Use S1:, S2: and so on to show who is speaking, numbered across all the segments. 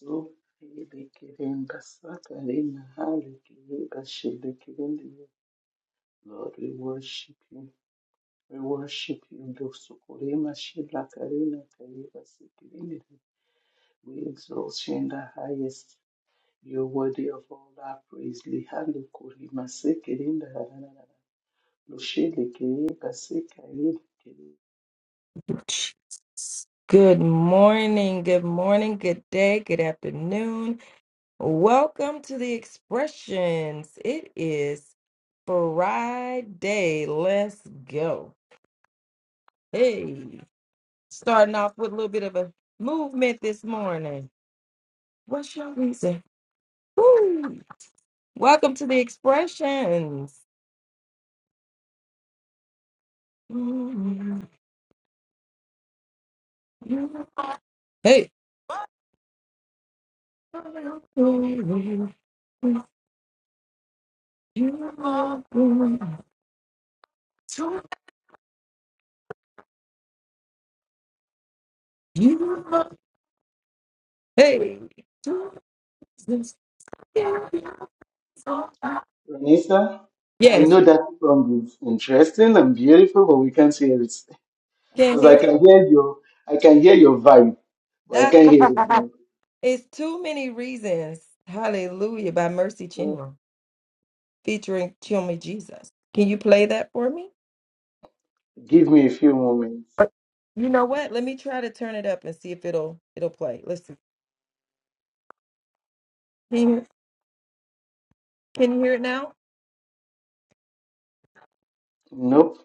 S1: Lord, we worship you. We worship you. Dosukurema shila karina kaiba sikirindi. We exalt you in the highest. You're worthy of all our praise. Lihando kurima sikirinda hararara. Lushile kiriba sikarindi kiri.
S2: much. Good morning, good morning, good day, good afternoon. Welcome to the expressions. It is Friday. Let's go. Hey, starting off with a little bit of a movement this morning. What's your reason? Woo. Welcome to the expressions. Hey. You Hey, Jesus. yeah,
S1: Vanessa, I
S2: Yes,
S1: know that song is interesting and beautiful, but we can't hear it.
S2: can
S1: because I
S2: hear.
S1: can hear your I can hear your vibe, but I can't hear the song.
S2: it's too many reasons. Hallelujah by Mercy
S1: So
S2: Chinua featuring Chummy Jesus. Can you play that for me?
S1: Give me a few moments.
S2: Or- You know what? Let me try to turn it up and see if it'll it'll play. Let's see. Can you, can you hear it now?
S1: Nope.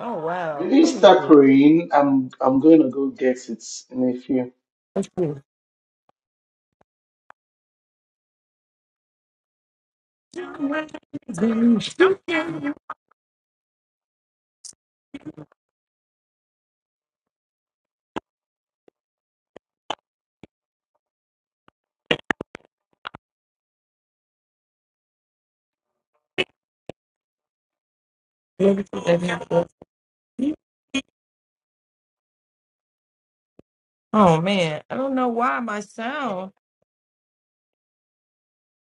S2: Oh
S1: When
S2: wow.
S1: you
S2: Let me
S1: start
S2: see.
S1: praying, I'm I'm gonna go get it in
S2: Let's see. Oh man, I don't know why my sound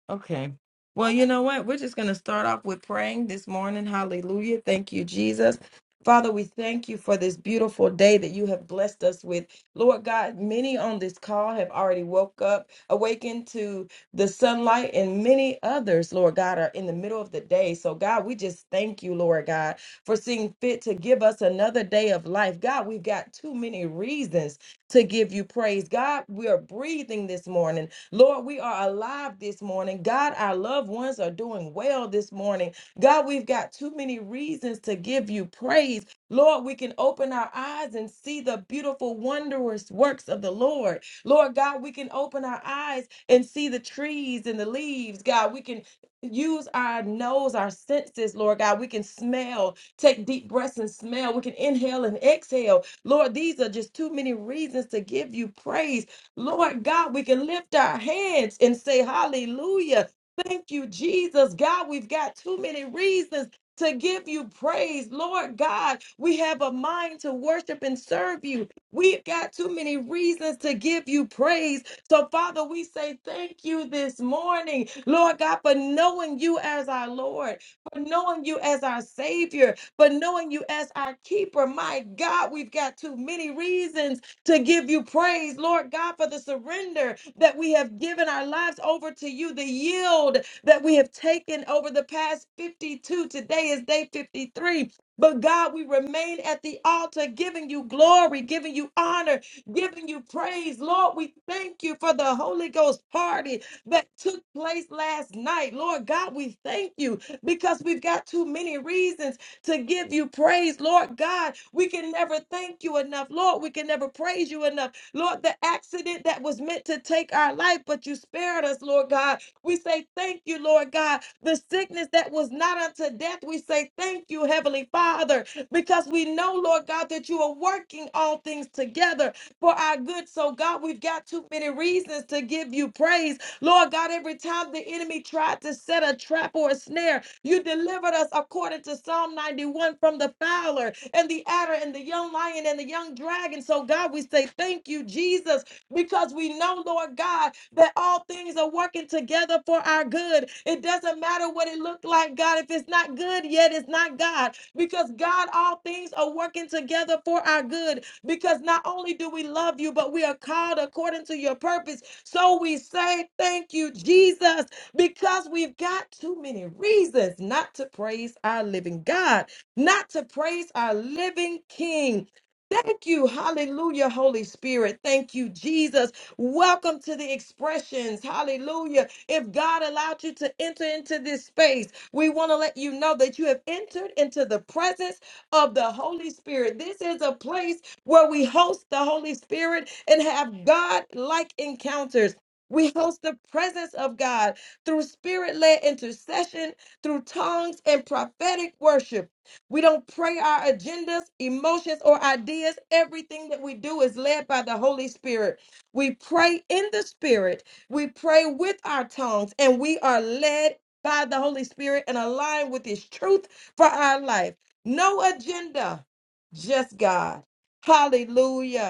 S2: Okay. Well, you know what? We're just going to start off with praying this morning. Hallelujah. Thank you, Jesus. Father, we thank you for this beautiful day that you have blessed us with. Lord God, many on this call have already woke up, awakened to the sunlight, and many others, Lord God, are in the middle of the day. So, God, we just thank you, Lord God, for seeing fit to give us another day of life. God, we've got too many reasons to give you praise. God, we are breathing this morning. Lord, we are alive this morning. God, our loved ones are doing well this morning. God, we've got too many reasons to give you praise. Lord, we can open our eyes and see the beautiful, wondrous works of the Lord. Lord God, we can open our eyes and see the trees and the leaves. God, we can use our nose, our senses, Lord God. We can smell, take deep breaths and smell. We can inhale and exhale. Lord, these are just too many reasons to give you praise. Lord God, we can lift our hands and say, Hallelujah. Thank you, Jesus. God, we've got too many reasons to give you praise. Lord God, we have a mind to worship and serve you. We've got too many reasons to give you praise. So, Father, we say thank you this morning, Lord God, for knowing you as our Lord, for knowing you as our Savior, for knowing you as our keeper. My God, we've got too many reasons to give you praise, Lord God, for the surrender that we have given our lives over to you, the yield that we have taken over the past 52. Today is day 53. But God, we remain at the altar giving you glory, giving you honor, giving you praise. Lord, we thank you for the Holy Ghost party that took place last night. Lord God, we thank you because we've got too many reasons to give you praise, Lord God. We can never thank you enough, Lord. We can never praise you enough, Lord. The accident that was meant to take our life, but you spared us, Lord God. We say thank you, Lord God. The sickness that was not unto death, we say thank you, Heavenly Father, because we know, Lord God, that you are working all things together for our good. So, God, we've got too many reasons to give you praise. Lord God, every time the enemy tried to set a trap or a snare, you delivered us according to Psalm 91 from the fowler and the adder and the young lion and the young dragon. So, God, we say thank you, Jesus, because we know, Lord God, that all things are working together for our good. It doesn't matter what it looked like, God. If it's not good yet, it's not God. Because, God, all things are working together for our good. Because not only do we love you, but we are called according to your purpose. So we say thank you, Jesus because we've got too many reasons not to praise our living God, not to praise our living King. Thank you. Hallelujah, Holy Spirit. Thank you, Jesus. Welcome to the expressions. Hallelujah. If God allowed you to enter into this space, we want to let you know that you have entered into the presence of the Holy Spirit. This is a place where we host the Holy Spirit and have God like encounters. We host the presence of God through spirit led intercession, through tongues and prophetic worship. We don't pray our agendas, emotions, or ideas. Everything that we do is led by the Holy Spirit. We pray in the Spirit, we pray with our tongues, and we are led by the Holy Spirit and aligned with His truth for our life. No agenda, just God. Hallelujah.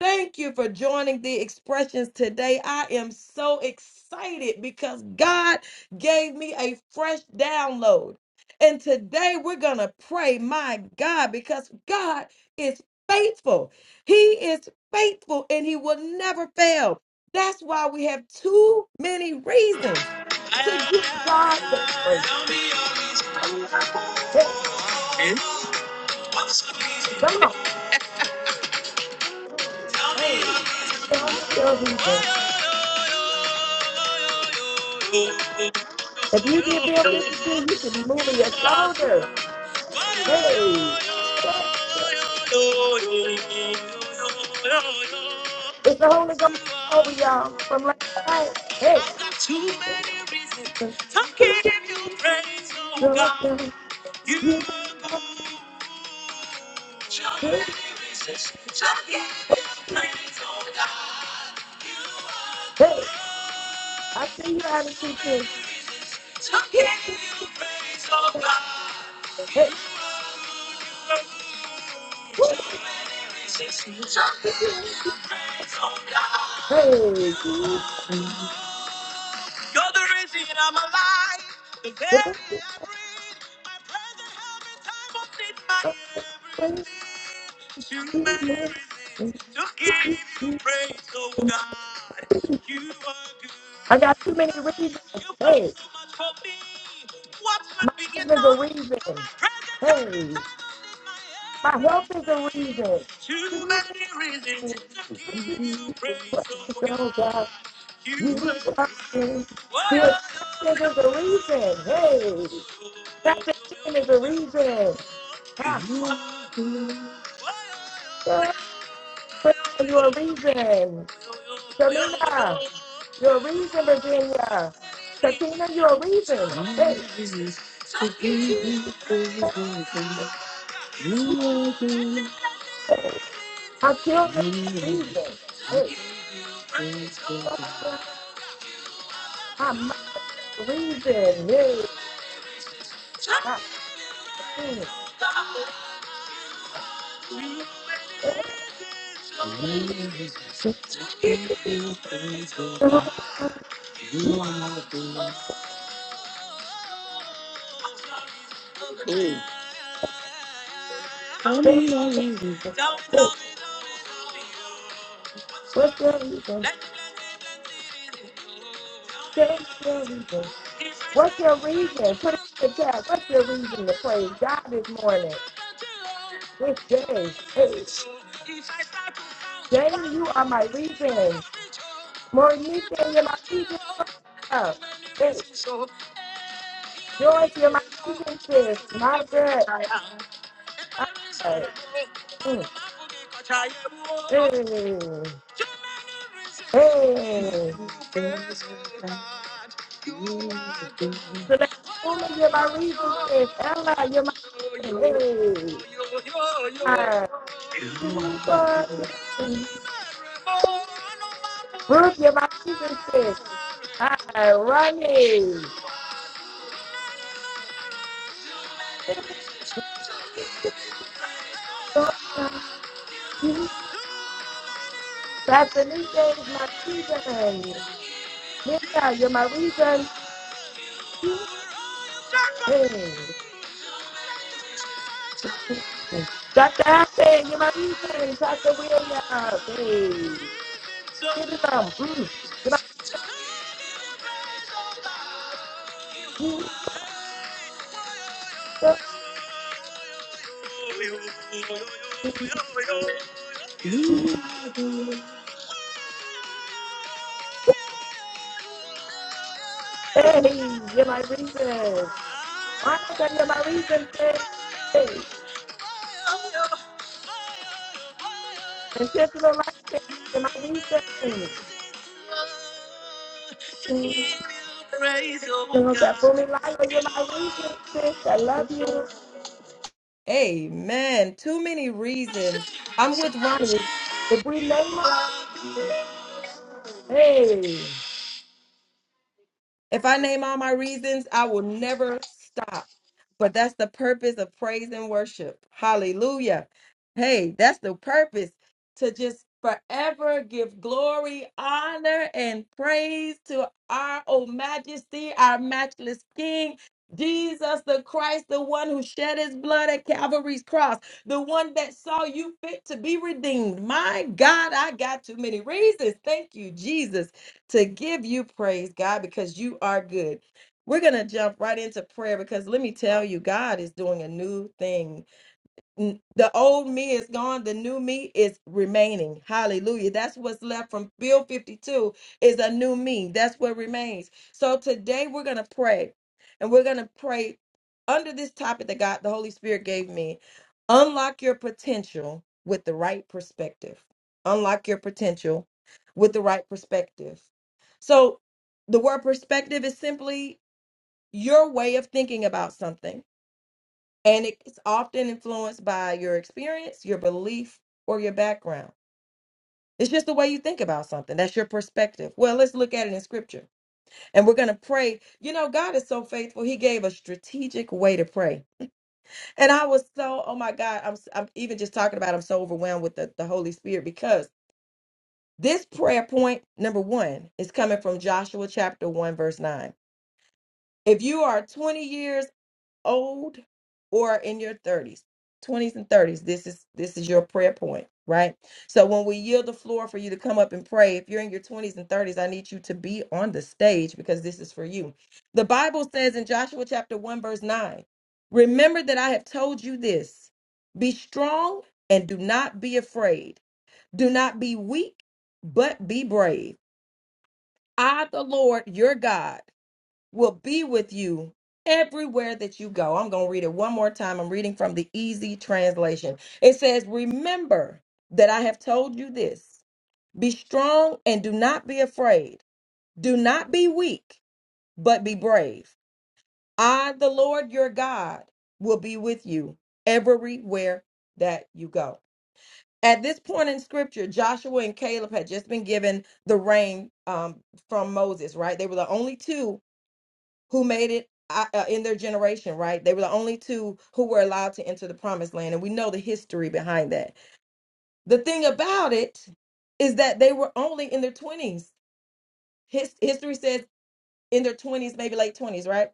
S2: Thank you for joining the expressions today. I am so excited because God gave me a fresh download. And today we're going to pray, my God, because God is faithful. He is faithful and He will never fail. That's why we have too many reasons to give God the praise. Hey, come on. Hey, tell me your reason. If you did Bill 52, you should be moving your
S1: a few.
S2: shoulders.
S1: I've
S2: Hey, yeah, yeah. it's the Holy Ghost over y'all from last night. Hey,
S1: got too many reasons to give you praise, oh
S2: do,
S1: God.
S2: do,
S1: You
S2: you,
S1: are good. Too many reasons to give you praise, oh God. You are
S2: I
S1: good.
S2: got it too, too.
S1: To give you praise, oh God. You are good, you are good. Too many reasons to give you praise, oh God.
S2: Hey, you,
S1: You're the reason I'm alive. The very air I breathe. My present help in time of need. My
S2: you,
S1: everything. Too many
S2: you.
S1: reasons to give you praise, oh God. You are good.
S2: I got too many reasons.
S1: You've done
S2: Hey,
S1: so much for me. What would
S2: my
S1: be
S2: husband's a
S1: enough? You're my
S2: reason.
S1: present help in
S2: Hey,
S1: time of need. My
S2: my health is a reason.
S1: everything. Too
S2: Do,
S1: many reasons
S2: do,
S1: to give you praise, oh God. You are
S2: you,
S1: good.
S2: you.
S1: You are the
S2: The extent is a reason. Hey, nothing is a reason. Ha,
S1: only one
S2: yeah, you. Selena, you're a reason, Virginia. Katina, you're a reason. Hey,
S1: to keep me from the dark. You are the only
S2: I'm
S1: one to keep me safe. You are the only one to
S2: a reason. Hey,
S1: keep me from
S2: yeah, I'm my reason. My
S1: the dark. To give you praise, oh God, you are my God. Hey, tell
S2: Hey,
S1: me all you do. Tell me,
S2: hey,
S1: tell me, tell me, Hey, tell me you. What's up?
S2: What's your reason?
S1: Let me, let me, let me read it. Tell me all
S2: Tell
S1: you
S2: me your reason.
S1: do. If I
S2: What's
S1: start
S2: your
S1: to fight,
S2: reason?
S1: you
S2: Put it
S1: must go
S2: in the
S1: to
S2: chat.
S1: the
S2: What's
S1: end
S2: your reason
S1: of
S2: to
S1: the
S2: praise
S1: road.
S2: God this morning, this day? Hey,
S1: If I start to count,
S2: Jane,
S1: one,
S2: you
S1: two,
S2: are my
S1: three, never
S2: reason.
S1: reach home.
S2: Monique,
S1: It
S2: you're
S1: took
S2: my
S1: until
S2: reason.
S1: home. Too many
S2: Hey,
S1: reasons, so eh, hear me,
S2: George, you're my
S1: baby, no.
S2: reason,
S1: I
S2: sis.
S1: know my body got
S2: Margaret,
S1: tired. Eh,
S2: I,
S1: baby, sorry, no. I don't know I
S2: mm,
S1: know my body got tired, whoa.
S2: hey,
S1: Too many reasons to give
S2: hey.
S1: you praise, oh God. You are good.
S2: So that
S1: Oh, yo,
S2: woman, you're
S1: yo,
S2: my reason,
S1: yo.
S2: sis. Ella, you're my reason.
S1: You.
S2: Hey. Uh, you are Brooke, you're my reason, sis. Hi, Ronnie. Sassanike is my reason. Linda, you're my reason. You- Hey. Dr. Ashley, you're my reason. Doctor William, hey. Give it on. Mm. You're my reason. Hey, you're my reason. Why am I telling you my reason says hey, intentional life change is my reason. Mhm.
S1: Praise, oh
S2: That
S1: God.
S2: for me life is my reason, sis. I love you. Amen. Too many reasons. I'm with Ronnie, if we name her, hey. If I name all my reasons, I will never stop. But that's the purpose of praise and worship. Hallelujah. Hey, that's the purpose to just forever give glory, honor, and praise to our O Majesty, our matchless King. Jesus the Christ, the one who shed his blood at Calvary's cross, the one that saw you fit to be redeemed. My God, I got too many reasons. Thank you, Jesus, to give you praise, God, because you are good. We're going to jump right into prayer because let me tell you, God is doing a new thing. N- The old me is gone, the new me is remaining. Hallelujah. That's what's left from Bill 52 is a new me. That's what remains. So today we're going to pray and we're going to pray under this topic that God, the Holy Spirit gave me unlock your potential with the right perspective. Unlock your potential with the right perspective. So the word perspective is simply your way of thinking about something. And it's often influenced by your experience, your belief, or your background. It's just the way you think about something. That's your perspective. Well, let's look at it in scripture. And we're going to pray. You know, God is so faithful. He gave a strategic way to pray. And I was so, oh my God, I'm, I'm even just talking about, it, I'm so overwhelmed with the, the Holy Spirit because this prayer point, number one, is coming from Joshua chapter 1, verse 9. If you are 20 years old or in your 30s 20s and 30s this is this is your prayer point right so when we yield the floor for you to come up and pray if you're in your 20s and 30s i need you to be on the stage because this is for you the bible says in joshua chapter 1 verse 9 remember that i have told you this be strong and do not be afraid do not be weak but be brave i the lord your god will be with you everywhere that you go. I'm going to read it one more time. I'm reading from the easy translation. It says, Remember that I have told you this. Be strong and do not be afraid. Do not be weak, but be brave. I, the Lord your God, will be with you everywhere that you go. At this point in scripture, Joshua and Caleb had just been given the rain um, from Moses, right? They were the only two who made it uh, uh, in their generation, right? They were the only two who were allowed to enter the promised land. And we know the history behind that. The thing about it is that they were only in their 20s. His, history says in their 20s, maybe late 20s, right?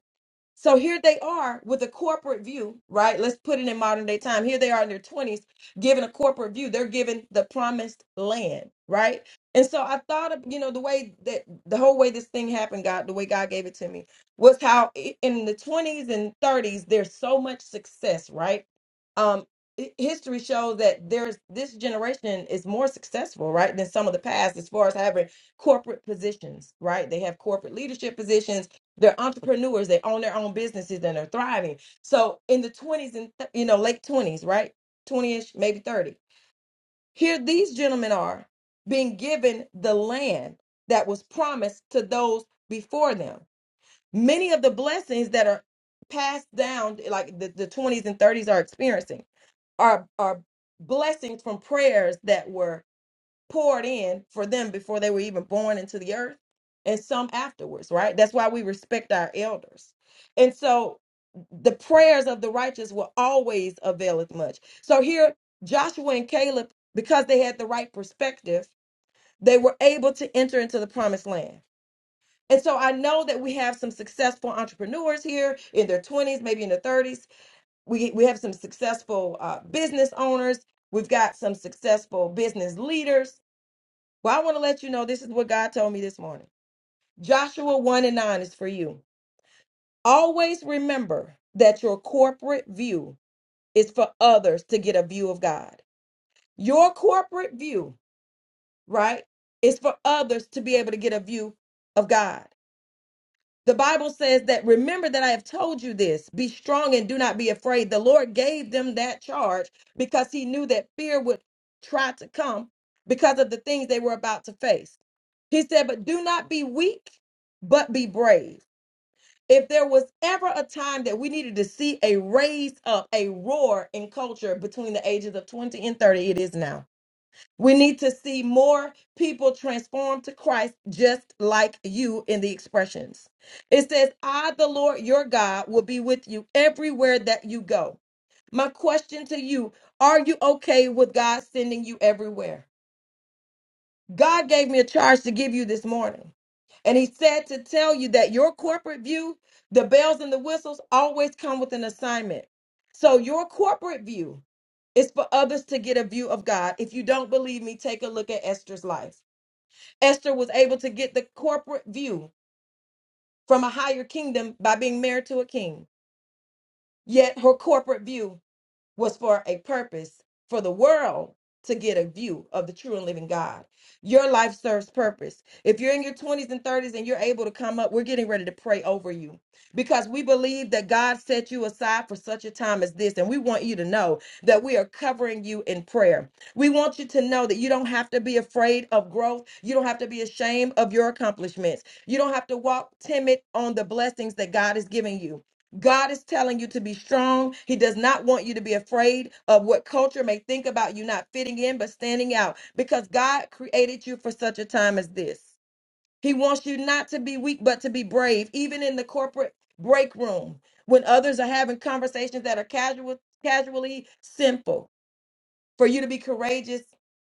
S2: So here they are with a corporate view, right? Let's put it in modern day time. Here they are in their 20s, given a corporate view. They're given the promised land, right? And so I thought of, you know, the way that the whole way this thing happened, God, the way God gave it to me was how i- in the 20s and 30s, there's so much success, right? Um, hi- history shows that there's this generation is more successful, right, than some of the past as far as having corporate positions, right? They have corporate leadership positions they're entrepreneurs they own their own businesses and they're thriving so in the 20s and th- you know late 20s right 20ish maybe 30 here these gentlemen are being given the land that was promised to those before them many of the blessings that are passed down like the, the 20s and 30s are experiencing are are blessings from prayers that were poured in for them before they were even born into the earth and some afterwards, right? That's why we respect our elders. And so the prayers of the righteous will always availeth much. So here, Joshua and Caleb, because they had the right perspective, they were able to enter into the promised land. And so I know that we have some successful entrepreneurs here in their 20s, maybe in their 30s. We, we have some successful uh, business owners. We've got some successful business leaders well, I want to let you know this is what God told me this morning. Joshua 1 and 9 is for you. Always remember that your corporate view is for others to get a view of God. Your corporate view, right, is for others to be able to get a view of God. The Bible says that remember that I have told you this be strong and do not be afraid. The Lord gave them that charge because he knew that fear would try to come because of the things they were about to face. He said, But do not be weak, but be brave. If there was ever a time that we needed to see a raise up, a roar in culture between the ages of 20 and 30, it is now. We need to see more people transformed to Christ, just like you in the expressions. It says, I, the Lord your God, will be with you everywhere that you go. My question to you are you okay with God sending you everywhere? God gave me a charge to give you this morning. And he said to tell you that your corporate view, the bells and the whistles, always come with an assignment. So your corporate view is for others to get a view of God. If you don't believe me, take a look at Esther's life. Esther was able to get the corporate view from a higher kingdom by being married to a king. Yet her corporate view was for a purpose for the world to get a view of the true and living God. Your life serves purpose. If you're in your 20s and 30s and you're able to come up, we're getting ready to pray over you because we believe that God set you aside for such a time as this. And we want you to know that we are covering you in prayer. We want you to know that you don't have to be afraid of growth. You don't have to be ashamed of your accomplishments. You don't have to walk timid on the blessings that God is giving you. God is telling you to be strong. He does not want you to be afraid of what culture may think about you not fitting in, but standing out because God created you for such a time as this. He wants you not to be weak, but to be brave, even in the corporate break room when others are having conversations that are casual, casually simple for you to be courageous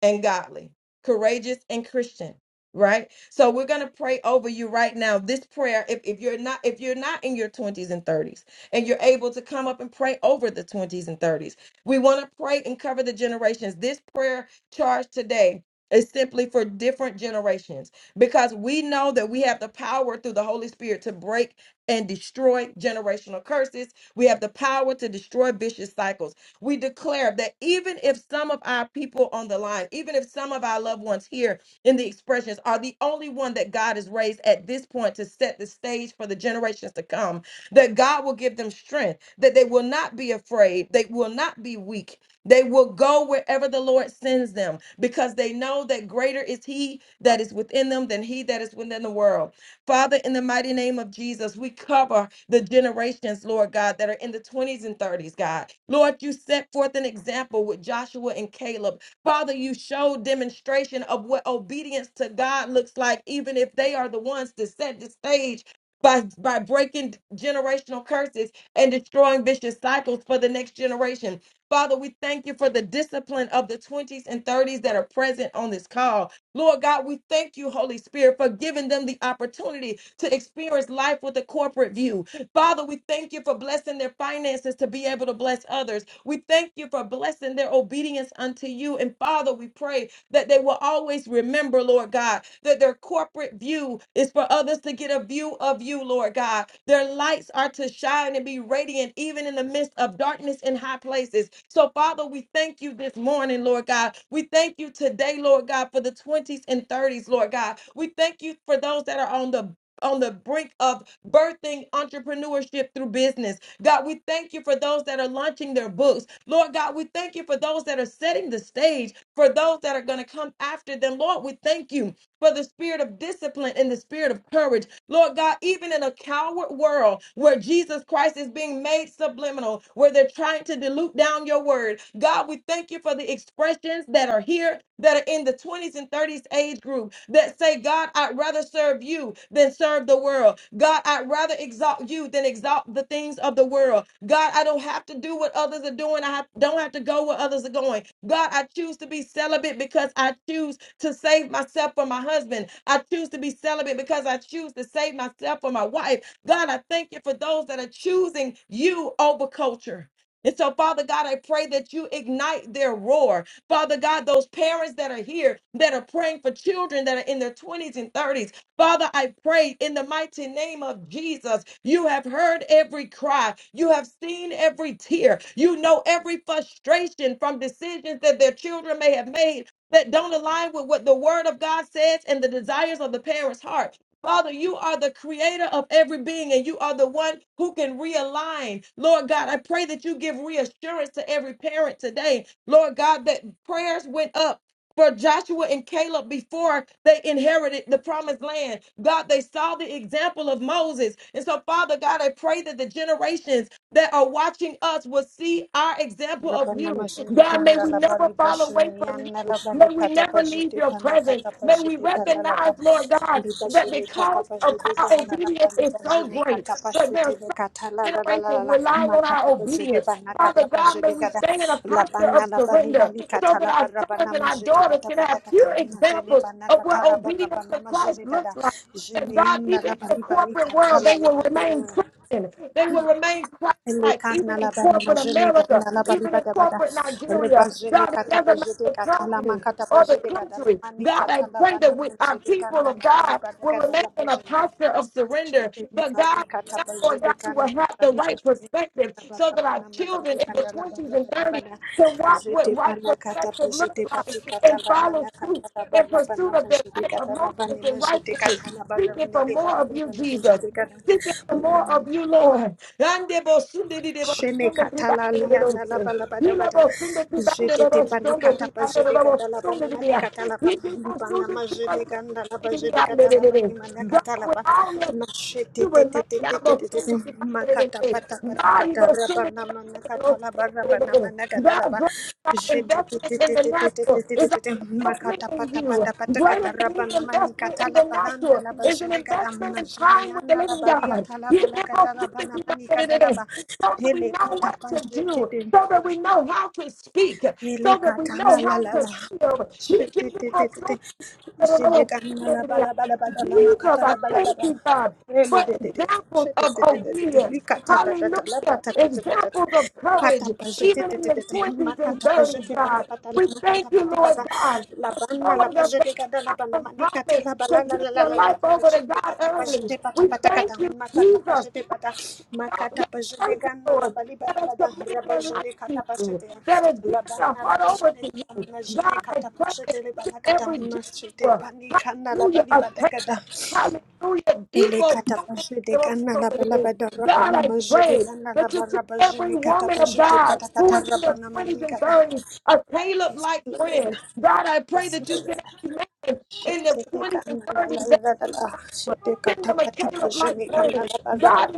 S2: and godly, courageous and Christian, right? So we're gonna pray over you right now. This prayer, if, if you're not if you're not in your 20s and 30s and you're able to come up and pray over the 20s and 30s, we want to pray and cover the generations. This prayer charge today is simply for different generations because we know that we have the power through the Holy Spirit to break and destroy generational curses. We have the power to destroy vicious cycles. We declare that even if some of our people on the line, even if some of our loved ones here in the expressions are the only one that God has raised at this point to set the stage for the generations to come, that God will give them strength, that they will not be afraid, they will not be weak. They will go wherever the Lord sends them because they know that greater is He that is within them than He that is within the world. Father, in the mighty name of Jesus, we cover the generations, Lord God, that are in the 20s and 30s, God. Lord, you set forth an example with Joshua and Caleb. Father, you showed demonstration of what obedience to God looks like, even if they are the ones to set the stage. By, by breaking generational curses and destroying vicious cycles for the next generation. Father, we thank you for the discipline of the 20s and 30s that are present on this call. Lord God, we thank you, Holy Spirit, for giving them the opportunity to experience life with a corporate view Father, we thank you for blessing their finances to be able to bless others. We thank you for blessing their obedience unto you. And Father, we pray that they will always remember, Lord God, that their corporate view is for others to get a view of you, Lord God. Their lights are to shine and be radiant even in the midst of darkness in high places. So, Father, we thank you this morning, Lord God. We thank you today, Lord God, for the 20s and 30s, Lord God. We thank you for those that are on the on the brink of birthing entrepreneurship through business. God, we thank you for those that are launching their books. Lord God, we thank you for those that are setting the stage, for those that are going to come after them. Lord, we thank you for the spirit of discipline and the spirit of courage Lord God, even in a coward world where Jesus Christ is being made subliminal, where they're trying to dilute down your word, God, we thank you for the expressions that are here that are in the 20s and 30s age group that say, God, I'd rather serve you than serve the world world. God, I'd rather exalt you than exalt the things of the world. God, I don't have to do what others are doing. I have, don't have to go where others are going. God, I choose to be celibate because I choose to save myself for my husband. I choose to be celibate because I choose to save myself for my wife. God, I thank you for those that are choosing you over culture. And so, Father God, I pray that you ignite their roar. Father God, those parents that are here that are praying for children that are in their 20s and 30s, Father, I pray in the mighty name of Jesus. You have heard every cry. You have seen every tear. You know every frustration from decisions that their children may have made that don't align with what the word of God says and the desires of the parents' heart. Father, you are the creator of every being and you are the one who can realign. Lord God, I pray that you give reassurance to every parent today. Lord God, that prayers went up for Joshua and Caleb before they inherited the promised land. God, they saw the example of Moses. And so, Father God, I pray that the generations that are watching us will see our example of
S3: Rabana
S2: you.
S3: mazhiri
S2: God, may
S3: ganda
S2: we
S3: la
S2: never
S3: bali
S2: fall away
S3: bashini
S2: from
S3: la
S2: you.
S3: bali
S2: May we
S3: kata
S2: never leave
S3: pazhiti
S2: your
S3: pana
S2: presence.
S3: kata
S2: May we
S3: pazhiti ganda la
S2: recognize, Lord God,
S3: bali
S2: that
S3: kata
S2: because of
S3: pazhiti
S2: our
S3: ganda la
S2: obedience
S3: bali
S2: is so
S3: bashini
S2: great,
S3: kata
S2: that there are
S3: pazhiti le
S2: so
S3: kata la
S2: many
S3: la la la la
S2: generations
S3: la
S2: relying
S3: ma
S2: on our
S3: kata
S2: obedience.
S3: pazhiti pana
S2: Father God, may we
S3: ganda
S2: stay in a
S3: la
S2: posture
S3: bana
S2: of
S3: la bali
S2: surrender
S3: bali
S2: so
S3: kata
S2: that
S3: la
S2: our
S3: bara
S2: sons
S3: bana
S2: and our
S3: mazhiti
S2: daughters
S3: pata
S2: can
S3: pata
S2: have
S3: kata
S2: pure
S3: mazhini
S2: examples
S3: bana
S2: of what
S3: kata la bara
S2: obedience
S3: bana
S2: to Christ
S3: mazhiti ganda
S2: looks like. That
S3: jini
S2: God, even
S3: la
S2: in the
S3: bali
S2: corporate
S3: kata
S2: world, they
S3: la
S2: will
S3: la la la
S2: remain
S3: la.
S2: Christian. They will remain Christ like, even
S3: Lekana
S2: in
S3: la bari
S2: corporate
S3: majene
S2: America,
S3: ganda la bari
S2: even in
S3: bada bada
S2: corporate
S3: reba
S2: Nigeria.
S3: jene
S2: God, it
S3: kata
S2: doesn't matter
S3: pajede
S2: the
S3: kata la
S2: company
S3: makata
S2: or the
S3: pajede gada la
S2: country.
S3: mani
S2: God, I
S3: kata la
S2: pray that
S3: bana
S2: we, our
S3: majede
S2: people
S3: ganda
S2: of
S3: la bari
S2: God
S3: bada
S2: will
S3: gada
S2: remain
S3: la
S2: in a
S3: pajene
S2: posture of surrender.
S3: majede
S2: But God,
S3: bari kata
S2: God, Lord
S3: pajede
S2: God, we will
S3: ganda la
S2: have the
S3: bari
S2: right
S3: pajede kata
S2: perspective
S3: la
S2: so
S3: bana
S2: that our
S3: bana majede
S2: children in the
S3: ganda la bari
S2: 20s and
S3: bada
S2: 30s
S3: bada
S2: can walk
S3: jete
S2: what right
S3: pana kata
S2: perspective looks
S3: pajede
S2: like
S3: pati kata
S2: and
S3: la
S2: follow
S3: mana kata
S2: suit
S3: la
S2: in
S3: bana bana
S2: pursuit of their
S3: majede
S2: life of
S3: gada la bani
S2: holiness and
S3: majede
S2: righteousness,
S3: kata la bari
S2: seeking for
S3: nele
S2: more
S3: bana
S2: of you,
S3: la
S2: Jesus.
S3: pajede gada
S2: Seeking for more of you, Lord.
S3: Shene katala lianda la bala bada bada. Jete te pani kata pa jete kata la bana mali kata la ba. Li ma jene ganda la ba jete kata la ba ni mana
S2: God,
S3: kata la
S2: with
S3: ba.
S2: all your
S3: Ma shete
S2: you
S3: te te
S2: remain.
S3: te te
S2: I'm
S3: te
S2: going to
S3: te te
S2: send
S3: te.
S2: you back
S3: Ma
S2: to the
S3: kata
S2: day.
S3: pata pata
S2: God, you are
S3: kata
S2: going to send it
S3: rabana
S2: back
S3: mana kata
S2: to
S3: la ba
S2: the
S3: rabana
S2: day.
S3: mana kata la
S2: God,
S3: ba.
S2: great our
S3: Jete te
S2: investment
S3: te
S2: in
S3: te
S2: the
S3: te te te te
S2: natural
S3: te te
S2: is
S3: te te. Ma
S2: our investment
S3: kata
S2: in
S3: pata pata
S2: you.
S3: pata
S2: Greater
S3: kata
S2: than any
S3: rabana mani
S2: investment
S3: kata
S2: in
S3: la
S2: the
S3: ba landa
S2: natural
S3: la ba
S2: is an
S3: jete kata ma
S2: investment in
S3: jene
S2: time with the
S3: yanda la
S2: living
S3: ba liya
S2: God.
S3: ta la ba
S2: You
S3: la
S2: give us
S3: kata la ba na
S2: something to back
S3: mani
S2: to the
S3: kata la
S2: day
S3: ba.
S2: so that we
S3: Hele
S2: know
S3: kata
S2: what to
S3: pazete
S2: do,
S3: de.
S2: so that we know how to speak,
S3: Ele
S2: so that we know
S3: katala la
S2: how
S3: la
S2: to
S3: la.
S2: feel. He
S3: Shete
S2: gives
S3: te te
S2: us
S3: te
S2: so
S3: te.
S2: Jesus,
S3: Shede kana la ba la ba la ba da la ma
S2: I
S3: katala ba la ba
S2: thank
S3: da.
S2: you, God,
S3: Ele
S2: for
S3: de de de.
S2: examples
S3: Shete
S2: of
S3: te te te te te.
S2: obedience.
S3: Li kata ta ta ta la ba
S2: Hallelujah.
S3: ta ta ta ta ta ta.
S2: Examples of
S3: Kata
S2: courage,
S3: pa jete
S2: even
S3: te
S2: in
S3: te te
S2: the
S3: te. Ma
S2: 20s and
S3: kata pa
S2: 30s,
S3: shete pa ta
S2: God.
S3: pata pata
S2: We
S3: la ma
S2: thank
S3: kata
S2: you,
S3: pa ti pa ta,
S2: Lord God,
S3: La
S2: for
S3: ba na la
S2: showing
S3: ba
S2: us that
S3: jete kada la ba bana ma di kata
S2: promise
S3: la ba la
S2: to
S3: la
S2: give
S3: la la
S2: your
S3: la la.
S2: life
S3: Ma
S2: over to
S3: jete
S2: God
S3: kata pa
S2: early.
S3: shete pa ta
S2: We
S3: pa ta kata.
S2: thank you,
S3: Ma kata pa
S2: Jesus,
S3: shete pa ta Ma
S2: out
S3: kata
S2: your
S3: pa jete
S2: person,
S3: gana la
S2: Lord,
S3: ba li ba
S2: that
S3: da
S2: has
S3: ba da.
S2: committed
S3: Ra ba
S2: their life
S3: jene
S2: to
S3: kata pa
S2: you,
S3: jete.
S2: that has given
S3: La
S2: their
S3: Labana la
S2: heart over
S3: bajene
S2: to you.
S3: la jene
S2: God, I
S3: kata
S2: pray that
S3: poshete le
S2: you see
S3: bana kata
S2: every
S3: mnashete
S2: Joshua.
S3: pani kana la
S2: Hallelujah.
S3: bali
S2: I
S3: bada
S2: pray.
S3: kata
S2: Hallelujah.
S3: ele
S2: Evil
S3: kata
S2: woman,
S3: poshete
S2: there are
S3: kana
S2: so
S3: la bala
S2: many.
S3: bada rapa
S2: God,
S3: na
S2: I
S3: majete
S2: pray
S3: kana la
S2: that you see
S3: bara
S2: every
S3: bajene kata
S2: woman of
S3: poshete
S2: God
S3: pata
S2: who
S3: kata
S2: is in
S3: rapa
S2: their
S3: na
S2: 20s
S3: mani
S2: and
S3: kata.
S2: 30s, a Caleb
S3: Yes,
S2: like
S3: Lord.
S2: friend. God, I pray
S3: Yes,
S2: that you see
S3: Lord.
S2: every man in their 20s and 30s that will send them a Caleb like friend. God,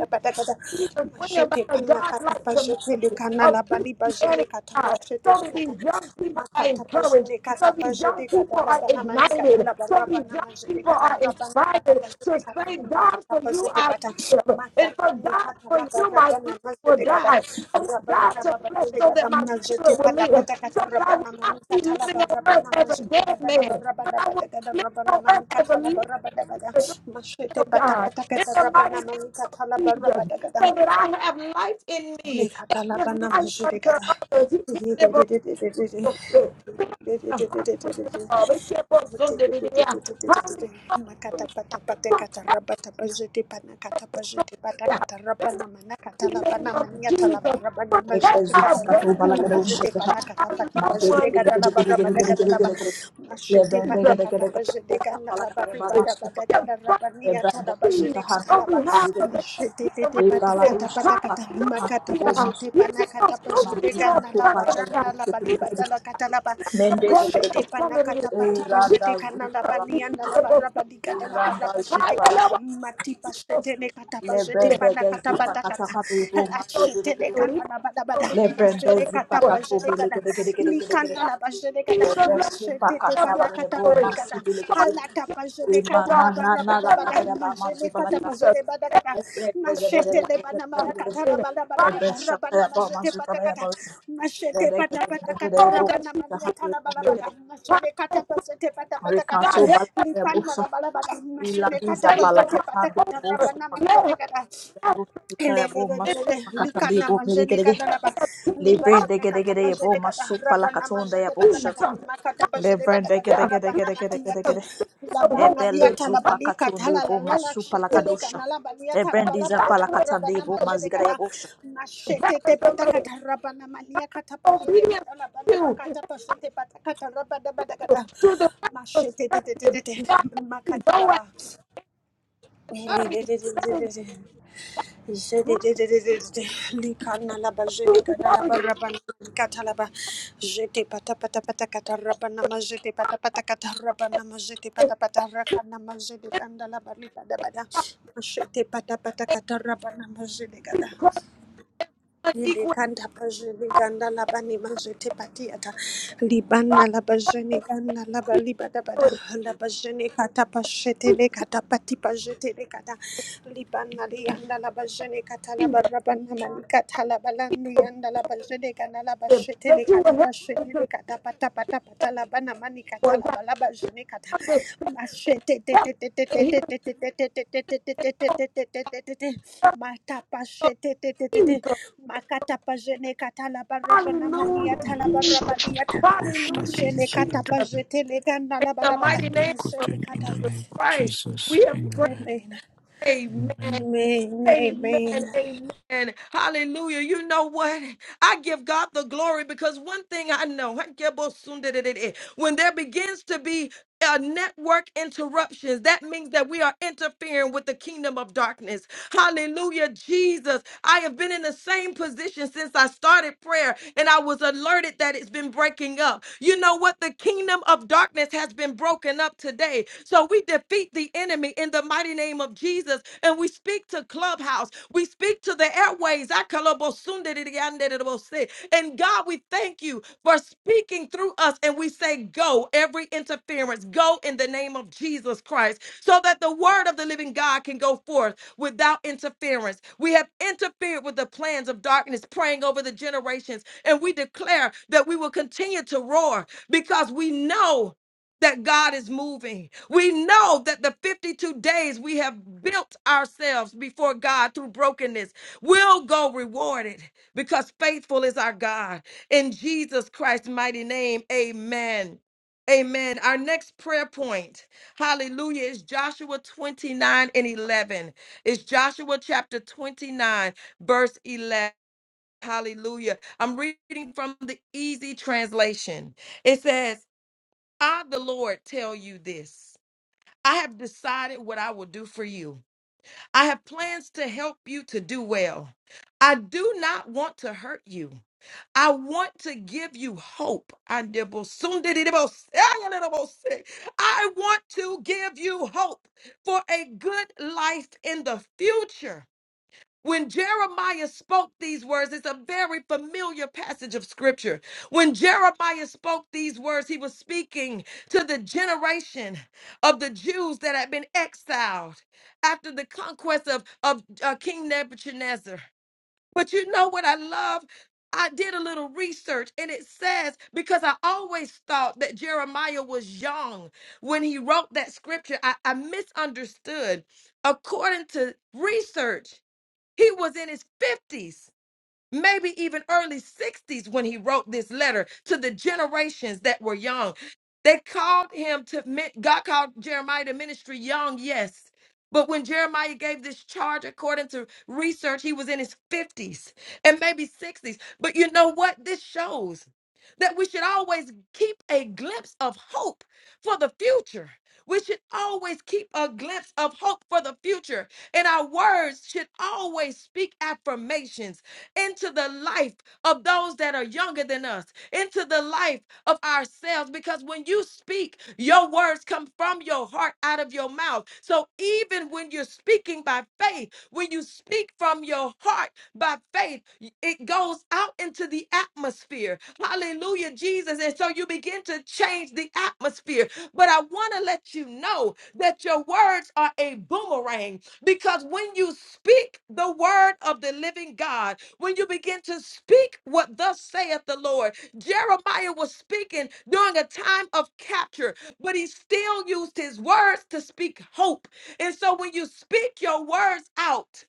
S2: Jesus, bring about a God-like community of Christianity, God, so that these young people are encouraged, so these young people are ignited, so these young people are inspired to say, God, for you I live, and for God, for you my flesh will die. I will die
S3: Rabana
S2: to flesh
S3: labadele
S2: so that my
S3: gadamna jete
S2: spirit will
S3: pata
S2: live,
S3: pata
S2: so
S3: kata
S2: that I
S3: rabana
S2: will not
S3: mani
S2: be
S3: kata
S2: living
S3: laba
S2: on earth
S3: rabana
S2: as a
S3: majete
S2: dead
S3: gada laba
S2: man, but
S3: rabada
S2: I
S3: bada
S2: will
S3: gada
S2: live
S3: rabana
S2: on
S3: mani
S2: earth as
S3: kata
S2: a
S3: laba
S2: living
S3: rabada gada mashete
S2: of
S3: pata
S2: God,
S3: pata
S2: in
S3: kata
S2: the mighty
S3: rabana mani
S2: name of
S3: kata laba
S2: Jesus,
S3: rabada gada
S2: so that I have life in
S3: le
S2: me and
S3: kata
S2: give
S3: labana
S2: life
S3: majete
S2: unto others. He can give us hope. Fill the hearts with
S3: gada
S2: love. He can put Sunday in the air.
S3: Makata
S2: Hallelujah. Protect
S3: pazete panakata
S2: us,
S3: pazete
S2: Sunday. In the mighty name of Jesus, protect
S4: Lebrenda zupa
S2: our
S4: kato bele
S2: babies, protect our loved ones, God, Jesus. on behalf of the next generation. Hallelujah. You Give Yedemosondereya.
S3: gana la
S2: Yedemosondereya.
S3: barana la baliba
S2: Jesus, we
S3: la katalaba
S2: give
S3: mashete
S2: us something in our family.
S3: panakata patipa
S2: you
S3: jete kanana banianda la
S2: the
S3: baraba digada la baraba jete kata
S2: Hallelujah.
S3: matipa
S2: So,
S3: shete ne kata pa jete
S2: Spirit,
S3: panakata patakata la
S2: even though
S3: shete ne
S2: we give us
S3: kanala bada bada
S2: something,
S3: mashete
S2: the
S3: kata pa jete
S2: Hallelujah.
S3: kada
S4: gede gede gede gede
S3: likana
S4: gede.
S3: la ba jete
S4: Recanto
S3: kada
S2: Jesus, let me
S3: mashete te
S2: have your
S3: panakata
S2: covering.
S3: patikata
S2: Cover
S3: halata
S2: this
S3: pa jete
S2: young
S3: kata
S2: God.
S3: la baraba
S2: In
S3: bada
S2: the
S3: bada
S2: mighty name
S3: mashete
S2: of
S3: kata pa
S2: Jesus,
S3: jete bada
S2: let
S3: kada
S2: us wait
S3: mashete le bana
S2: for her
S3: mana kata la
S2: husband.
S3: bada bada
S2: Father,
S3: kada rabana majete patakata Mashete pata
S2: Let
S3: pata kata
S2: know that
S3: rabana
S2: she
S3: malia tala
S2: fears.
S3: balabada. Mashene
S2: Let
S3: kata
S2: us
S3: pazete pata pata kata.
S2: God, let her
S3: Lipan mala balabada. Mashene kata
S2: faith
S3: pazete
S2: upon
S3: pata kata
S2: her.
S3: rabana
S2: Let
S3: mazene
S2: her
S3: kata
S2: ask in
S3: likana majene kada
S2: the name
S3: laba
S2: of
S3: liba
S2: Jesus.
S3: jene kata pa jene kata rabana majete pata kata
S2: Jesus.
S3: makata pa jene pata
S4: Lebrande
S3: kata
S4: gede
S2: Yeah,
S4: gede
S3: rabana
S2: let
S4: gede gede gede
S3: matiyata
S2: the
S4: gede.
S2: spirit of
S3: labana
S4: Ebelu
S2: holiness,
S3: liyata
S2: of
S4: zupa
S3: labali kata
S4: katunde
S3: la
S4: bo
S3: la la la
S4: masupa la
S2: righteousness,
S3: shetele
S4: lakadosha.
S3: kana labali yata labala
S4: Ebrendiza
S3: bada
S2: that's the
S3: kada
S2: way
S4: palakatande
S3: rabana
S4: bo
S2: of
S3: majene
S4: mazigada
S2: what
S3: kada
S4: yebosha.
S3: mashete te
S2: heaven the
S3: pata
S2: land,
S3: kata rabana maliya kata pa jene
S2: obedience
S3: kada
S2: to
S3: labana makata
S2: you,
S3: pa jene pata kata rabana bada kada
S2: to the right
S3: mashete te te te te
S2: perspective.
S3: te
S2: God, let me
S3: makata
S2: go at
S3: laba
S2: 30. That is my
S3: Likana la bajete
S2: truth
S3: gada la
S2: word.
S3: baraba kata la ba jete pata pata pata kata rabana na majete pata pata kata raba na majete
S2: If
S3: pata pata raka
S2: just
S3: na majete ganda la bali bada bada
S2: like
S3: majete pata pata kata raba na majete
S2: we
S3: gada
S2: pray
S3: Ile
S2: unequal
S3: kanda pajene ganda laba ni majete patiata libana
S2: God,
S3: laba jene
S2: of the
S3: ganda laba libada bada
S2: people,
S3: laba jene kata
S2: we
S3: pashete le kata pati pajete le kata libana li yanda laba jene kata
S2: speak
S3: laba
S2: the
S3: rabana mali kata laba landi
S2: people,
S3: yanda laba jene ganda laba shete
S2: that
S3: le
S2: you
S3: kata
S2: will help them
S3: pashete
S2: to.
S3: le kata pata pata pata laba na mani kata
S2: for God.
S3: laba laba jene kata
S2: Understanding.
S3: my shit,
S2: Help and he doesn't
S3: My tapa
S2: know of
S3: shit,
S2: Jesus.
S3: My katapa jene katala baraba mania
S2: Hallelujah,
S3: tala
S2: Jesus.
S3: baraba
S5: surgical
S3: My
S5: prostate
S2: Hallelujah,
S3: shene
S5: dilated
S2: Jesus.
S3: katapa
S2: In
S5: and
S3: jete leganda la
S2: the
S3: balabada.
S2: mighty name
S3: My
S2: of
S3: shene
S5: cotton in the
S3: kata.
S2: Jesus
S5: name of
S2: Christ,
S5: Jesus.
S2: we have prayed.
S5: Amen.
S3: Amen.
S2: Amen.
S5: Amen.
S3: Amen.
S2: Amen.
S3: Amen.
S2: Amen. Hallelujah. You know what? I give God the glory because one thing I know when there begins to be uh, network interruptions, that means that we are interfering with the kingdom of darkness. Hallelujah, Jesus. I have been in the same position since I started prayer and I was alerted that it's been breaking up. You know what? The kingdom of darkness has been broken up today. So we defeat the enemy in the mighty name of Jesus and we speak to Clubhouse. We speak to the airways. And God, we thank you for speaking through us. And we say, Go, every interference, go in the name of Jesus Christ, so that the word of the living God can go forth without interference. We have interfered with the plans of darkness, praying over the generations. And we declare that we will continue to roar because we know. That God is moving. We know that the 52 days we have built ourselves before God through brokenness will go rewarded because faithful is our God. In Jesus Christ's mighty name, amen. Amen. Our next prayer point, hallelujah, is Joshua 29 and 11. It's Joshua chapter 29, verse 11. Hallelujah. I'm reading from the easy translation. It says, I, the Lord, tell you this. I have decided what I will do for you. I have plans to help you to do well. I do not want to hurt you. I want to give you hope. Andebosundidibosayalidabose. I want to give you hope for a good life in the future. When Jeremiah spoke these words, it's a very familiar passage of scripture. When Jeremiah spoke these words, he was speaking to the generation of the Jews that had been exiled after the conquest of, of uh, King Nebuchadnezzar. But you know what I love? I did a little research and it says, because I always thought that Jeremiah was young when he wrote that scripture, I, I misunderstood. According to research, he was in his 50s maybe even early 60s when he wrote this letter to the generations that were young. They called him to, mi- God called Jeremiah to ministry young, yes. But when Jeremiah gave this charge, according to research, he was in his 50s and maybe 60s. But you know what? This shows that we should always keep a glimpse of hope for the future. We should always keep a glimpse of hope for the future and our words should always speak affirmations into the life of those that are younger than us, into the life of ourselves. Because when you speak, your words come from your heart out of your mouth. So even when you're speaking by faith, when you speak from your heart by faith, y- it goes out into the atmosphere. Hallelujah, Jesus. And so you begin to change the atmosphere. But I want to let you know that your words are a boomerang because when you speak the word of the living God, when you begin to speak what thus saith the Lord, Jeremiah was speaking during a time of capture, but he still used his words to speak hope. And so when you speak your words out,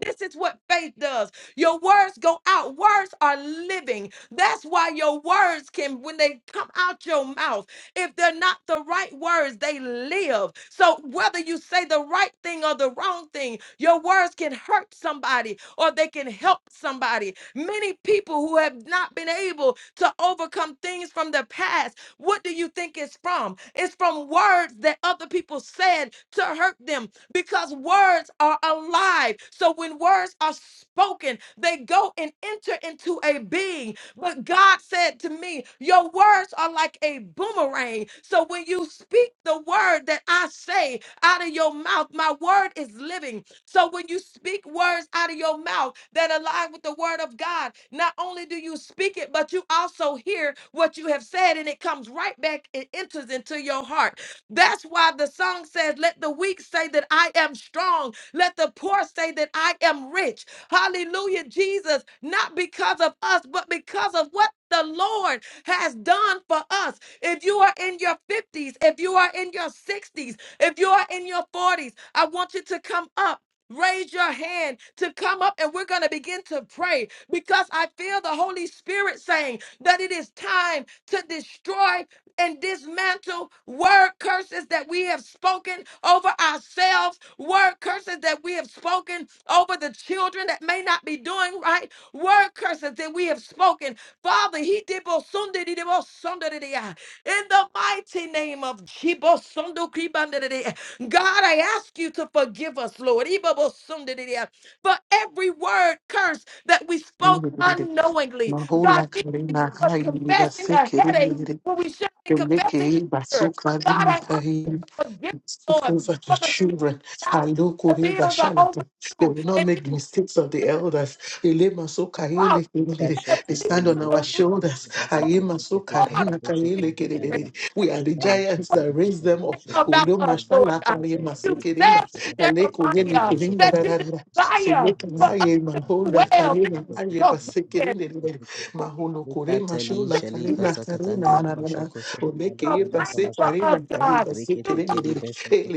S2: this is what faith does. Your words go out. Words are living. That's why your words can, when they come out your mouth. If they're not the right words, they live. So whether you say the right thing or the wrong thing, your words can hurt somebody or they can help somebody. Many people who have not been able to overcome things from the past, what do you think it's from? It's from words that other people said to hurt them because words are alive. So when words are spoken, they go and enter into a being. But God said to me, Your words are like a boomerang. So when you speak the word that I say out of your mouth, my word is living. So when you speak words out of your mouth that align with the word of God, not only do you speak it, but you also hear what you have said and it comes right back, it enters into your heart. That's why the song says, Let the weak say that I am strong. Let the poor say that I am rich. Hallelujah, Jesus, not because of us, but because of what the Lord has done for us. If you are in your 50s, if you are in your 60s, if you are in your 40s, I want you to come up. Raise your hand to come up, and we're going to begin to pray because I feel the Holy Spirit saying that it is time to destroy and dismantle word curses that we have spoken over ourselves, word curses that we have spoken over the children that may not be doing right, word curses that we have spoken. Father, he did bo both di did both Sunday, di I. in the mighty name of Je- bo- Sundu Sunday, keep di. the day. God, I ask you to forgive us, Lord, Ibo bo both di di. I, for every word curse that we spoke unknowingly.
S1: My whole
S2: God,
S1: life, my
S2: was confessing a headache
S1: high,
S2: when we should be
S1: Eleke
S2: confessing the cure.
S1: basuka
S2: God, I ask
S1: dimikahi
S2: forgiveness,
S1: Speak
S2: Lord,
S1: over your
S2: for the speak
S1: children.
S2: out. when The
S1: Alokore
S2: bills are
S1: bashalatu. They
S2: overdue,
S1: will not
S2: and
S1: make the mistakes of the elders. Elema so
S2: you out
S1: kaele
S6: Rikatali
S1: kelele. They stand on
S2: with
S1: our
S2: the
S1: shoulders.
S2: real
S1: Ayema so
S2: water
S1: karena kaele kelele. We are the giants that raise them up.
S2: about
S1: Ulo
S2: us, Lord
S1: mashala
S2: God.
S1: karema so
S2: You said
S1: kerenda.
S2: to
S1: Aleko yele
S2: Jeremiah
S1: kerenda
S2: that you
S1: darada. So
S2: desire
S1: make an
S2: for us
S1: aye man
S2: to
S1: hold a
S2: well. This
S1: karena
S2: is
S1: aye
S2: your plan.
S1: basekerende. Maholo kore
S2: Even the sick,
S1: mashola
S2: even
S1: karena
S2: the
S1: karena nanana. Omeke
S2: your
S1: yeba
S2: plan
S1: se
S2: for
S1: karena
S2: us,
S1: karena
S2: God. You don't
S1: basekerende.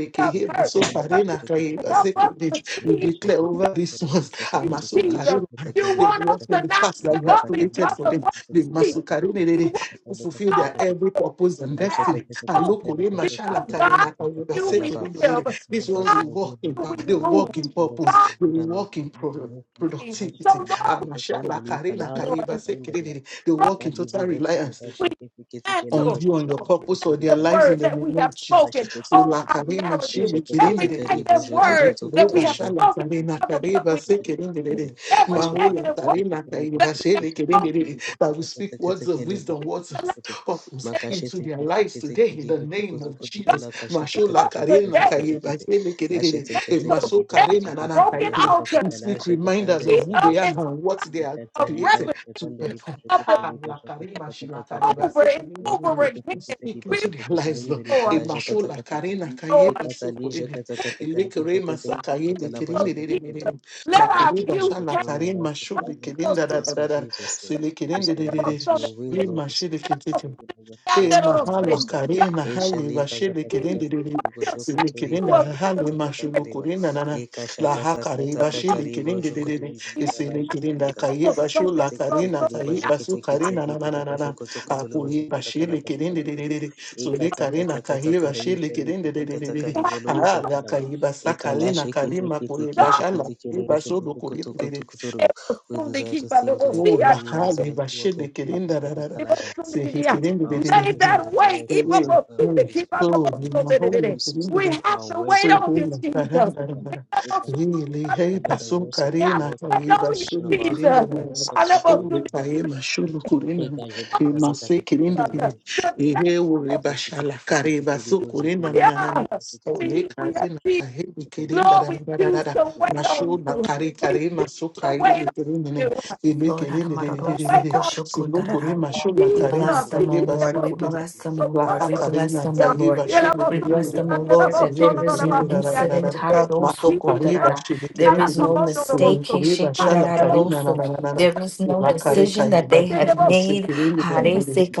S2: want us hurt, but you
S1: masokarena kaiba
S2: help us
S1: sekendej.
S2: to
S1: We
S2: see
S1: declare
S2: you.
S1: over these ones,
S2: you, Jesus.
S1: Amasokarena,
S2: You
S1: they
S2: want us
S1: walk on
S2: to
S1: the
S2: not
S1: path that
S2: give
S1: you have
S2: up
S6: Ikatakaele
S1: created
S2: because
S1: for
S2: of
S6: boshete
S1: them.
S2: what
S1: The
S2: you
S6: katakele
S2: see.
S6: boshete
S1: masokarene, they
S2: You
S1: they
S2: want
S1: who
S6: katakele
S2: to
S1: fulfill
S6: boshete
S2: know
S1: their
S2: that
S6: katakele
S1: every
S2: you
S1: purpose and
S2: have
S6: boshete
S1: destiny.
S2: hope
S6: katakele
S1: Alokorema
S6: boshete
S2: because God,
S6: katakele
S1: shalakarena kaiba
S2: you
S6: katakele
S2: we
S6: ba.
S1: sekendej, they-
S2: live.
S1: they-
S6: It's
S1: These
S6: not that
S1: ones
S2: God,
S1: will
S6: you
S1: walk
S6: will
S1: in,
S6: not
S2: you
S1: pa-
S2: we
S1: they
S6: need
S1: will
S6: your
S2: move.
S1: walk
S6: friends
S1: in
S6: for us and
S1: purpose,
S2: God,
S1: they
S6: good and
S1: will
S6: not
S1: walk in
S6: even
S1: pro-
S6: if you
S2: we.
S6: can ask you
S1: productivity.
S2: So
S6: can not
S2: Lord, we
S6: focus
S2: thank
S6: on
S2: you
S6: the
S1: Amashala
S6: leak and
S2: this
S1: karena
S6: ask you
S1: kaiba
S2: morning.
S6: can the leak.
S1: sekendej, They
S2: Lord,
S1: walk in total
S6: Ikalibu hoki
S1: reliance
S2: we
S6: bashete katakele
S1: on
S2: cancel
S1: you, on
S6: boshete katakele
S1: your
S6: boshete
S1: purpose, or
S6: katakele
S1: their
S2: the
S6: bara.
S1: lives in
S2: word
S1: the
S2: that we
S1: name of
S2: have
S1: Jesus.
S2: spoken
S6: Lashe
S1: So
S2: over
S1: la
S2: our
S1: karema
S2: marriages.
S1: shimi kirende
S2: Every
S1: de de.
S2: negative
S1: La
S2: word that we
S1: likereba
S2: have
S1: shala
S2: spoken
S1: karena
S2: because of what
S1: kareba
S2: we
S1: se kirende de
S2: have.
S1: de.
S2: Every
S1: Mahula
S2: negative word
S1: karena kareba shele kirende
S2: spoken
S1: de de. That we speak words of wisdom, words
S2: to not
S1: of purpose into their lives today in the name of Jesus.
S2: give
S1: Mashola
S2: up
S1: karena
S2: today.
S1: kareba shele kirende de. Eh,
S2: dismantle
S1: maso karena
S2: every
S1: na na
S2: broken
S1: kareba.
S2: altar
S1: We
S2: that
S1: speak reminders of
S2: leads
S1: who
S2: up
S1: they are
S2: into
S1: and what
S2: life
S1: they are
S2: of
S1: created
S2: repetition
S1: to perform.
S2: of the
S1: Ah, la karima shila kariba
S2: over
S1: suku
S2: and
S1: nini
S6: the
S1: nini
S2: over
S1: nini.
S2: again.
S1: You Speak
S2: We,
S6: plans
S1: into their lives, Lord.
S2: Lord,
S1: Imasho la karina kayeba
S2: Lord,
S1: suku nini. Ilekere masakaye
S2: of
S1: lekerine nini
S2: Jesus,
S1: nini nini.
S2: let our
S1: Makuri
S6: of God
S2: views
S1: basha la
S2: change.
S6: upon our
S1: karima
S6: lives will
S1: shu
S6: fully come
S1: lekerin
S6: to
S1: da da da
S6: pass in
S1: da da.
S6: Jesus' name. We
S1: Selekerin nini nini
S6: surrender
S1: nini.
S6: to your will, Lord.
S1: Rima
S6: We
S1: shi
S6: surrender to
S1: lekerin.
S6: your will and your
S1: E
S6: plans for our lives,
S1: mahala
S6: Lord.
S2: God,
S1: karena
S2: let
S1: hali
S6: Eshalika
S1: vashele
S2: me
S1: kerende
S6: zakatakata
S1: rere
S6: karibo
S2: feel safe
S1: sele
S6: shokoto
S2: to
S6: riba
S1: kerenda
S2: us
S6: la
S2: in the
S1: hali
S2: glory.
S6: shakatakata
S1: mashulu
S6: kariba.
S1: kurenda nana
S6: Eka
S1: la hakare
S6: shakatakata
S1: vashele
S6: kataribo
S1: kerende
S6: shokoto
S1: rere
S6: riba la
S1: sele kerenda
S6: shakatakata.
S1: kaye bashu la
S6: Ekete kete
S1: karena
S6: kere
S1: kaye
S6: baje
S1: basu
S6: kete kete
S1: karena nana
S6: liba la
S1: nana
S6: baje
S1: nana
S6: koto koto le baje
S1: apuri
S6: kata kala
S1: vashele
S6: baje
S1: kerende
S6: koto koto.
S1: rere sele
S6: Ekata kata
S1: karena
S6: kata
S1: kaye
S6: kare
S1: vashele
S6: ishali
S1: kerende
S6: kata kata
S1: rere
S6: kari bolo usha
S1: ah la
S6: kalaba.
S1: kaye basa
S6: Ekala
S1: karena
S6: she kete
S1: karima
S6: kete
S1: kure
S6: kete
S2: God,
S6: kete
S1: bashala
S6: kere
S1: kaye
S6: baje
S1: basu
S6: koto
S1: lukure
S6: koto koto
S1: rere
S6: koto ru. We
S2: from the
S6: desire to
S2: keep by
S6: think like
S1: o
S6: you.
S1: la
S6: We
S2: the
S1: hali
S6: desire to walk
S1: vashele
S6: like you.
S1: kerenda
S6: Mary
S1: rara
S6: Kalashaka.
S1: sehe kerende
S6: Sanctify our
S2: Made
S1: rere
S6: spirit,
S2: that
S6: sanctify
S2: way.
S6: our soul,
S1: Amen.
S6: sanctify our
S1: Amen.
S6: bodies,
S1: So, we
S6: sanctify our
S1: mahalo
S6: voices,
S2: We
S1: kumbe
S6: sanctify
S2: have
S6: our
S2: to
S6: words,
S2: wait
S1: so
S6: our
S2: on you,
S6: thoughts.
S1: hema
S6: and our
S2: Jesus.
S1: karanga
S6: actions.
S2: We
S1: rambara
S2: have
S6: May
S2: to
S1: yili heba
S6: the
S1: so
S6: words of our
S1: karina
S6: mouth and the
S2: wait
S1: kaiba
S2: on you,
S6: meditation of
S1: shulu
S6: our heart
S1: kirinda
S2: Jesus.
S6: be
S1: oh!
S6: acceptable
S2: Hallelujah.
S1: ombe
S6: unto you, Lord.
S1: kaema shulu kurina e mase kirinda kiri
S2: The
S1: ehe uri
S2: thankful.
S1: bashala kariba so kurina na na na
S2: Hallelujah.
S1: ole
S2: Hallelujah.
S1: karina
S2: Jesus.
S1: kahebi kirinda
S2: Lord, we
S1: rambara
S2: choose
S1: rara
S2: to wait
S1: mashu
S2: on
S1: na
S2: you.
S1: kari
S2: We
S1: kari
S2: choose
S1: maso
S2: to wait
S1: kaili
S2: on
S1: kirinda ne
S2: you.
S1: ebe
S7: Lord,
S1: kirinda re re
S7: Haramaroro,
S2: to
S1: re re
S2: wait
S1: re
S7: Soko
S2: on
S7: Shoko,
S1: silo
S7: Darara.
S1: kurima shula
S7: We
S1: karina
S7: bless
S2: Jesus,
S7: them,
S2: he
S7: O
S2: keep
S1: kaiba
S7: Lord.
S1: so
S7: We
S2: up so
S7: bless them, O
S2: so
S1: La
S7: Lord. We bless
S1: Karina
S7: them, O Lord.
S1: Tahiba
S2: He love
S1: Shulu
S7: We
S2: so much,
S7: bless
S2: he
S1: Kirimiri,
S7: them, O Lord, that
S2: so
S1: Suzini
S7: there
S2: much,
S7: is no
S1: Kirimira
S2: he
S7: incident.
S1: Rararara, Maha
S2: did give
S1: Kariba
S7: Hararosokotarara.
S1: Shili
S7: There
S2: Allah
S7: is no
S1: Kirimiri,
S2: command
S6: Thank you.
S7: mistake.
S1: Uli
S2: so.
S1: Kuriba
S2: Find
S6: Thank
S2: the
S1: Shala
S2: devil
S1: Karina
S7: Hishikirararoso.
S1: Nananana,
S7: There is no
S1: La
S2: somebody.
S1: Kareka
S7: decision that
S1: Iba,
S2: Find
S7: they have
S1: Usi
S7: made.
S1: Kirimiri,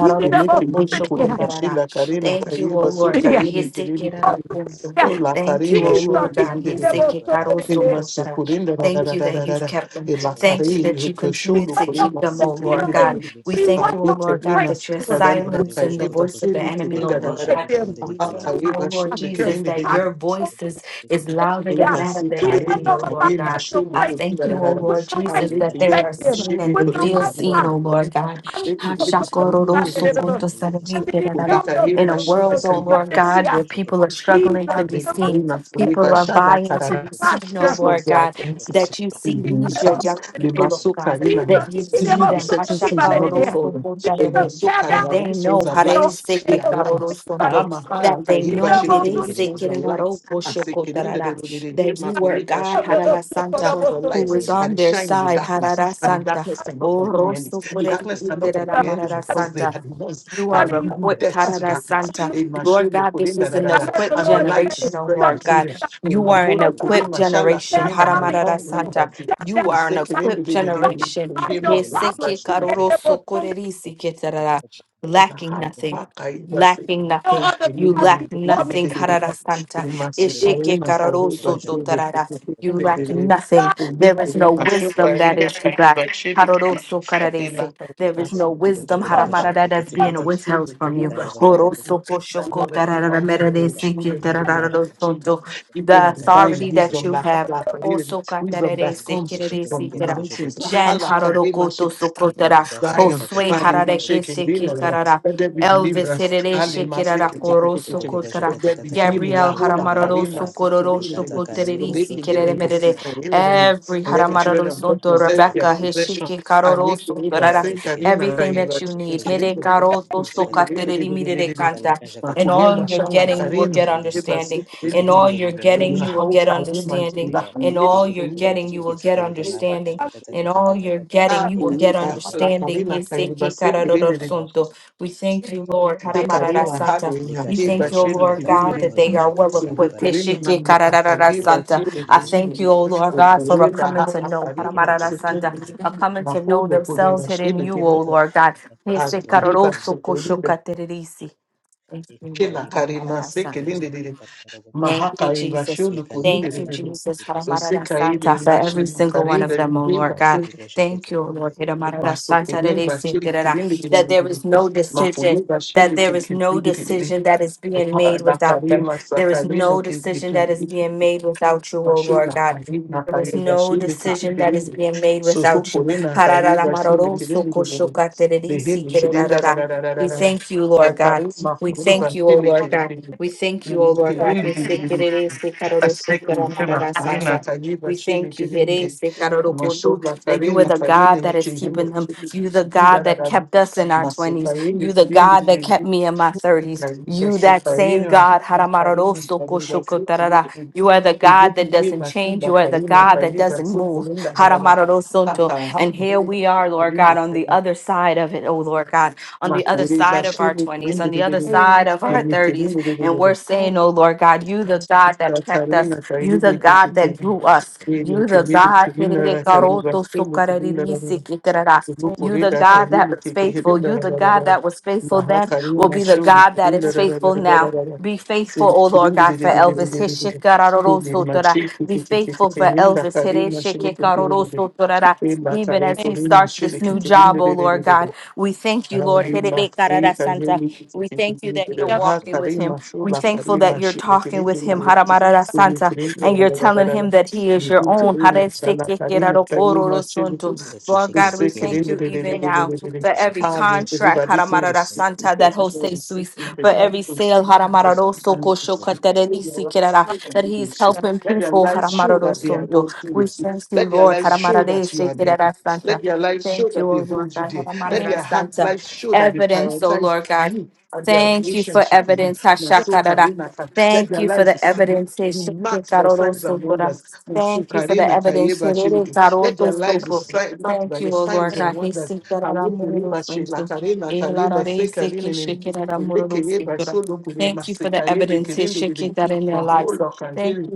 S2: He did the
S1: Ili
S2: most
S1: Kirimiri Kuriba
S2: somebody.
S1: Shila Karina
S7: Thank you, O
S2: Oh,
S1: Tahiba Su
S7: Lord God.
S2: somebody.
S1: Karimi
S2: Oh,
S1: Kirimiri,
S7: Hisikirararoso.
S2: yeah.
S1: O La
S7: Thank you,
S1: Karima
S7: O
S2: Jesus,
S1: Shulu
S7: Lord
S2: he
S7: God.
S2: did the
S1: Kirimiri,
S2: most somebody.
S7: Hisikikarosokotarara.
S1: Imasukurinda da
S6: you.
S1: da
S7: Thank
S1: da
S7: you
S1: da
S7: that
S1: da da.
S7: you've
S1: da
S7: kept them. Thank you
S1: Ilakari
S7: that you
S2: We
S7: continue
S1: bashulu
S2: wait
S7: to
S2: on
S7: keep
S1: kurima
S7: them, O
S2: the
S7: Lord
S1: sikurinda da
S7: God.
S1: da
S2: healing.
S7: We
S2: We
S7: thank you,
S2: wait
S7: O
S2: on
S1: Alite
S2: the
S7: Lord God,
S1: lima
S7: that you're
S2: breakthrough.
S1: sikada na
S7: silencing the
S1: kaye
S7: voice of the
S1: basiri
S7: enemy, O
S1: kirinda da.
S7: Lord
S1: da
S6: Makalisha
S1: da
S7: God. We
S1: Baba
S7: thank
S2: We
S1: kaye
S7: you,
S2: wait
S7: O Lord
S2: on
S1: bashulu
S2: the
S7: Jesus,
S1: kirinda da
S7: that
S1: da. da
S7: your
S2: breakthrough.
S7: voice is, is louder than
S2: Yeah.
S7: that of
S1: Ibasi
S7: the
S2: We
S1: kare
S2: wait
S7: enemy,
S2: on
S7: O
S2: the
S7: Lord
S1: bikaye
S7: God.
S2: financial
S1: mashulu
S7: I
S1: kurinda
S7: thank you,
S2: breakthrough
S1: da
S7: O
S1: da da.
S2: with
S7: Lord
S2: the right
S7: Jesus,
S6: Makalika
S1: Alite
S7: that they
S1: lima
S7: are
S2: perspective,
S7: seen and
S1: mashulu
S2: with
S7: they
S2: the
S7: feel
S1: kurinda
S2: right
S1: da da
S7: seen,
S1: da
S7: O
S1: da.
S2: posture.
S7: Lord God.
S2: I'm so so
S1: Ibasi
S2: the
S1: kare
S2: people I'm the young so
S7: In a
S2: so
S7: world,
S1: mashulu
S2: the
S7: O
S1: kurinda
S7: Lord
S1: da da da.
S7: God, where
S2: people
S7: people are struggling
S2: Jesus
S7: to be
S2: with
S1: Aleluia,
S2: the right
S7: seen, people
S1: Filipa,
S7: are
S2: perspective,
S1: Xalá,
S2: with
S7: vying
S2: the
S7: to
S2: right
S7: be
S1: Carará.
S7: seen, O
S2: posture.
S1: This was
S7: Lord
S1: their
S2: I
S7: God,
S2: think
S1: identity.
S7: that you see
S2: the people
S1: In
S7: these,
S2: that
S7: your
S2: are
S1: terms,
S7: young
S2: so
S1: they
S7: people,
S2: there.
S1: must
S7: O
S1: so
S7: God
S1: Carina
S2: Jesus,
S7: that
S2: he
S7: you
S2: did
S7: see
S1: easily
S2: ever
S7: them,
S2: so the
S1: besetting
S2: people
S1: things will
S2: that
S1: not
S2: in here.
S1: before them. They
S2: Jesus
S1: must
S7: Ashakarorosokotarere,
S1: so
S2: tear
S7: and
S1: Carina.
S2: down
S7: they
S1: These
S7: know
S1: ones are
S2: you know, I'm
S1: lights.
S2: there
S1: They are
S2: for so many
S1: lights.
S7: Haresekekarorosondo,
S2: people
S1: Ahama,
S2: in here.
S1: Hara,
S7: that they
S2: You
S1: Kariba,
S6: Mashe
S7: know
S2: know,
S6: teke
S2: about so
S1: Shilkin.
S6: teke
S2: many
S1: These
S6: le pashe teke teke
S1: ones are lights.
S6: pashe teke teke.
S1: Asekirin, the
S7: Hiresekerarokoshokotarara,
S1: Dododede,
S7: that
S1: Hema,
S7: you
S2: people,
S7: are
S1: Kuriba,
S7: God,
S2: I do
S1: Shilkin.
S7: Harara
S1: These
S7: Santa,
S1: ones
S6: Thank
S1: are
S7: who is
S1: lights. And
S7: on
S1: they
S7: their
S1: shine in the
S7: side,
S1: darkness.
S7: Harara
S1: And the
S7: Santa.
S1: darkness cannot
S7: Oh,
S1: comprehend it.
S7: Rosso
S1: The
S7: Coreri
S1: darkness cannot comprehend it
S7: Marara
S2: Hallelujah.
S1: because they
S7: Santa.
S1: are the ones
S7: You
S1: that
S7: are
S1: are giving
S7: equipped,
S1: death to
S7: Tarada
S1: darkness.
S7: Santa.
S2: Hallelujah.
S7: Lord God, this is an
S2: I
S1: Amen
S2: heard the
S7: equipped
S1: and the
S2: Lord
S1: light
S2: say,
S1: is
S7: generation, oh
S1: spreading
S7: Lord
S2: sometimes
S1: through
S7: God.
S1: them.
S2: the
S1: Oh,
S7: You
S2: idol
S1: my
S2: is
S7: are an
S1: God,
S2: your
S1: we could be
S2: problem.
S7: equipped
S1: my shala,
S7: generation,
S2: Tear
S1: Karina, and
S2: down
S1: I'm
S2: the
S7: Haramarada
S1: found in
S2: idol.
S7: Santa.
S1: liberty.
S2: Tear
S7: You
S2: down
S1: We
S7: are
S1: say,
S7: an
S2: the idol.
S1: Kerendo,
S7: equipped
S1: de- de- de- de-
S2: Don't
S1: de,
S7: generation.
S1: we
S2: idolize
S1: be my
S2: your problem.
S7: Heseke
S1: liberty,
S2: He
S1: we
S2: said
S1: can-
S7: karoro
S2: there was no
S7: sokorerisi ketarara.
S1: we can
S7: Lacking
S1: have
S7: nothing.
S1: back our liberty.
S7: Lacking
S2: no
S7: nothing.
S2: other
S1: We need
S7: You
S2: gods
S1: you,
S7: lack
S1: we de-
S2: before me.
S1: de-
S7: nothing,
S1: de- de- de,
S7: Harada Santa.
S1: we must say,
S2: He
S7: Ishike
S1: Karina, Karina,
S7: karoro
S1: liberty,
S7: soto
S1: we- we- we-
S7: tarara.
S1: we-
S7: You
S1: de- de-
S7: lack
S1: de-
S6: you.
S1: de.
S2: God
S7: nothing.
S6: Makala
S1: Oh,
S7: There
S1: we- we-
S7: is
S1: we
S7: no
S1: must say,
S7: wisdom that
S1: Karina,
S7: is you
S1: Karina, liberty, we-
S7: Haroroso
S1: Ela
S7: kararese. There
S1: tá
S7: is no
S1: assim, que- que-
S7: wisdom
S1: que- que-
S2: was
S1: que-
S2: the
S7: haramarada that's
S1: you
S7: being
S1: must say
S7: withheld
S1: that the
S7: from you.
S1: Lord must say that you could-
S7: Horoso
S1: that
S7: poshoko
S1: you're very
S7: tararara
S1: mountain for your
S7: ki
S1: children in the name of
S7: tarararo
S1: Jesus. Give
S7: The
S1: them divine
S7: authority that
S1: wisdom,
S7: you
S1: la-
S7: have.
S1: la- la-
S7: Oso
S1: wisdom that
S7: katararese
S1: comes from
S7: kirarese
S1: the
S7: tara.
S1: mountains.
S7: Jan haroroko to sokotara.
S6: Lekeribasha
S1: Zion,
S6: katakata
S7: Josue
S1: Ali
S6: karibasha
S7: harareke
S1: Mashaking, Lina,
S7: sheke
S6: kotokoribasha
S7: tarara.
S1: let
S6: katakata
S1: there be
S6: karibasha
S7: Elvis
S6: kata-
S1: deliverance, Ali
S7: Hererese
S6: Ushakata
S7: Kirara
S1: Mashaking,
S6: karibasha
S7: Koroso
S6: kotokoribasha
S7: Kotara
S1: let there be
S6: katakata
S1: healing,
S6: karibasha
S7: Gabriel
S1: La Hula,
S6: kotokori
S1: Karima,
S6: lakala.
S7: Haramaroroso
S1: Sikirini,
S7: Kororoso
S6: Ikata
S1: the
S6: kalibo
S7: Koterisi
S1: Lake in
S6: shoto ndege kala zikibara.
S1: Masikarini,
S7: Every
S1: and let the
S6: Ikata
S7: Haramarado
S1: children of God
S6: karibasha
S7: Sonto
S1: possess
S6: katakari.
S1: their
S7: Rebecca
S1: possession,
S7: Heshiki
S6: Thank
S1: and
S7: Karoro
S1: make deliverance,
S7: Sotorara,
S1: sing Karima,
S7: everything
S1: Raiva,
S7: that you need. Hede
S1: Sikirini,
S7: Karo
S1: who
S7: Soto
S1: sing the
S7: Katereri Mirere
S1: Lindi,
S7: Kanta. In all
S1: Makulimba,
S7: you're
S1: Shana,
S7: getting, you will
S1: Karina,
S7: get
S1: Eva,
S7: understanding. In all
S1: Sikirini,
S7: you're getting,
S1: La
S7: you will
S1: Hula,
S7: get
S1: Karima,
S7: understanding.
S1: Lila,
S7: In all you're
S1: Lila,
S7: getting, you will get understanding.
S2: hungry.
S1: Lila,
S7: In all you're getting, you will get
S1: Hakuiba hala
S7: understanding.
S1: karina kaiba
S7: Heseki Karoro
S1: sekirindiri
S6: you.
S7: Sonto. We thank you, Lord. Haramarara
S1: sekarina
S6: Mashekete
S7: Santa.
S1: hali
S7: We
S1: nyahiba
S7: thank you,
S6: likashalika
S1: shiri
S7: Lord
S6: zakatandi
S7: God,
S1: kirindiri
S7: that they
S6: libolu
S7: are well
S6: shakata
S7: equipped.
S6: karibala
S1: sekurina
S7: Heshiki
S1: namna
S7: Kararara
S6: libo
S1: kaiba
S7: Santa.
S6: shokoto
S1: shiri
S7: I
S6: kolibo
S7: thank you,
S1: kirindiri
S7: O Lord
S6: shokoto
S7: God,
S6: libo
S7: for a
S1: sekirindiri
S6: shokoto
S7: coming to
S1: hala
S7: know,
S1: karina
S6: rekete kele boshi
S7: Haramararasanda,
S6: kete
S1: sekirindiri
S7: a
S6: kete kete
S7: coming to know
S1: makude
S6: to kolibo
S7: themselves
S1: kurina
S6: shakata
S7: hidden in
S1: shiri
S7: you,
S6: kata
S7: O
S6: kata
S1: kirindiri
S7: Lord God.
S6: kata
S7: Ese
S6: kalibo shokoto
S1: akihiba
S7: caroroso
S1: sekurindiri
S7: koshokatererisi. Thank you,
S6: ekali
S1: kila
S7: Lord.
S6: boshi
S1: karima
S6: koto kali
S7: Haramararasa.
S6: ga
S1: sekirindiri
S6: kata kata boshi
S7: Thank you,
S1: mahaka iba
S7: Jesus.
S1: shiri
S6: ekali
S7: Thank
S1: kurindiri
S7: you,
S6: kala shakali
S7: Jesus,
S6: bosun dili
S7: Haramarada
S6: kala
S7: Santa,
S1: sekarina
S7: for
S6: shekete
S1: mashi
S6: kete
S7: every single one of
S6: kala
S7: them, O
S6: boshi
S7: Lord
S6: koto
S7: God.
S1: karina
S6: kolibo shekete
S7: Thank you,
S6: kete
S7: O Lord. Haramarada Santa,
S1: Masokoye
S7: that they said
S1: bashiri
S7: that it-
S1: kirindi kirindi
S7: that there is no
S1: makoye
S7: decision. That
S1: bashiri
S7: there is no
S1: kirindi kirindi
S7: decision that is being made without
S1: bakari
S7: them. There is
S1: masakari no
S7: no decision that is
S1: kirindi
S7: being made without you, O
S1: mashu
S7: Lord God.
S1: nakari
S7: There
S1: nakari
S7: is no
S1: bashiri
S7: decision that is
S1: kirindi
S7: being made
S1: suhu
S7: without you.
S1: kore nakari
S7: Hararara
S1: bashiri
S7: maroro
S1: kirindi
S7: soko
S1: kirindi
S7: shoka tererisi
S1: behiri kirindi
S7: kererarara. We
S1: rararararara
S7: thank you, Lord
S2: and one
S7: God.
S1: okari
S7: We
S1: makoye
S7: thank you, O
S1: bashiri
S7: Lord God.
S1: kirindi
S7: We thank you, O Lord
S2: wonder.
S7: God.
S1: kirindi
S7: We thank you,
S1: kirindi
S7: Lord, yes, we cut out this book
S1: asik
S7: that I'm
S1: makoye nakari
S7: We
S1: bashiri
S7: thank you, Lord,
S1: kirindi
S7: yes, we cut out the
S1: Mashuba
S7: that you are
S1: karena
S7: the
S1: karena
S7: God
S1: ni
S7: that is
S1: kihembo
S7: keeping him. You the
S1: kinda
S7: God
S1: la
S7: that
S1: la
S7: kept us in our 20s.
S1: masukayeni
S7: You the
S1: kirene
S7: God that kept
S1: bibiri
S7: me in my 30s.
S1: kaida
S7: You that same
S1: sukaira
S7: God.
S1: na karena karena si kulini
S7: You are the
S1: ibu
S7: God that
S1: kubi
S7: doesn't
S1: basu
S7: change. You are the
S1: bakarina
S7: God that
S1: karena
S7: doesn't
S1: su
S7: move.
S1: kulinda la la la kaka
S7: And here
S1: hamu
S7: we are, Lord God, on the
S1: kirene
S7: other side of it, oh Lord God, on the other
S1: makuri
S7: side of
S1: bashi
S7: our
S1: ni kirene
S7: 20s, on the
S1: ni
S7: other
S1: kirene
S7: side of
S2: Amen.
S7: our
S1: ni
S7: 30s,
S1: kirene
S7: and we're
S1: bibiri
S7: saying, oh Lord God, you the God that
S1: sta
S7: kept us,
S1: karena
S7: you
S1: karena
S7: the
S1: bibiri
S7: God that
S1: kirene
S7: grew us.
S1: ni kirene
S7: You the God,
S1: kirene karena ni kirene la la
S7: you
S1: Lupuri
S7: the
S1: da
S7: God that
S1: Kahini
S7: was
S1: Tiki
S7: faithful.
S1: Hidden
S7: You
S1: Dara
S7: the God that was faithful then
S1: Mahakari
S7: will be the
S1: Mashu
S7: God that
S1: Purin
S7: is
S1: Dara
S7: faithful now. Be faithful, oh
S1: Silkirin
S7: Lord God, for
S2: Father,
S7: Elvis. Hishikarorosotora.
S1: Machi
S7: Be faithful for Elvis.
S1: Bakari Mashu
S7: Hireshikekarorosotora.
S1: Purin
S7: Even
S1: Bakari
S7: as
S2: Thank
S7: he
S6: Yakishikete
S1: Kurin
S7: starts
S1: Mashi
S7: this new job, oh Lord God,
S1: Likirin
S7: we thank you, Lord.
S1: Alima Rita
S7: Hirerekararasanta.
S1: Heli
S7: We thank you that you're
S2: you.
S7: walking
S1: Hata
S7: with him.
S1: Rima
S7: We're
S1: Sula
S7: thankful that
S1: Karima
S7: you're talking with him,
S1: Shilikirin
S7: Haramarara Santa,
S1: Sulikirin
S7: and you're telling him
S1: Rabagara
S7: that he is your
S1: Nihuta
S7: own.
S1: Rima Shala Karima Karima
S7: Haresekekerarokorosunto.
S1: Shilikirin
S7: Lord God, we
S6: kere
S7: thank you
S1: Usikirin
S7: even now
S6: Thank
S7: for every
S1: Ali
S7: contract,
S1: Riba This is a
S7: Haramarara
S1: sick
S7: Santa, that
S1: because this
S7: Jose
S1: is a sick
S7: Suisse, for
S1: image
S7: every
S1: from
S7: sale,
S1: seeking for and succeed.
S7: Haramararosokoshokataderisikerara, that he's helping
S1: Let their
S7: people,
S1: lives show that they are
S7: Haramararosunto. We
S1: worthy.
S7: thank you,
S1: Let their
S7: Lord,
S1: lives show that you are there.
S7: Haramararesekerara Santa.
S1: Let their lives show
S7: Thank
S1: that
S7: you,
S1: they
S7: O Lord
S1: hold you
S7: God,
S1: there. Let
S2: Thank
S7: Haramararar
S1: their heart lives show that they
S7: Evidence, O
S1: prioritize
S7: Lord God.
S1: you and their
S7: Thank you for
S1: relationship with you.
S7: evidence,
S2: you.
S7: Hashakarada.
S1: Masukarinaka. Let
S7: Thank
S1: their
S7: you for
S1: lives
S7: the
S1: s-
S7: evidence,
S1: be marked by signs and
S7: Heshekarodosotora.
S1: wonders.
S7: Thank you for the
S1: Masukarinaka
S7: evidence,
S1: yeba shileke. Let their lives be
S7: Heredarotosopo.
S1: si- marked
S7: Thank
S1: by the
S7: you, O
S1: signs
S7: Lord
S2: Thank
S1: and
S7: God.
S1: wonders. Alekureba
S7: Hesekaramurodosunto.
S1: shilakarinaka leba sekarinene. Elekeyeba
S7: Elararesekeshekaramurodosotora.
S1: sholokure
S7: Thank you for the evidence,
S1: masekayelekerendere.
S7: Hesheki, that in their lives. Thank
S1: Maholokazere
S7: you,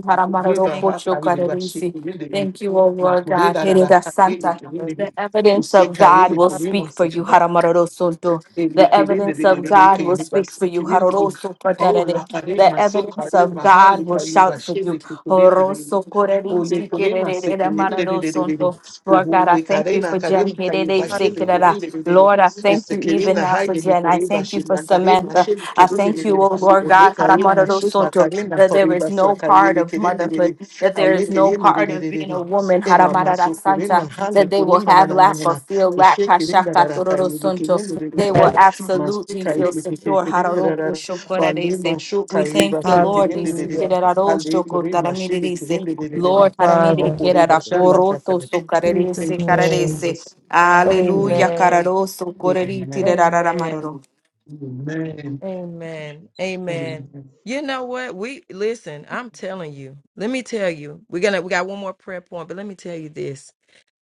S2: you. Thank
S1: hakayeba
S7: Haramararopochokarerisi.
S1: shikerendere.
S7: Thank you,
S2: you,
S7: O Lord God.
S1: Makureda
S7: Hereda
S1: rarakarele
S7: Santa.
S1: kerendere.
S7: The evidence of God will speak for you, Haramararosunto. The evidence
S6: you.
S7: of God will speak for you. Haroroso
S1: Oh,
S7: patarere.
S1: la pare
S7: The
S1: ma so
S7: evidence
S1: kare
S7: of
S1: ma hali
S7: God will
S1: kare ma
S7: shout for you.
S1: shele kikure diri.
S7: Horoso
S1: O le
S7: korerinchi
S1: kure ma se
S7: kerererera
S1: kire diri diri diri.
S7: mararosonto. Lord God,
S1: Uhu
S7: I
S1: le
S7: thank
S1: kare
S7: you
S1: na
S7: for
S1: kare
S7: Jen.
S1: ni kare ma shele kure
S7: Kerererera.
S1: diri diri.
S7: Lord, I thank
S1: Este
S7: you
S1: kire
S7: even
S1: na
S7: now for
S1: haye ni
S7: Jen. I
S1: kure ma
S7: thank you
S1: shi
S7: for
S1: na kare ma
S7: Samantha.
S1: shele
S7: I
S1: kire diri
S7: thank you,
S1: diri.
S7: oh Lord
S1: O le
S7: God,
S1: kare ma shi na
S7: haramararosonto,
S1: kare na
S7: that
S1: kore
S7: there is
S1: ma sa
S7: no
S1: kare
S7: part
S1: le
S7: of
S1: kire diri
S7: motherhood.
S1: diri.
S7: That
S1: A
S7: there
S1: le
S7: is no
S1: kire diri
S7: part of
S1: diri
S7: being
S1: diri.
S7: a woman,
S1: E la ma so kure na
S7: haramararasanta,
S1: hali
S7: that they
S1: kure
S7: will
S1: na na
S7: have
S1: na na
S7: lack
S1: na.
S7: or feel
S1: Thank
S7: lack.
S1: you,
S7: hashakatororosonto. They will
S2: Jesus.
S7: absolutely feel secure. hararoko shokorerese. We thank you, Lord. He seated
S2: Hallelujah. Hallelujah. Thank
S7: at all shoko taramirise.
S2: You,
S7: Lord, taramire
S2: Father.
S7: kerara koroto so
S2: In Jesus'
S7: karerese
S2: name.
S7: karerese.
S1: Jesus.
S7: Hallelujah,
S1: Amen.
S2: Amen.
S7: kararoso koreriti
S1: Amen.
S7: rarara
S2: Amen.
S7: maroro.
S1: Amen.
S2: Amen.
S6: Jesus.
S2: Amen.
S1: Amen.
S2: You know what? We listen, I'm telling you. Let me tell you. We're gonna we got one more prayer point, but let me tell you this.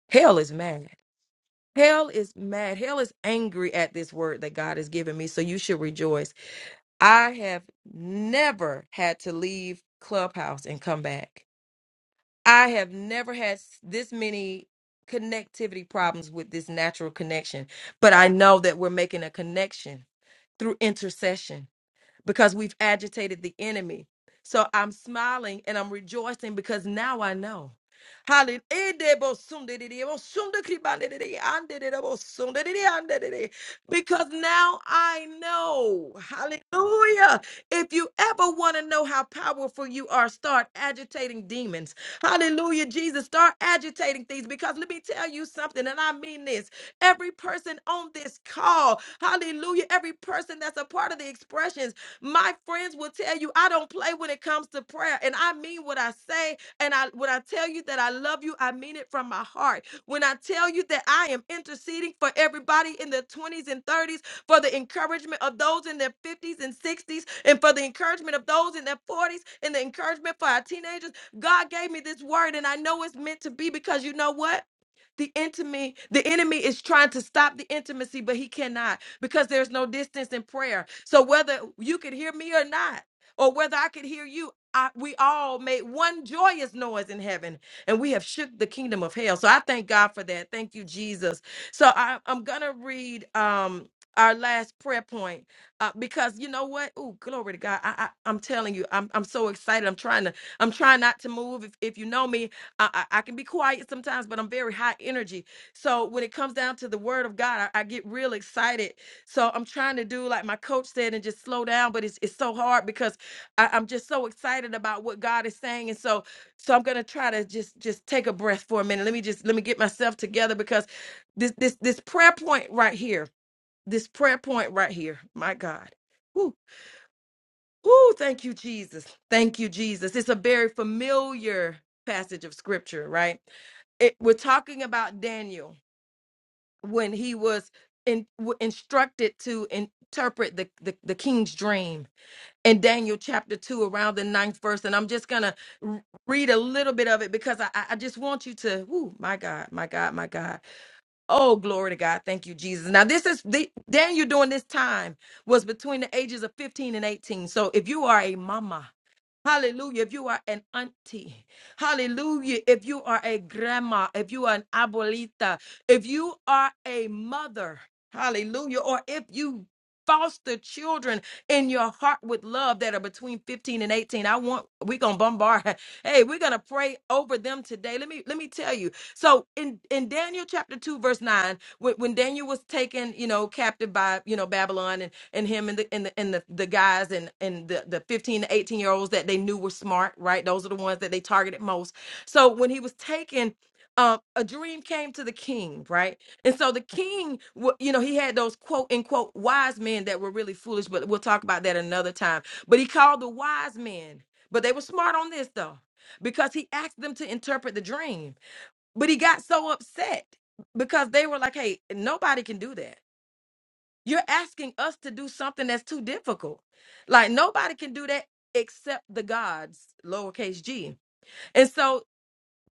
S2: Hell is mad. Hell is mad. Hell is angry at this word that God has given me. So you should rejoice. I have never had to leave Clubhouse and come back. I have never had s- this many connectivity problems with this natural connection, but I know that we're making a connection through intercession because we've agitated the enemy. So I'm smiling and I'm rejoicing because now I know. Hallelujah. Because now I know. Hallelujah. If you ever want to know how powerful you are, start agitating demons. Hallelujah, Jesus. Start agitating things because let me tell you something, and I mean this. Every person on this call, hallelujah, every person that's a part of the expressions. My friends will tell you I don't play when it comes to prayer, and I mean what I say. And I when I tell you that I love you, I mean it from my heart. When I tell you that I am interceding for everybody in their 20s and 30s, for the encouragement of those in their 50s and 60s, and for the encouragement of those in their 40s, and the encouragement for our teenagers, God gave me this word, and I know it's meant to be because you know what? The enemy, the enemy is trying to stop the intimacy, but he cannot because there's no distance in prayer. So whether you could hear me or not, or whether I could hear you, I, we all made one joyous noise in heaven and we have shook the kingdom of hell. So I thank God for that. Thank you, Jesus. So I, I'm going to read um, our last prayer point uh, because you know what? Oh, glory to God. I, I, I'm telling you, I'm, I'm so excited. I'm trying to, I'm trying not to move. If, if you know me, I, I I can be quiet sometimes, but I'm very high energy. So when it comes down to the word of God, I, I get real excited so I'm trying to do like my coach said and just slow down, but it's it's so hard because I, I'm just so excited about what God is saying. And so so I'm gonna try to just just take a breath for a minute. Let me just let me get myself together because this this this prayer point right here, this prayer point right here, my God. Woo, woo, thank you, Jesus. Thank you, Jesus. It's a very familiar passage of scripture, right? It, we're talking about Daniel when he was in, w- instructed to interpret the, the, the king's dream in Daniel chapter 2, around the ninth verse. And I'm just going to read a little bit of it because I, I I just want you to, whoo, my God, my God, my God. Oh, glory to God. Thank you, Jesus. Now, this is the Daniel during this time was between the ages of 15 and 18. So if you are a mama, Hallelujah. If you are an auntie, hallelujah. If you are a grandma, if you are an abuelita, if you are a mother, hallelujah. Or if you foster children in your heart with love that are between 15 and 18 i want we're gonna bombard hey we're gonna pray over them today let me let me tell you so in in daniel chapter 2 verse 9 when, when daniel was taken you know captive by you know babylon and him and the and the and the, the guys and and the, the 15 to 18 year olds that they knew were smart right those are the ones that they targeted most so when he was taken um, a dream came to the king right and so the king wa- you know he had those quote unquote wise men that were really foolish but we'll talk about that another time but he called the wise men but they were smart on this though because he asked them to interpret the dream but he got so upset because they were like hey nobody can do that you're asking us to do something that's too difficult. Like nobody can do that except the gods, lowercase g. And so,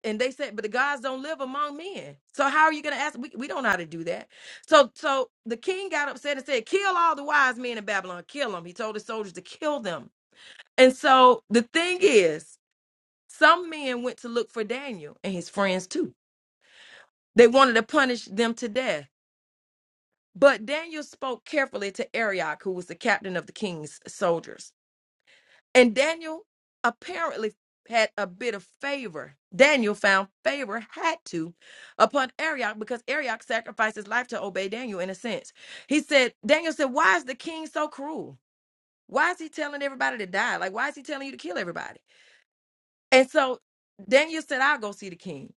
S2: and they said, but the gods don't live among men. So how are you going to ask? We, we don't know how to do that. So, so the king got upset and said, kill all the wise men in Babylon, kill them. He told his soldiers to kill them. And so the thing is, some men went to look for Daniel and his friends too. They wanted to punish them to death But Daniel spoke carefully to Arioch, who was the captain of the king's soldiers. And Daniel apparently had a bit of favor. Daniel found favor, had to, upon Arioch because Arioch sacrificed his life to obey Daniel in a sense. He said, Daniel said, Why is the king so cruel? Why is he telling everybody to die? Like, why is he telling you to kill everybody? And so Daniel said, I'll go see the king.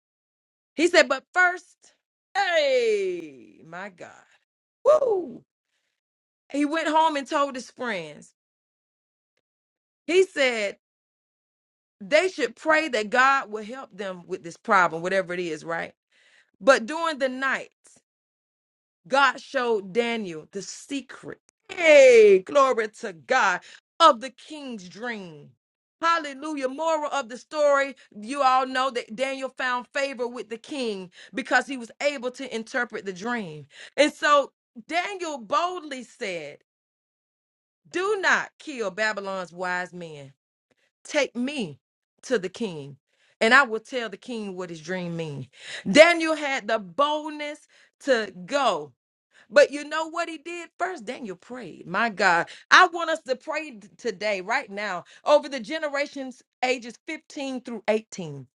S2: He said, But first, hey, my God. Woo! He went home and told his friends. He said they should pray that God will help them with this problem, whatever it is, right? But during the night, God showed Daniel the secret. Hey, glory to God of the king's dream. Hallelujah. Moral of the story, you all know that Daniel found favor with the king because he was able to interpret the dream. And so Daniel boldly said, Do not kill Babylon's wise men. take me to the king and i will tell the king what his dream means daniel had the boldness to go but you know what he did first daniel prayed my god i want us to pray t- today right now over the generations ages 15 through 18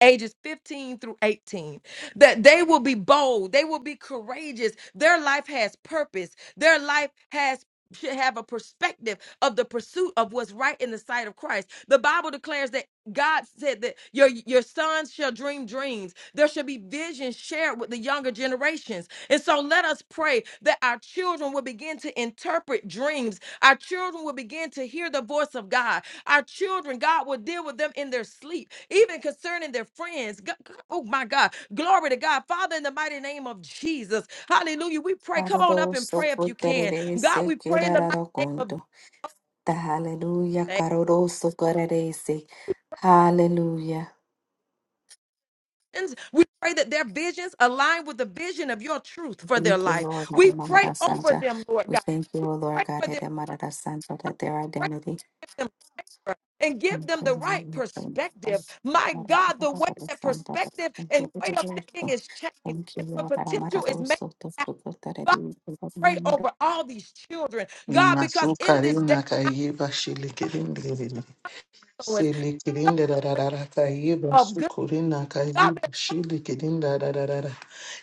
S2: ages 15 through 18 that they will be bold they will be courageous their life has purpose their life has should have a perspective of the pursuit of what's right in the sight of Christ. The Bible declares that God said that your your sons shall dream dreams. There shall be visions shared with the younger generations. And so let us pray that our children will begin to interpret dreams. Our children will begin to hear the voice of God. Our children, God will deal with them in their sleep, even concerning their friends. Go- go- Oh my God. Glory to God. Father, in the mighty name of Jesus. Hallelujah. We pray. Come on up and
S7: Kararoso
S2: pray if you can. God,
S7: koterese
S2: we pray in the mighty
S7: kerara
S2: name of
S7: konto. Hallelujah, kararoso korerese. Hallelujah.
S2: Jesus. We pray that their visions align with the vision of your truth for their
S7: Thank you,
S2: life.
S7: Lord.
S2: We pray
S7: Maramarara
S2: over
S7: Santa.
S2: them, Lord
S7: We
S2: God.
S7: thank you, O
S2: Pray
S7: Lord God,
S2: for them.
S7: Hede Marara Santa, that their
S2: Pray for
S7: identity.
S2: them. Lord, And give
S7: Thank
S2: them the
S7: you,
S2: right perspective. My God, the way that perspective and way of thinking is changed, the potential is made. pray
S7: Lord.
S2: over all these children, God, because in this day,
S1: Masukarina kaiba shilikirindiri.
S2: Lord, so
S1: Silikirinda da da da da kaiba
S2: of good
S1: sukurina
S2: God
S1: kaiba shilikirin da. da da da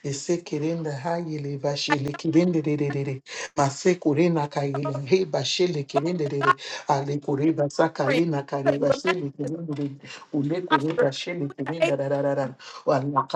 S1: Esekerenda hayele bashele kirende rerere. Masekurena kayele he bashele kirende rere.
S2: that's
S1: Alekure
S2: suffering,
S1: basakalena kare
S2: that remain
S1: bashele kirende rere. Ulekure
S2: posture.
S1: bashele
S2: Hey,
S1: kirenda rararara.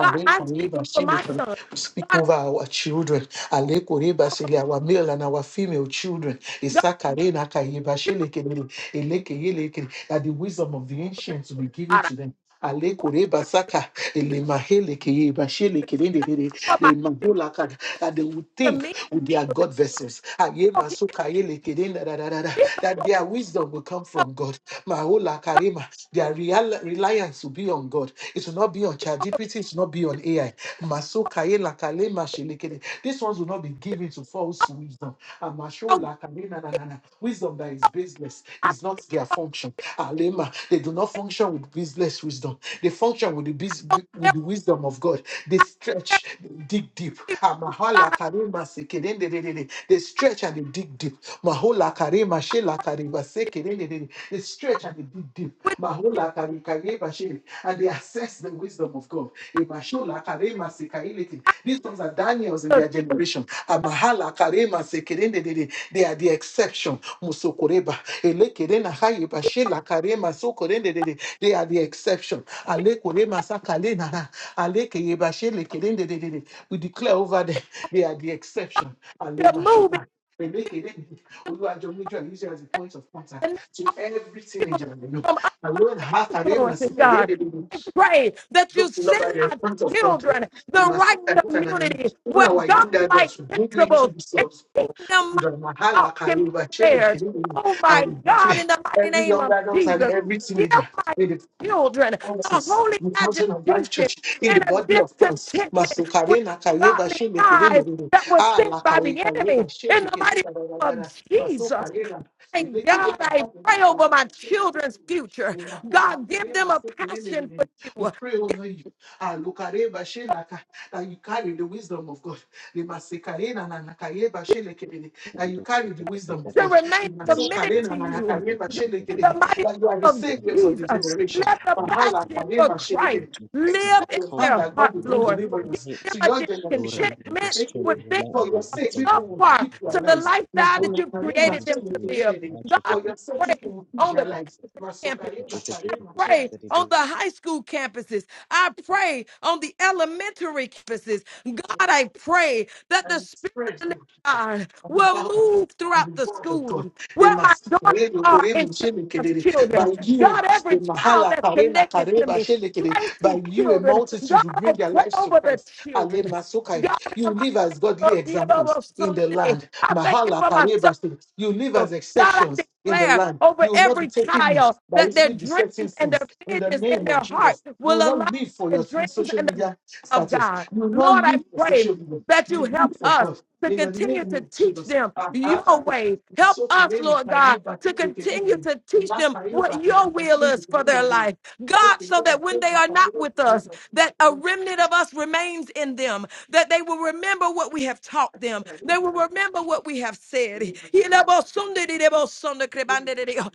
S2: God,
S1: kare
S2: I
S1: kare
S2: speak over
S1: bashele
S2: my
S1: kirende.
S2: son.
S1: We Speak
S2: God,
S1: over our children. Alekure basele our male and our female children.
S2: God,
S1: Esakarena kaye
S2: you,
S1: bashele kirende. Eleke yele kere. That the wisdom of the ancients will be given
S2: God, I
S1: to them. Alekure
S2: speak
S1: basaka. Ele mahele keye bashele kirende rere.
S2: for my
S1: They must go like that, that they would
S2: children,
S1: think
S2: me,
S1: with their
S2: children.
S1: God vessels. Aye,
S2: So
S1: masuka, aye, lekede, da, da, da, da, da,
S2: people,
S1: That their wisdom will come
S2: so
S1: from God. Mahola karima. Their real reliance will be on God. It will not be on ChatGPT. It will not be on AI. Masuka, aye, lakale, mashelekede. These ones will not be given to false wisdom. Amasho,
S2: God,
S1: lakale, na, na, na, na. Wisdom that is baseless
S2: I
S1: is not their fault function. Alema, they do not function with business wisdom. They function with the bis- with the wisdom of God. They stretch, they dig deep.
S2: speak
S1: Amahala karema sekerendedede. They stretch and they dig deep. Mahola karema shela kareba sekerendedede. They stretch and they dig deep. Mahola kare- kareba shele. And they assess the wisdom of God. Mashola Karema Sekailete. These ones are Daniels in their generation. Amahala Karema Sekerendedede. They are the exception. Musokoreba. Elekerena Haye Bashela Karema Sokorendedede. They are the exception. Alekorema Sakalenara. Alekeye Bashele Kerendedede. We declare over them, they are the exception.
S2: to
S1: Alema
S2: moving
S1: Shoba. Elekerendedede. Oluwajomijo and Israel as a point of
S2: the
S1: contact
S2: their
S1: to every teenager
S2: children
S1: I know.
S2: from
S1: Alone, Hakarema
S2: influences, God.
S1: Sekerendede.
S2: I pray that
S1: Those
S2: you
S1: who love
S2: send
S1: are in
S2: my
S1: front of country.
S2: children
S1: We
S2: the
S1: must
S2: right
S1: enter and
S2: community
S1: and- even
S2: where
S1: our
S2: God-like
S1: leaders should go to into
S2: principles
S1: the
S2: and
S1: source.
S2: kingdom
S1: With a mahala
S2: out can be
S1: kayu, a chili,
S2: spared.
S1: kiri,
S2: Oh
S1: And
S2: my
S1: we
S2: God,
S1: declare
S2: in the mighty
S1: every
S2: name
S1: young
S2: of
S1: adult and
S2: Jesus,
S1: every
S2: give
S1: teenager
S2: my children a
S1: us
S2: holy
S1: in Fountain of Life
S2: agitation
S1: Church in the
S2: and a
S1: body of Christ.
S2: discontentment with
S1: Masukare na kaye ba
S2: ungodly
S1: she le kere le
S2: lies
S1: rere.
S2: that was
S1: Ah, la
S2: sent by
S1: kaye
S2: the
S1: kare
S2: enemy.
S1: ba she
S2: In
S1: le
S2: the
S1: kere
S2: mighty
S1: da
S2: name
S1: da da da da.
S2: of Jesus,
S1: Masukare na le
S2: thank
S1: kere
S2: God,
S1: na
S2: I
S1: kare na
S2: pray
S1: kore
S2: over my
S1: ba she le kere
S2: children's
S1: le rere.
S2: future.
S1: La kola
S2: God, give
S1: kare
S2: them
S1: ba
S2: a
S1: she kere le
S2: passion for
S1: rere.
S2: you.
S1: We pray over you. Ah, lukare kare ba she la ka- That you carry the wisdom of God. The masukare na na na kare ba she le kere le.
S6: Count
S1: That you
S6: on
S1: carry the wisdom of
S2: to
S1: God.
S2: remain
S1: The
S2: committed
S1: masukare na
S2: to
S1: na na
S2: you.
S1: kare ba
S2: God,
S1: she le
S2: in
S1: kere
S2: the
S1: le.
S2: mighty name
S1: That you are the
S2: of
S1: saviors of the
S2: Jesus,
S1: generation.
S2: let the
S1: Mahala,
S2: passion for
S1: Karema,
S2: Christ
S1: Shirike. It is
S2: live
S1: not
S2: in
S1: your hand
S2: their
S1: that God
S6: you
S2: hearts,
S1: will
S6: know,
S1: bring
S6: and
S2: Lord.
S6: They
S2: Give
S6: will
S1: deliverance
S6: rely on you.
S2: them
S1: to
S2: a
S1: your
S6: They will
S1: generation.
S6: rely on
S1: For
S6: your
S2: discontentment
S1: sake
S6: strength,
S1: of
S6: they
S2: with
S1: it.
S6: will
S2: things
S6: rely on
S1: For your
S6: your
S1: sake,
S6: wisdom, they
S1: people
S6: will
S2: up
S1: will
S6: rely on
S1: keep their
S6: your
S2: to the
S6: wisdom.
S1: lives.
S2: lifestyle that
S1: Mahala,
S6: Fellowship
S2: you've
S6: with the
S1: Karema,
S6: Holy
S2: created them to live.
S1: Shirike.
S2: God, I
S1: For your sake, people
S2: pray
S1: will keep
S2: on
S1: their
S2: the
S1: lives.
S2: campus,
S1: Masokarema, Karema, Shirike.
S2: pray
S6: Spirit. Now,
S2: on the high school campuses. I pray on the elementary campuses. God, I pray that
S1: and
S2: the
S1: it spreads
S2: God
S1: and the
S2: will move throughout
S1: the
S2: the
S1: word of God.
S2: schools
S1: They
S2: where my
S1: must
S2: daughters
S1: pray, they
S2: are
S1: pray, they
S2: and
S1: say, they can,
S2: Shania's
S1: they-
S2: children.
S1: By you,
S2: God,
S1: the
S2: every child
S1: Mahala
S2: that's
S1: Karena
S2: connected to
S1: Kareba
S2: me,
S1: Shele, can,
S2: Tracy's
S1: by you, a
S2: children. God,
S1: multitude will bring
S2: I
S1: their
S2: pray
S1: lives to
S2: over the
S1: Christ. Ale
S2: children.
S1: Masukai.
S2: God, in
S1: You
S2: the
S1: live as godly
S2: mighty name of
S1: examples in the
S2: Jesus,
S1: land.
S2: I thank you
S1: Mahala
S2: for my son.
S1: Kareba Shele. You live as
S2: God, I
S1: exceptions in the
S2: declare
S1: land.
S2: over
S1: You will not be
S2: every
S1: taken in
S2: child
S1: by
S2: that their
S1: easily besetting
S2: dreams and
S1: sins
S2: their
S1: in the
S2: visions in
S1: name of
S2: their heart
S1: Jesus. You
S2: will
S1: will
S2: align
S1: not live for
S2: with the
S1: your
S2: dreams
S1: social
S2: and the visions
S1: media
S2: of
S1: status.
S2: God.
S1: You will not
S2: Lord,
S1: live
S2: I
S1: for
S2: pray
S1: social media.
S2: that you
S1: You
S2: help
S1: live for
S2: us
S1: God.
S2: to
S1: In the
S2: continue
S1: name
S2: to
S1: of
S2: teach
S1: Jesus.
S2: them
S1: And after
S2: your way. Help
S1: so for me,
S2: us,
S1: if
S2: Lord
S1: I
S2: God,
S1: move back to
S2: to
S1: the
S2: continue
S1: community,
S2: to
S1: the
S2: teach
S1: last
S2: them
S1: I move
S2: what
S1: back in
S2: your
S1: the
S2: will
S1: community,
S2: is
S1: the
S2: for their
S1: community.
S2: life.
S1: Take
S2: God,
S1: the
S2: so
S1: little
S2: that when
S1: thing
S2: they
S1: of
S2: are
S1: our
S2: not
S1: world,
S2: with
S1: and it
S2: us,
S1: might be
S2: that a
S1: different.
S2: remnant of us remains in them that they will remember what we have
S1: I
S2: taught
S1: said,
S2: them.
S1: I
S2: They
S1: really
S2: will
S1: like
S2: remember what we have
S1: the
S2: said.
S1: way my community is really different.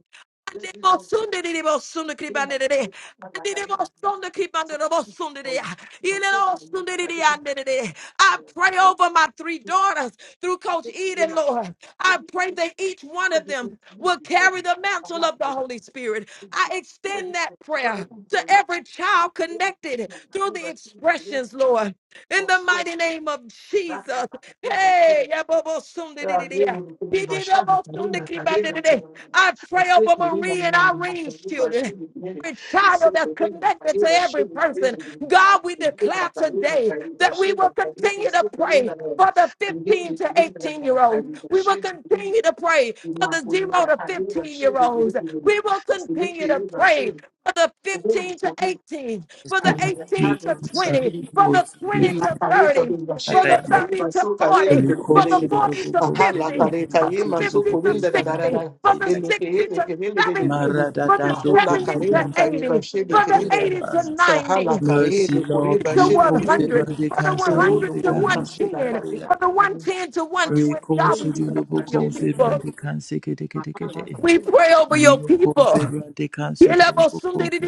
S1: This is what we
S2: Sunday, the most Sunday creep
S1: do, my
S2: under the day.
S1: community, not
S2: And
S1: like I
S2: the
S1: really
S2: most
S1: do.
S2: Sunday creep
S1: It's a
S2: under the
S1: good
S2: most Sunday
S1: for
S2: day.
S1: you. If
S2: You
S1: I so
S2: know,
S1: for me, if
S2: Sunday
S1: I
S2: the
S1: didn't,
S2: under the day.
S1: I
S2: I
S1: would.
S2: pray over my three
S1: It's
S2: daughters through Coach
S1: just the way
S2: Eden,
S1: my
S2: Lord.
S1: community is.
S2: I
S1: Everything
S2: pray that
S1: is-
S2: each one of
S1: everything
S2: them
S1: is
S2: will
S1: before
S2: carry the mantle of the
S1: me.
S2: Holy Spirit. I
S1: I
S2: extend
S1: just
S2: that
S1: pray
S2: prayer to
S1: for you.
S2: every
S1: If
S2: child
S1: you need
S2: connected
S1: anything, I'm
S2: through
S1: here to
S2: the
S1: help. I'm here to
S2: expressions, Lord. In
S1: support
S2: the
S1: you.
S2: mighty name of
S1: I'm
S2: Jesus.
S1: here to
S2: Hey, yabobo
S1: help you. I'm
S2: sundidididea.
S1: here to support
S2: Dididobo
S1: you. I'm here to help
S2: sundikibadididia. I pray over Marie and Irene's
S1: you.
S2: children. Every child that's connected to every person. God, we declare today that we will continue to pray for the 15 to 18 year olds. We will continue to pray for the 0 to 15 year olds. We will continue to
S1: I'm
S2: pray for the
S1: here to
S2: 15 to
S1: support you.
S2: 18,
S8: Mercy,
S2: for the
S8: Lord,
S2: 18
S8: you
S2: to 20, for the 20 to 30, for the 30 to 40, for the
S8: confirm
S2: 40 to 50.
S8: the cancer
S2: 50 to 60, from the 60 to 70, from the
S1: Mahola
S2: 70 to
S1: Karina Kariba
S2: 80,
S1: Shede
S2: from the
S1: Kirindada
S2: 80 to
S1: Sahala
S2: 90,
S1: Kaye Kuriba
S2: to
S1: Shede
S2: 100,
S1: Kirindada
S2: from the
S8: with
S2: 100
S1: Uru
S2: to
S8: the
S1: Kurima
S8: hands the
S1: Shida
S2: 110,
S8: cadea.
S1: Karina
S2: from the 110 to 120. God, we pray
S8: Reconcilable
S2: your
S8: confirm
S2: people.
S8: the cancer, kete kete
S1: Mahala
S8: kete.
S2: We
S1: Karina
S2: pray over your
S8: Rio
S2: people.
S8: confirm the cancer,
S2: How
S8: you confirm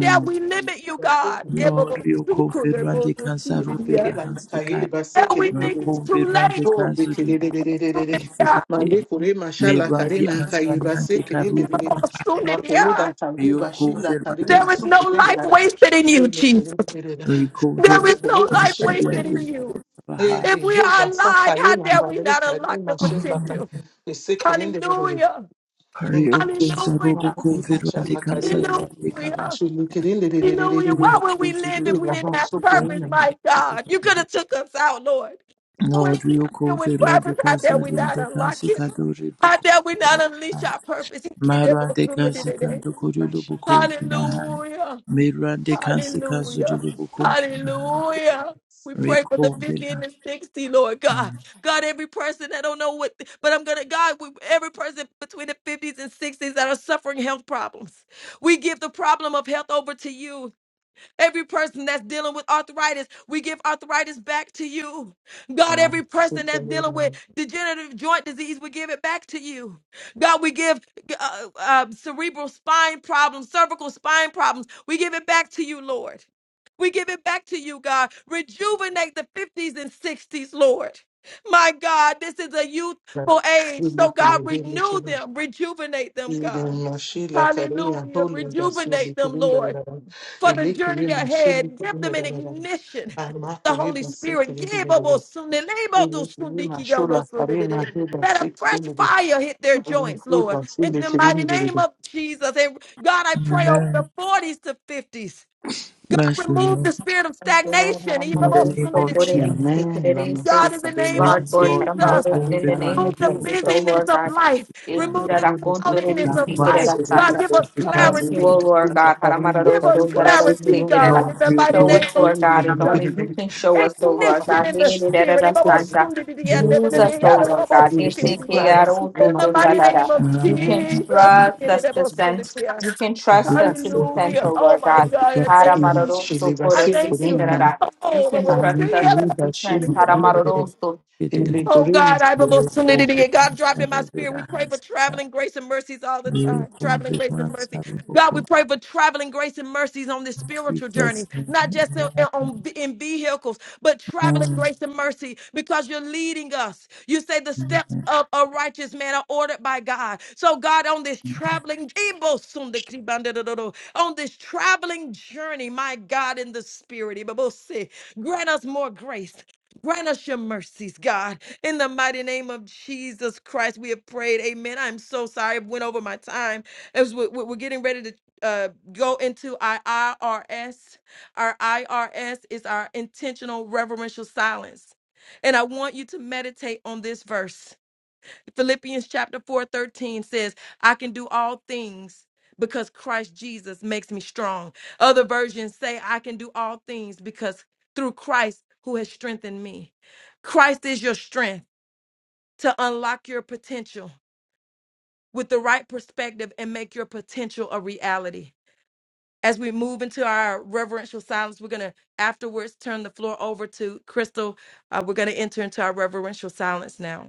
S2: dare we limit you, God?
S8: No, Rio Kofi Rwande Kansa Rubela Hansika,
S1: Kairi basi
S2: How we think
S1: kiriri.
S2: it's
S8: Rakombe
S2: too late?
S8: Rwande
S1: Oh,
S8: Kansa
S1: bikiriri.
S8: Rubela
S1: Mande
S8: Me
S1: kure mashala
S8: Rwande
S1: karina kairi
S8: Anstani
S1: basi
S8: Rwande
S1: kiriri.
S8: Karubela,
S1: Makuri da tangu
S8: Rio
S1: bashila
S8: Kofi
S1: kariri
S8: Rwande
S2: There is
S1: masu
S2: no
S1: kure
S2: life
S1: ndara.
S2: wasted in you,
S1: Ele
S2: Jesus.
S1: kiriri.
S2: There
S8: Recover
S1: Ele
S2: is
S1: kure
S2: no life
S1: bashila
S8: Anstani
S2: wasted in
S1: kiriri.
S8: Rwande
S2: you.
S8: Baha,
S1: Ele
S2: If we
S1: ele
S2: are
S1: basa
S2: alive, how
S1: karina
S2: dare we
S1: kariri
S2: not
S1: kariri
S2: unlock the
S1: mashala da.
S2: potential?
S1: Ese kiriri.
S2: Hallelujah.
S1: Thank
S8: Rio
S1: you.
S8: Kofi
S2: Hallelujah.
S8: Robo
S1: Makuri
S8: Kofi Rwande
S1: mashala
S8: Kansa
S1: karina.
S8: Rwande Kaba,
S2: Hallelujah.
S1: Shulu
S2: Hallelujah.
S1: kiriri.
S2: Why
S8: Rio
S2: would we live
S8: Kofi
S2: if
S1: Ele
S2: we
S8: Robo
S2: didn't have
S1: basu
S8: Kofi
S1: kure
S2: purpose,
S8: Rwande
S1: ndara.
S2: my God? You could
S8: Kansa
S2: have took us out, Lord. But
S8: No,
S2: we're
S8: Rio
S2: still here with
S8: Kofi Rwande
S2: purpose. How dare
S8: Kansa
S2: we not
S8: Rwande
S2: unlock
S8: Kansa
S2: it?
S8: Kadore
S2: How
S8: Boko.
S2: dare we not unleash our purpose?
S8: Marande kasikando kujulu
S1: Bashi.
S8: bukufina hai.
S2: Hallelujah.
S8: Mirande kasikazo
S2: Hallelujah.
S8: julu bukufina hai.
S2: Hallelujah. We pray for the
S1: Amen.
S2: 50 and
S8: Rekovila.
S2: the 60, Lord God. God, every person, I don't know what, but I'm going to, God, we, every person between the 50s and 60s that are suffering health problems, we give the problem of health over to you. Every person that's dealing with arthritis, we give arthritis back to you. God, every person that's dealing
S1: Lamasukarina.
S2: with degenerative joint disease, we give it back to you. God, we give uh, uh, cerebral spine problems, cervical spine problems, we give it back to you, Lord. We give it back to you, God. Rejuvenate the 50s and 60s, Lord. My God, this is a youthful age. So, God, renew them, rejuvenate them, God. Hallelujah. Rejuvenate them, Lord for the journey ahead. Give them an ignition. The Holy Spirit. no Let a fresh fire hit their joints, Lord. In the mighty name of Jesus. And God, I pray over the
S8: Amen.
S2: 40s to 50s. I
S8: Mercy,
S2: remove the
S8: Lord.
S2: spirit of
S7: Thank you, Lord.
S2: stagnation.
S8: In the
S7: Haramaroro,
S8: name of
S7: sokorere,
S8: Jesus.
S7: sekerere, se-
S2: God, in the name
S8: Yes,
S7: Lord,
S2: of
S7: Lord,
S8: Lord. You
S2: Jesus,
S7: Haramaroro, in the name of
S2: remove
S8: consequences
S2: the
S8: of the
S7: Jesus, O
S2: busyness
S7: Lord
S2: of
S7: God.
S2: life.
S8: hand.
S2: Remove the
S7: Ekurara,
S2: cloudedness
S7: kontorere,
S8: Now,
S2: of life.
S7: sekerera,
S1: Amen.
S8: considerable
S2: God,
S7: Santa.
S2: give us
S7: We thank
S8: consequences
S7: you,
S2: clarity.
S7: O
S8: of
S1: We
S8: the
S7: Lord
S1: receive
S7: God.
S1: clarity
S2: Give
S7: Haramaroro,
S2: us
S7: sokorere,
S2: clarity, God,
S7: sekerera.
S2: in
S8: Lord.
S2: the
S8: You
S2: mighty
S7: Show
S8: cause.
S2: name
S7: us,
S2: of
S7: Lord God, if
S2: Jesus.
S7: only you can show us, O Lord
S2: Ignition
S7: God.
S2: in the spirit.
S7: Hererera,
S2: In
S7: Santa.
S8: You
S7: Use
S8: cause.
S7: us,
S8: Ah,
S7: O Lord God. Desekegaro,
S1: in my
S2: the mighty
S1: forever
S2: name
S7: tototarara.
S2: of
S7: You can
S2: Jesus.
S7: trust us to send. You can trust
S8: you
S7: us to
S1: that's
S7: be
S1: it.
S8: cause.
S7: sent,
S2: Hallelujah.
S7: O
S2: Oh
S7: Lord
S2: my
S7: God.
S2: God, I
S8: Consequences.
S2: thank
S1: In
S2: you.
S7: Haramaroro, so
S1: Shileva
S7: good
S2: I
S7: and
S2: thank
S7: fix
S2: you.
S1: Silpurina,
S7: You can
S2: Oh,
S1: and in
S7: trust us to
S1: Shileva
S7: teach us.
S1: Shilpurina,
S7: Haramaroro, so.
S1: in
S8: Today.
S2: Oh
S1: Ligurima.
S2: God, I have a
S8: You cause.
S2: solidity. God dropped in
S8: Consequences
S2: my
S8: of
S2: spirit. We
S8: the
S2: pray for
S8: hands.
S2: traveling grace and mercies all the time.
S8: You
S2: Traveling
S8: convict
S2: grace
S8: my
S2: and mercy.
S8: son,
S2: God, we
S8: because
S2: pray for traveling grace and mercies on this
S8: he
S2: spiritual journey,
S8: does.
S2: not just in, in- on, in vehicles, but traveling
S8: Amen.
S2: grace and mercy because you're leading us. You say the
S8: Amen.
S2: steps of a righteous man are ordered by God. So God, on this traveling on this traveling journey, my God, in the spirit, grant us more grace. Grant us your mercies, God. In the mighty name of Jesus Christ, we have prayed. Amen. I'm so sorry. I went over my time as we- we- we're getting ready to uh, go into our IRS. Our IRS is our intentional reverential silence. And I want you to meditate on this verse. Philippians chapter 4, 13 says, I can do all things because Christ Jesus makes me strong. Other versions say, I can do all things because through Christ who has strengthened me. Christ is your strength to unlock your potential with the right perspective and make your potential a reality. As we move into our reverential silence, we're going to afterwards turn the floor over to Crystal. Uh, we're going to enter into our reverential silence now.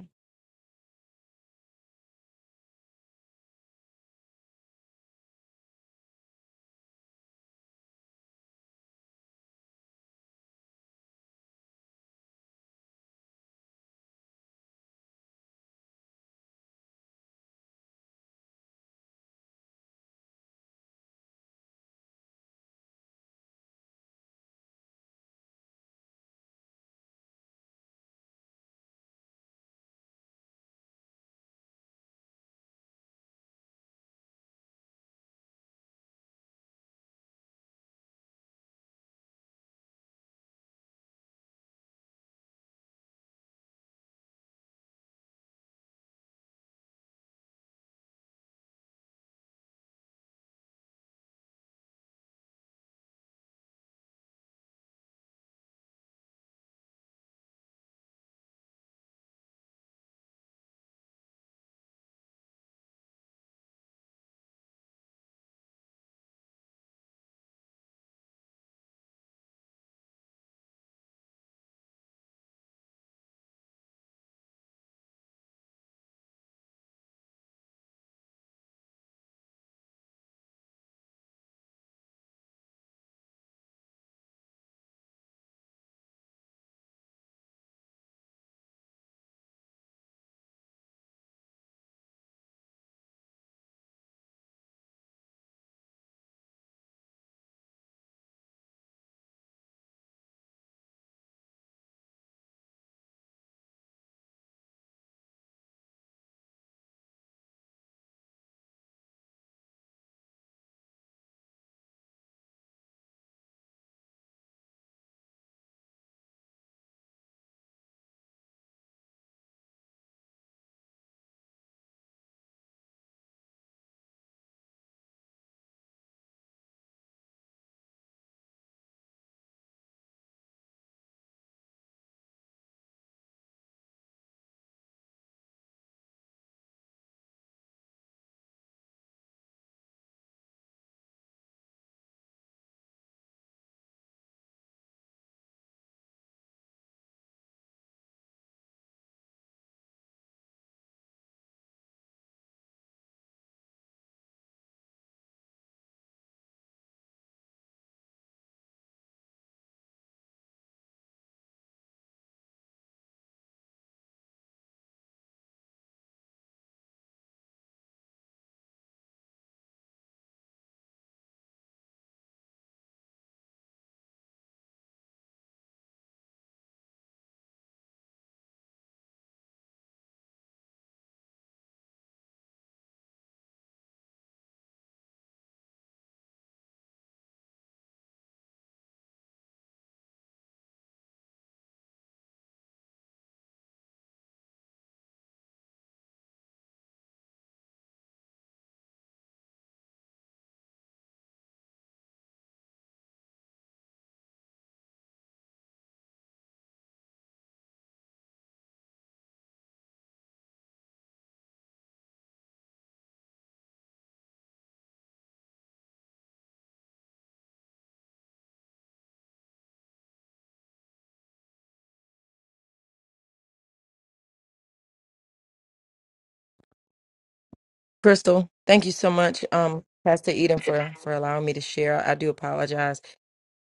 S2: Crystal, thank you so much, um, Pastor Eden, for, for allowing me to share. I do apologize.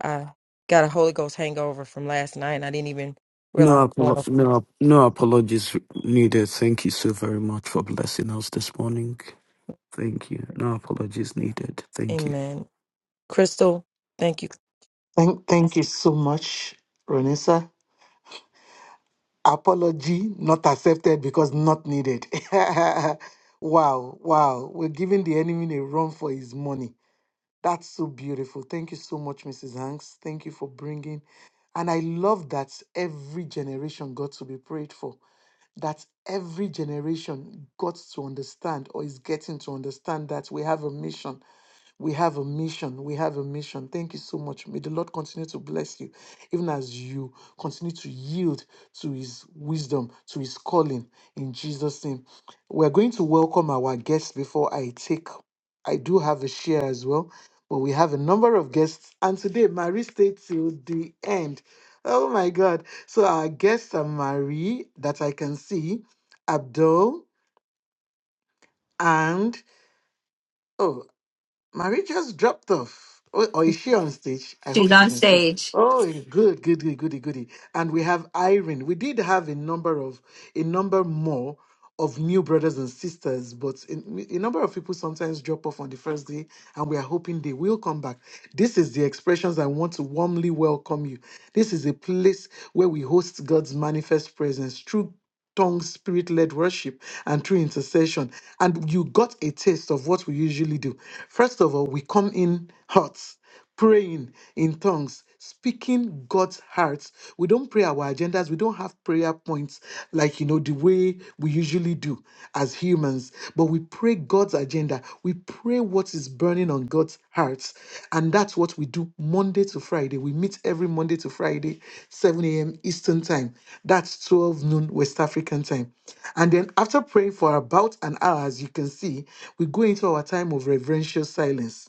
S2: I got a Holy Ghost hangover from last night, and I didn't even realize
S5: No,
S2: one
S5: apolo-
S2: of them.
S5: no, no apologies needed. Thank you so very much for blessing us this morning. Thank you. No apologies needed. Thank you.
S2: Amen. Crystal, thank you.
S1: Thank, thank you so much, Ronisa. apology not accepted because not needed. wow, wow. We're giving the enemy a run for his money. That's so beautiful. Thank you so much, Mrs. Hanks. Thank you for bringing. And I love that every generation got to be prayed for that every generation got to understand or is getting to understand that we have a mission. We have a mission. We have a mission. Thank you so much. May the Lord continue to bless you, even as you continue to yield to His wisdom, to His calling in Jesus' name. We're going to welcome our guests before I take. I do have a share as well, but we have a number of guests. And today, Marie stayed till the end. Oh my God. So our guests are Marie, that I can see, Abdul, and oh, Marie just dropped off. Oh, or is she on stage? I hope
S7: She's on
S1: she's on stage.
S7: stage.
S1: Oh, good, good, good, goody, goody. And we have Irene. We did have a number of a number more of new brothers and sisters, but in, a number of people sometimes drop off on the first day, and we are hoping they will come back. This is the expressions I want to warmly welcome you. This is a place where we host God's manifest presence through tongue spirit led worship and through intercession. And you got a taste of what we usually do. First of all, we come in hot, praying in tongues, speaking God's heart. We don't pray our agendas, we don't have prayer points like, you know, the way we usually do as humans, But we but we pray God's agenda. We pray what is burning on God's heart. And that's what we do Monday to Friday. We meet every Monday to Friday, 7 a.m. Eastern Time. That's 12 noon West African time. And then after praying for about an hour, as you can see, we go into our time of reverential silence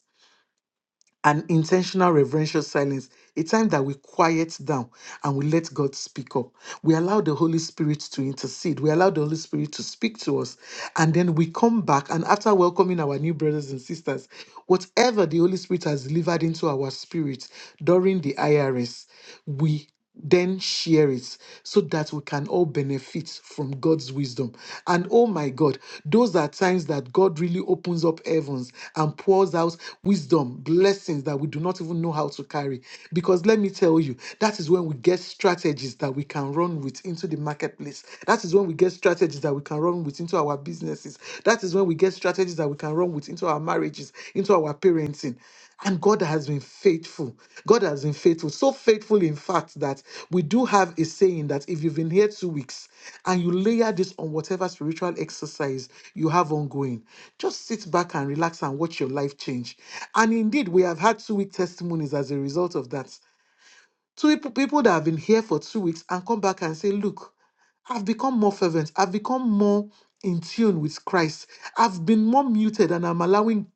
S1: an intentional reverential silence, a time that we quiet down and we let God speak up. We allow the Holy Spirit to intercede. We allow the Holy Spirit to speak to us. And then we come back, and after welcoming our new brothers and sisters, whatever the Holy Spirit has delivered into our spirit during the IRS, we then share it so that we can all benefit from God's wisdom. And oh my God, those are times that God really opens up heavens and pours out wisdom, blessings that we do not even know how to carry. Because let me tell you, that is when we get strategies that we can run with into the marketplace. That is when we get strategies that we can run with into our businesses. That is when we get strategies that we can run with into our marriages, into our parenting. And God has been faithful. God has been faithful. So faithful, in fact, that we do have a saying that if you've been here two weeks and you layer this on whatever spiritual exercise you have ongoing, just sit back and relax and watch your life change. And indeed, we have had two week testimonies as a result of that. Two people people that have been here for two weeks and come back and say, Look, I've become more fervent. I've become more in tune with Christ. I've been more muted and I'm allowing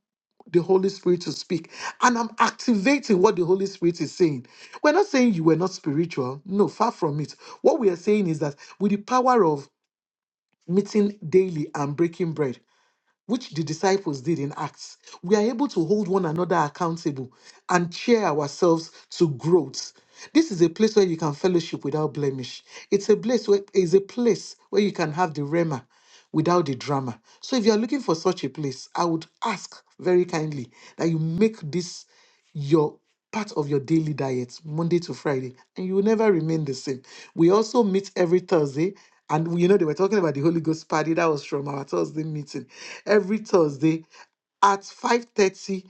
S1: the Holy Spirit to speak. And I'm activating what the Holy Spirit is saying. We're not saying you were not spiritual. No, far from it. What we are saying is that with the power of meeting daily and breaking bread, which the disciples did in Acts, we are able to hold one another accountable and cheer ourselves to growth. This is a place where you can fellowship without blemish. It's a place where is a place where you can have the rema without the drama. So if you are looking for such a place, I would ask very kindly that you make this your part of your daily diet Monday to Friday, and you will never remain the same. We also meet every Thursday, and we- you know they were talking about the Holy Ghost party that was from our Thursday meeting every Thursday at 5.30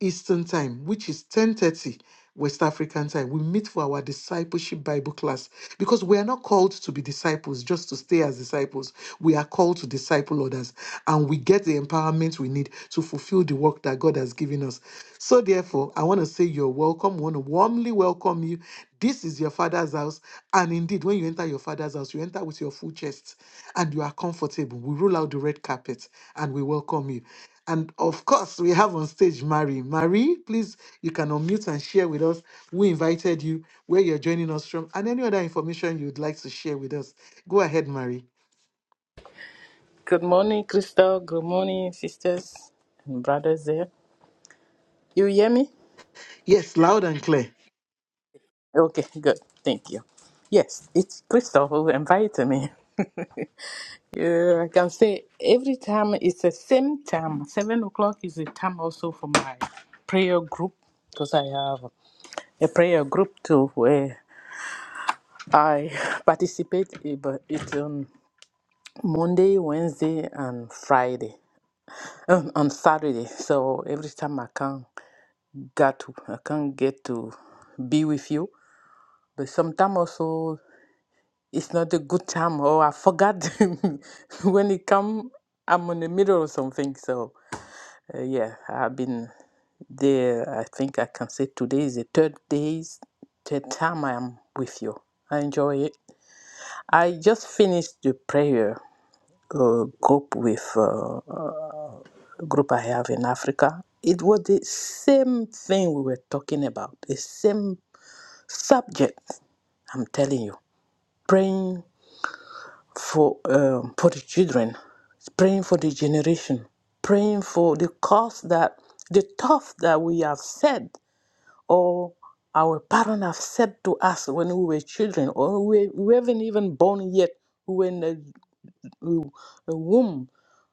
S1: Eastern Time, which is 10.30 West African Time. We meet for our discipleship Bible class because we are not called to be disciples just to stay as disciples. We are called to disciple others and we get the empowerment we need to fulfill the work that God has given us. So therefore, I want to say you're welcome. We want to warmly welcome you. This is your father's house. And indeed, when you enter your father's house, you enter with your full chest and you are comfortable. We roll out the red carpet and we welcome you. And of course, we have on stage Marie. Marie, please, you can unmute and share with us We invited you, where you're joining us from, and any other information you'd like to share with us. Go ahead, Marie.
S9: Good morning, Crystal. Good morning, sisters and brothers there. You hear me?
S1: Yes, loud and clear.
S9: Okay, good. Thank you. Yes, it's Crystal who invited me. yeah, I can say every time it's the same time. Seven o'clock is the time also for my prayer group because I have a prayer group too where I participate, eh, but it's on Monday, Wednesday, and Friday, um, on Saturday. So every time I come. got to I can't get to be with you. But sometimes also it's not a good time or I forgot when it come I'm in the middle of something. So uh, yeah, I've been there. I think I can say today is the third days third time I am with you. I enjoy it. I just finished the prayer uh, group with uh, a group I have in Africa. It was the same thing we were talking about, the same subject. I'm telling you, praying for um, for the children, praying for the generation, praying for the cause that the thoughts that we have said or our parents have said to us when we were children, or we, we haven't even born yet, we were in the w- womb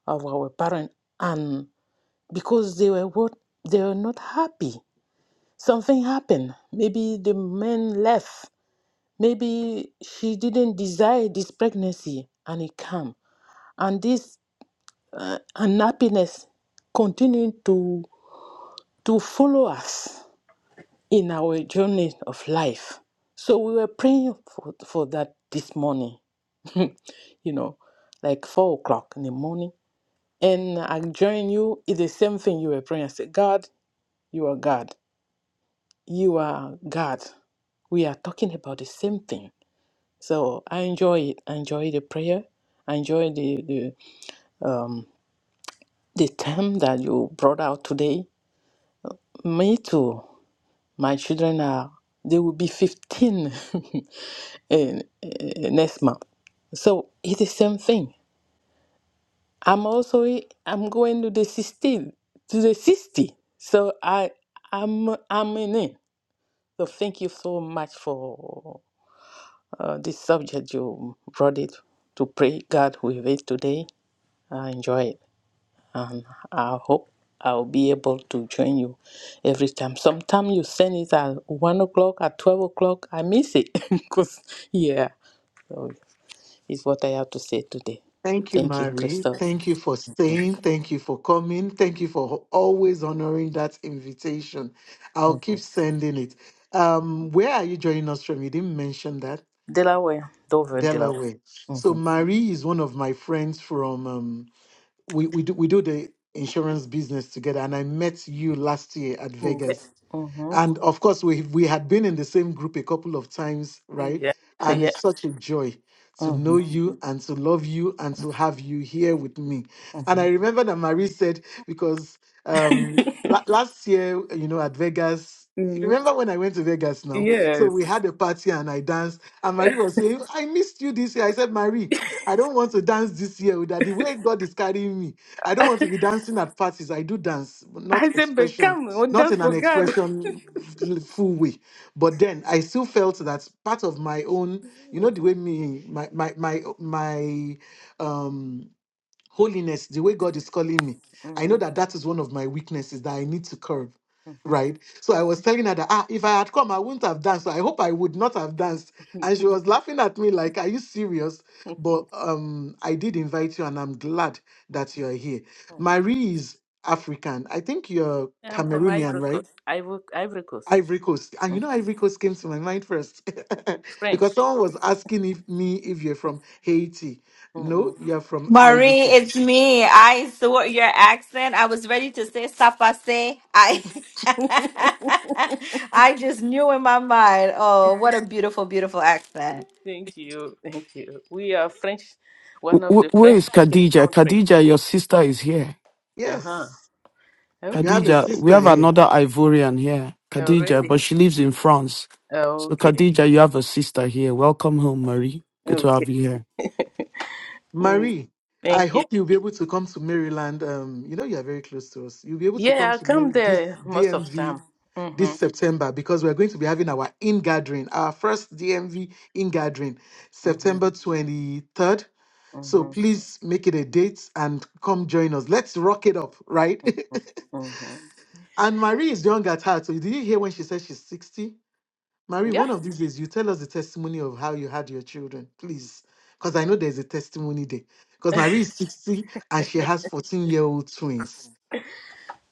S9: of our parents, and because they were what they were not happy, something happened. Maybe the man left Maybe she didn't desire this pregnancy and it came. And this unhappiness continuing to to follow us in our journey of life. So we were praying for, for that this morning, you know, like four o'clock in the morning. And I join you, it's the same thing you were praying. I said, God, you are God. You are God. We are talking about the same thing. So I enjoy it. I enjoy the prayer. I enjoy the, the um, the term that you brought out today, me too. My children are, they will be 15 in, in next month. So it's the same thing. I'm also, I'm going to the 60, to the 60. So I, I'm, I'm in it. So thank you so much for uh, this subject you brought it to pray God with it today. I enjoy it. and I hope I'll be able to join you every time. Sometime you send it at one o'clock, at twelve o'clock, I miss it because yeah, so is what I have to say today.
S1: Thank you,
S9: Thank you,
S1: Mary.
S9: Crystal.
S1: Thank you for staying. Thank you for coming. Thank you for ho- always honoring that invitation. I'll keep sending it. Um, where are you joining us from? You didn't mention that.
S9: Delaware, Dover, Delaware.
S1: Delaware. So
S9: Mm-hmm.
S1: Marie is one of my friends from um, we we do we do the insurance business together, and I met you last year at
S9: Yeah.
S1: Vegas.
S9: Mm-hmm.
S1: And of course, we we had been in the same group a couple of times, right?
S9: Yeah.
S1: And
S9: Yeah.
S1: it's such a joy to know
S9: Mm-hmm.
S1: you and to love you and to have you here with me. And I remember that Marie said because um la- last year, you know, at Vegas. you
S9: Mm-hmm.
S1: Remember when I went to Vegas now? So
S9: Yes.
S1: we had a party and I danced. And Marie was saying, I missed you this year. I said, Marie, I don't want to dance this year with that. The way God is carrying me, I don't want to be dancing at parties. I do dance, but not
S9: I said
S1: expression,
S9: become what
S1: not
S9: does
S1: in an
S9: for God.
S1: expression full way. But then I still felt that part of my own, you know, the way me, my, my, my, my, um holiness the way god is calling me i know
S9: Mm-hmm.
S1: that that is one of my weaknesses that i need to curb right so i was telling her that ah if i had come i wouldn't have danced so i hope i would not have danced
S9: Mm-hmm.
S1: and she was laughing at me like are you serious but um i did invite you and i'm glad that you're here marie is african i think you're
S9: I'm from
S1: cameroonian
S9: Ivory
S1: right
S9: Coast. Ivory Ivory Coast.
S1: ivory coast and you know ivory coast came to my mind first because
S9: French.
S1: someone was asking if me if you're from haiti no
S9: Mm-mm.
S1: you're from ivory
S7: Marie,
S1: coast
S7: it's me. I saw your accent. I was ready to say sapase. I I just knew in my mind. Oh, what a beautiful, beautiful accent.
S9: Thank you, thank you. We are French, one
S5: Wh-
S9: of the
S5: wh- Where is
S9: French-speaking
S5: Khadija?
S9: country.
S5: Khadija, your sister is here.
S9: Uh huh.
S1: Yes, you have a
S9: Okay.
S5: Khadija, we
S1: sister
S5: have
S1: here,
S5: another Ivorian here, Khadija,
S9: Already.
S5: but she lives in France. So,
S9: Okay.
S5: Khadija, you have a sister here. Welcome home, Marie. Good to
S9: Okay.
S5: have you here.
S9: Mm,
S1: Marie. I
S9: thank you.
S1: hope you'll be able to come to Maryland. Um, you know you are very close to us. You'll be able to come
S9: Yeah, I
S1: to
S9: come
S1: Mar- this
S9: there most of
S1: DMV
S9: time.
S1: this
S9: Mhm.
S1: September because we're going to be having our in gathering, our first DMV in gathering,
S9: Mhm.
S1: September twenty third. So
S9: Mhm.
S1: please make it a date and come join us. Let's rock it up, right?
S9: Mhm.
S1: and Marie is young at heart. So did you hear when she said she's sixty? Marie,
S9: Yeah.
S1: one of these days you tell us the testimony of how you had your children, please. Because I know there's a testimony there. Because Marie is 60 and she has 14 year old twins.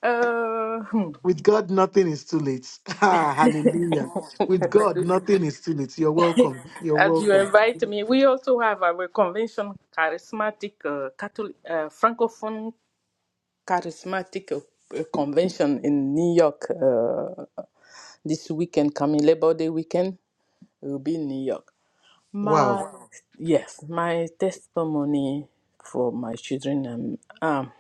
S9: Uh, hmm.
S1: With God, nothing is too late. Ah, hallelujah. With God, nothing is too late. You're welcome. You're
S9: as you
S1: welcome.
S9: invite me, we also have our convention, charismatic uh, Catholic uh, francophone charismatic uh, uh, convention in New York uh, this weekend, coming Labor Day weekend, will be in New York. My
S1: Wow.
S9: Wow. yes, my testimony for my children. Um, um,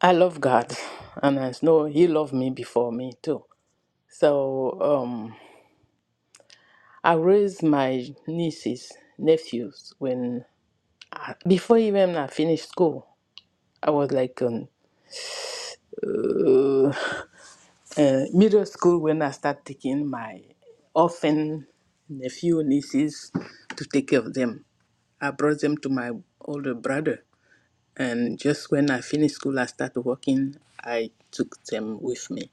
S9: I love God, and I know He loved me before me too. So um, I raised my nieces, nephews when I, before even I finished school. I was like um, uh, uh, middle school when I start taking my orphan nephew nieces to take care of them. I brought them to my older brother, and just when I finished school, I started working. I took them with me,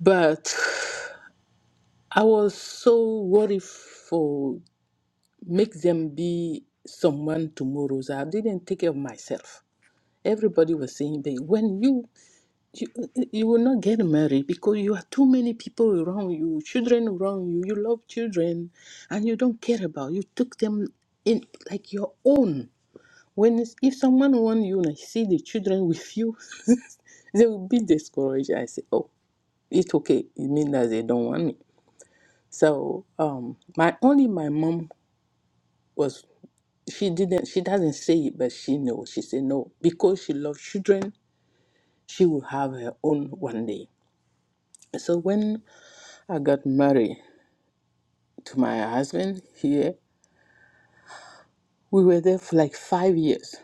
S9: but I was so worried for make them be someone tomorrow. So I didn't take care of myself. Everybody was saying, "Babe, when you You, you will not get married because you have too many people around you, children around you. You love children, and you don't care about. You took them in like your own. When it's- if someone want you and I see the children with you, they will be discouraged. I say, oh, it's okay. It means that they don't want me. So um, my only my mom was she didn't she doesn't say it, but she knows. She said no because she loves children. She will have her own one day. So when I got married to my husband here. We were there for like five years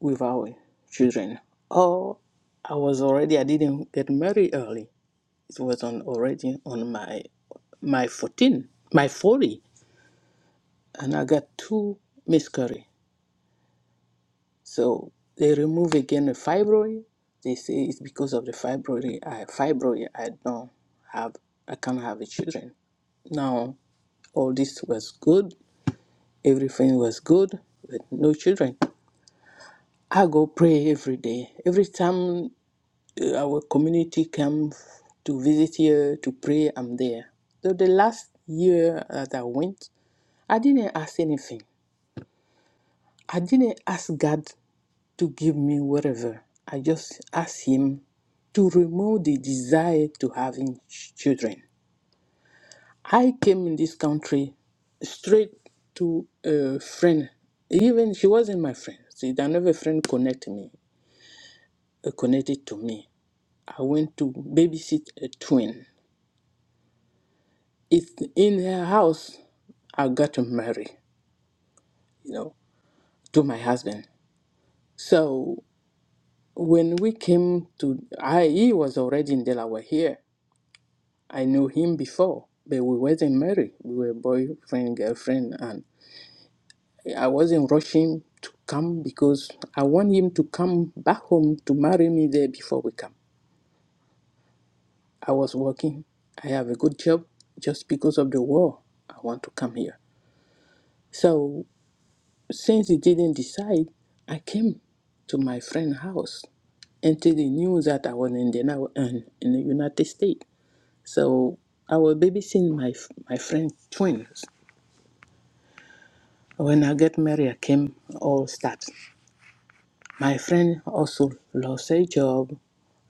S9: with our children. Oh, I was already, I didn't get married early. It was on already on my my 14, my 40, and I got two miscarriage. So they remove again the fibroid. They say it's because of the fibroid. I fibroid. I don't have. I can't have children now. All this was good everything was good with no children. I go pray every day. Every time uh, our community come to visit here to pray, I'm there. So the last year that I went, I didn't ask anything. I didn't ask God to give me whatever. I just asked Him to remove the desire to having ch- children. I came in this country straight to a friend. Even she wasn't my friend. See, there never friend connect me, uh, connected to me. I went to babysit a twin. It's in her house. I got married, you know, to my husband. So when we came to, I he was already in Delaware here. I knew him before, but we wasn't married. We were boyfriend, girlfriend, and. I wasn't rushing to come because I want him to come back home to marry me there before we come. I was working. I have a good job. Just because of the war, I want to come here. So since he didn't decide, I came to my friend's house until he knew that I was in the, now- in in the United States. So I was babysitting my, my friend's twins. When I get married, I came all start. My friend also lost her job,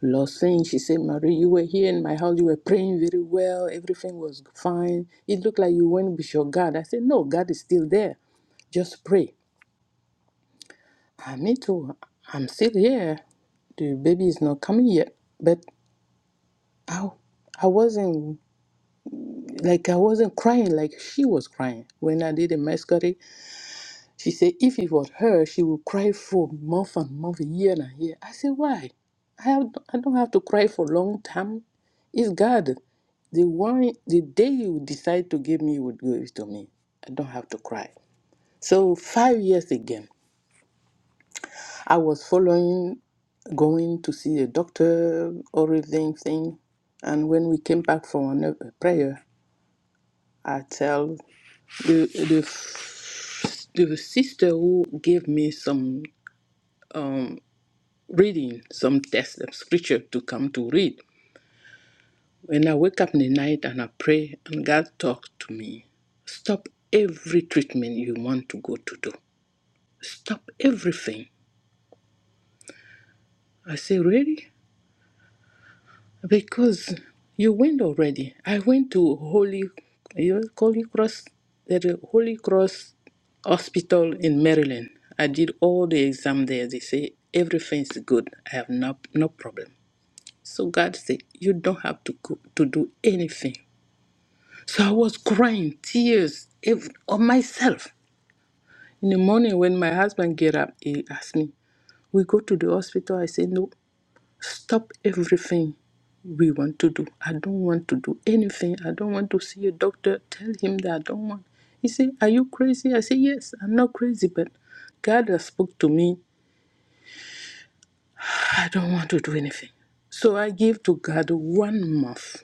S9: lost things. She said, Marie, you were here in my house, you were praying very well, everything was fine. It looked like you went with your God. I said, No, God is still there. Just pray. Ah, me too. I'm still here. The baby is not coming yet. But I, I wasn't like I wasn't crying like she was crying. When I did the mascara, She said, if it was her, she would cry for month and month, year and year. I said, why? I, have, I don't have to cry for long time. It's God. The one, the day you decide to give me, you would give it to me. I don't have to cry. So five years again, I was following, going to see a doctor, everything thing. And when we came back from another prayer, I tell the the the sister who gave me some reading some text of scripture to come to read. When I wake up in the night and I pray and God talks to me, stop every treatment you want to go to do. Stop everything. I say, really? Because you went already. I went to Holy, you Holy Cross, the Holy Cross Hospital in Maryland. I did all the exam there. They say everything's good. I have no no problem. So God said, you don't have to go, to do anything. So I was crying tears ev- on myself. In the morning, when my husband get up, he asked me, "We go to the hospital?" I said, "No. Stop everything we want to do. I don't want to do anything. I don't want to see a doctor. Tell him that I don't want." He said, "Are you crazy?" I said, "Yes, I'm not crazy, but God has spoke to me. I don't want to do anything." So I give to God one month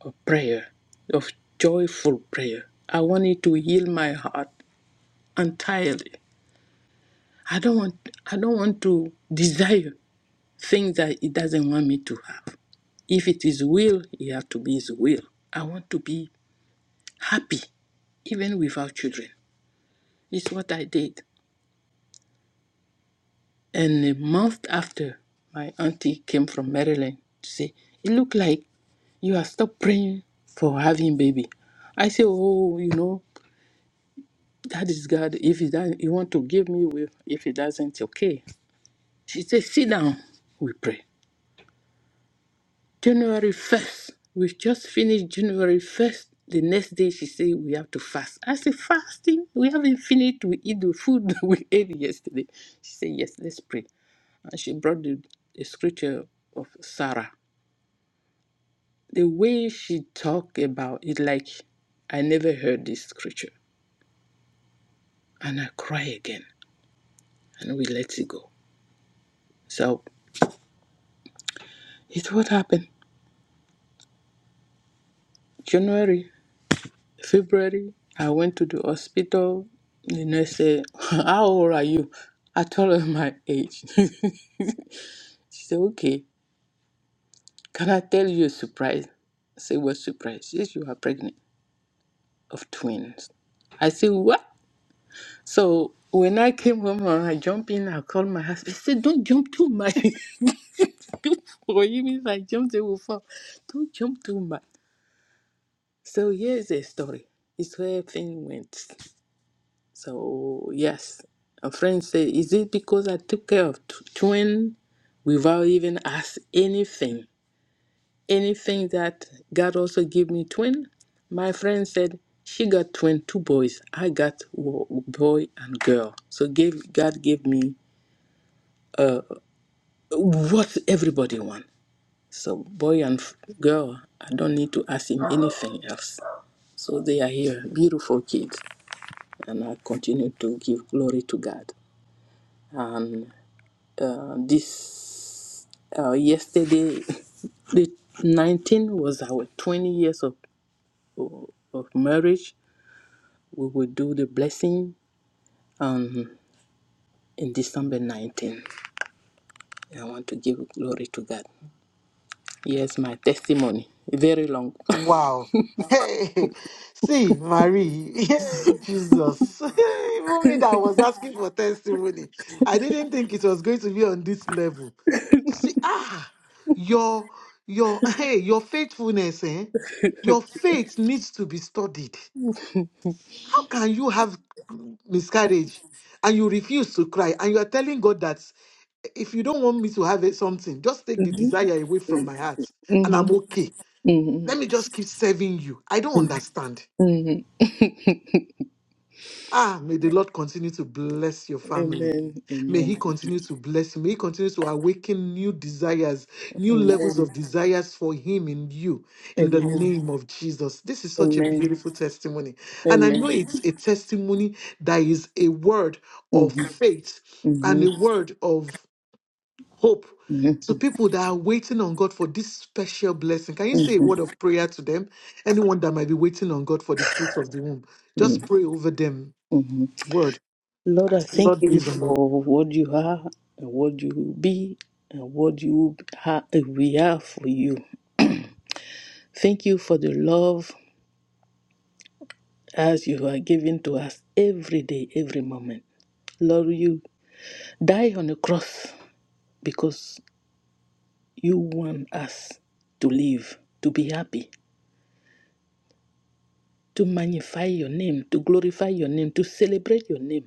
S9: of prayer, of joyful prayer. I wanted to heal my heart. entirely. I don't want I don't want to desire things that he doesn't want me to have. If it is will, it have to be his will. I want to be happy, even without children. It's what I did. And a month after my auntie came from Maryland to say, It looked like you have stopped praying for having baby. I say, Oh, you know, that is God. If he doesn't you want to give me with if he doesn't, okay. She said, Sit down, we pray. January 1st. we just finished January 1st. The next day she said we have to fast. I said, fasting? We haven't finished. We eat the food we ate yesterday. She said, yes, let's pray. And she brought the, the scripture of Sarah. The way she talked about it, like I never heard this scripture. And I cry again. And we let it go. So it's what happened. January. February, I went to the hospital. The nurse said, How old are you? I told her my age. she said, Okay, can I tell you a surprise? I said, What surprise? Yes, you are pregnant of twins. I said, What? So when I came home, uh, I jumped in, I called my husband. He said, Don't jump too much. For him, if I jump, they will fall. Don't jump too much. So here's the story. It's where things went. So yes, a friend said, "Is it because I took care of t- twin without even ask anything? Anything that God also gave me twin?" My friend said, "She got twin, two boys. I got wo- boy and girl. So gave God gave me what everybody want. So boy and f- girl, I don't need to ask him anything else. So they are here, beautiful kids, and I continue to give glory to God. uh, this uh, yesterday the 19 was our 20 years of, of marriage we will do the blessing um, in december 19 i want to give glory to god yes my testimony very long
S1: Wow. Hey, see, Marie, yeah, Jesus. Even me that was asking for testimony, I didn't think it was going to be on this level. See, ah, your your hey, your faithfulness, eh? Your faith needs to be studied. How can you have miscarriage and you refuse to cry and you are telling God that if you don't want me to have it, something, just take the
S9: hmm
S1: desire away from my heart and I'm okay.
S9: hmm
S1: Let me just keep serving you. I don't understand.
S9: hmm
S1: Ah, may the Lord continue to bless your family.
S9: amen
S1: May He
S9: amen
S1: continue to bless you. May He continue to awaken new desires, new levels
S9: amen
S1: of desires for Him in you, in the
S9: amen
S1: name of Jesus. This is such a
S9: amen
S1: beautiful testimony. And I
S9: amen
S1: know it's a testimony that is a word
S9: hmm
S1: of faith and a
S9: hmm
S1: word of hope to people that are waiting on God for this special blessing. Can you say a word of prayer to them? Anyone that might be waiting on God for the fruits of the womb,
S9: hmm
S1: just pray over them.
S9: hmm
S1: Word,
S9: Lord, I
S1: ask the
S9: thank
S1: Lord,
S9: you
S1: is on.
S9: for what you are and what you will be and what you ha- we are for you. Thank you for the love as you are giving to us every day, every moment. Lord, you die on the cross because you want us to live, to be happy, to magnify your name, to glorify your name, to celebrate your name,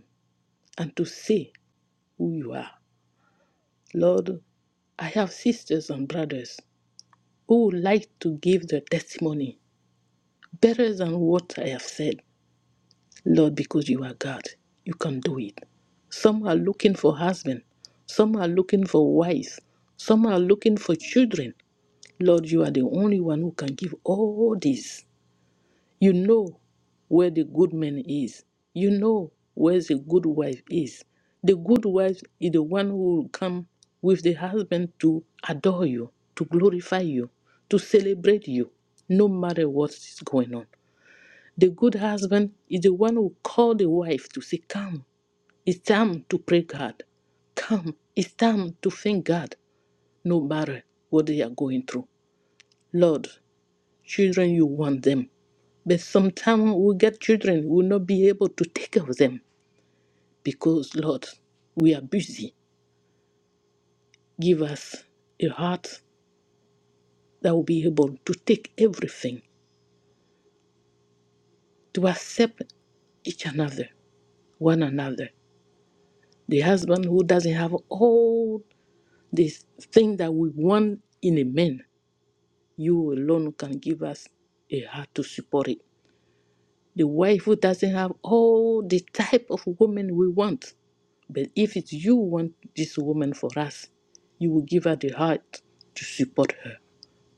S9: and to say who you are. Lord, I have sisters and brothers who would like to give their testimony better than what I have said. Lord, because you are God, you can do it. Some are looking for husband, some are looking for wives. some are looking for children. Lord, you are the only one who can give all this. You know where the good man is. You know where the good wife is. The good wife is the one who will come with the husband to adore you, to glorify you, to celebrate you, no matter what is going on. The good husband is the one who call the wife to say, Come, it's time to pray God. Come, it's time to thank God, no matter what they are going through. Lord, children, you want them. But sometimes we get children, we will not be able to take care of them because, Lord, we are busy. Give us a heart that will be able to take everything, to accept each another, one another. The husband who doesn't have all this thing that we want in a man, you alone can give us a heart to support it The wife who doesn't have all the type of woman we want. But if it's you want this woman for us, you will give her the heart to support her.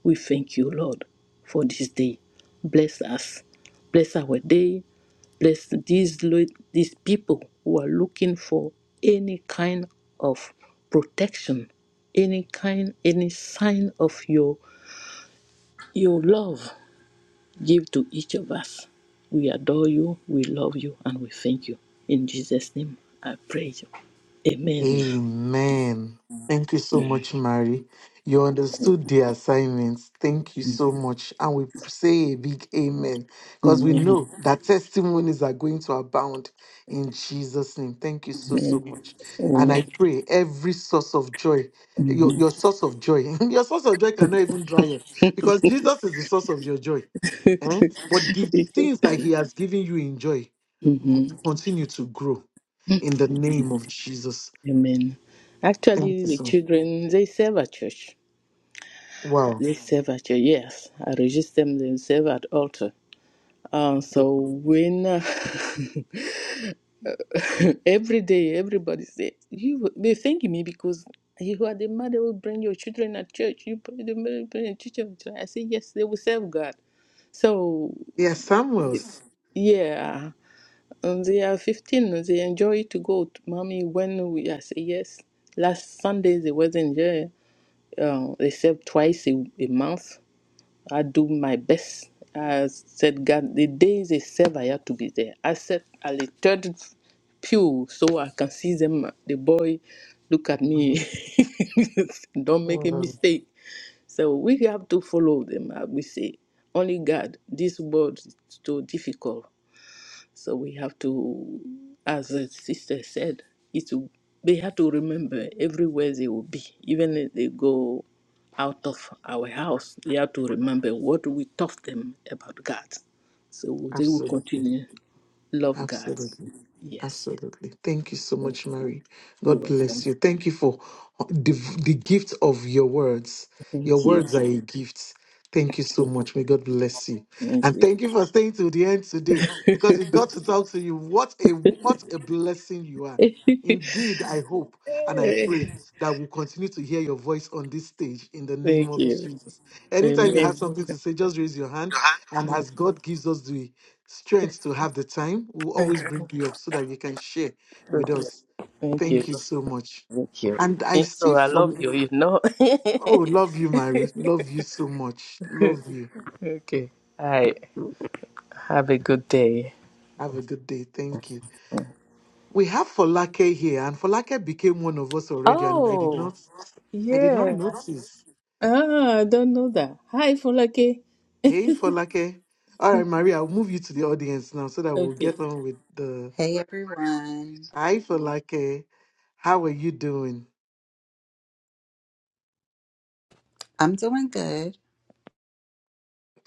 S9: We thank you, Lord, for this day. Bless us. Bless our day. Bless these, lo- these people who are looking for any kind of protection, any kind, any sign of your your love, give to each of us. We adore you, we love you, and we thank you. In Jesus' name, I pray. Amen.
S1: Amen. Thank you so much, Mary. You understood the assignments. Thank you
S9: Amen.
S1: so much. And we say a big amen because we know
S9: Amen.
S1: that testimonies are going to abound in Jesus' name. Thank you so, so much. And
S9: Amen.
S1: I pray every source of joy, your,
S9: Mhm.
S1: your source of joy, your source of joy cannot even dry up because Jesus is the source of your joy. Eh? But the things that He has given you in joy will
S9: Mhm.
S1: continue to grow in the name of Jesus.
S9: Amen.
S1: Thank
S9: Actually,
S1: you
S9: the
S1: so
S9: children they serve at church.
S1: Wow.
S9: They serve at church. Yes, I register them. They serve at altar. Um, so when Every day, everybody say you. They thank me because you are the mother who bring your children at church. You bring the mother who bring the children. at church." I say yes, they will serve God. So
S1: Yeah,
S9: y-
S1: Samuels.
S9: yeah, and they are fifteen. and They enjoy to go. To mommy, when we I say yes. Last Sunday they wasn't there. Uh, they serve twice a, a month. I do my best. I said, God, the day they serve, I have to be there. I said, I returned pew so I can see them. The boy look at me, don't make a
S1: Wow.
S9: mistake. So we have to follow them. uh, We say, only God, this world is too difficult. So we have to, as the sister said, it's they have to remember everywhere they will be, even if they go out of our house, they have to remember what we taught them about God. So they will
S1: Absolutely.
S9: continue love God.
S1: Absolutely.
S9: Yes.
S1: Absolutely. Thank you so
S9: Thank
S1: much, Mary.
S9: you.
S1: God
S9: Welcome.
S1: bless you. Thank you for uh, the, the gift of your words. Your
S9: Thank you.
S1: words are a gift. Thank you so much. May God bless you.
S9: Thank
S1: And
S9: you.
S1: thank you for staying to the end today because we got to talk to you. What a what a blessing you are. Indeed, I hope and I pray that we continue to hear your voice on this stage in the name
S9: Thank
S1: of
S9: you.
S1: Jesus. Anytime you have
S9: Amen.
S1: something to say, just raise your hand. And as God gives us the strength to have the time. We'll always bring you up so that you can share with us.
S9: Thank
S1: Thank you
S9: you.
S1: so much.
S9: Thank you.
S1: And I
S9: Eh,
S1: see
S9: Oh, I
S1: for
S9: love you. You know.
S1: oh, love you, Mary. Love you so much. Love you.
S9: okay. Hi. Have a good day.
S1: Have a good day. Thank you. We have Folake here, and Folake became one of us already, and I did
S9: Oh,
S1: not I did not
S9: Yeah.
S1: notice.
S9: Ah, I don't know that. Hi, Folake.
S1: Hey Folake. All right, Maria, I'll move you to the audience now so that we'll
S9: Okay.
S1: get on with the
S10: Hey everyone.
S1: Hi Folake. How are you doing?
S10: I'm doing good.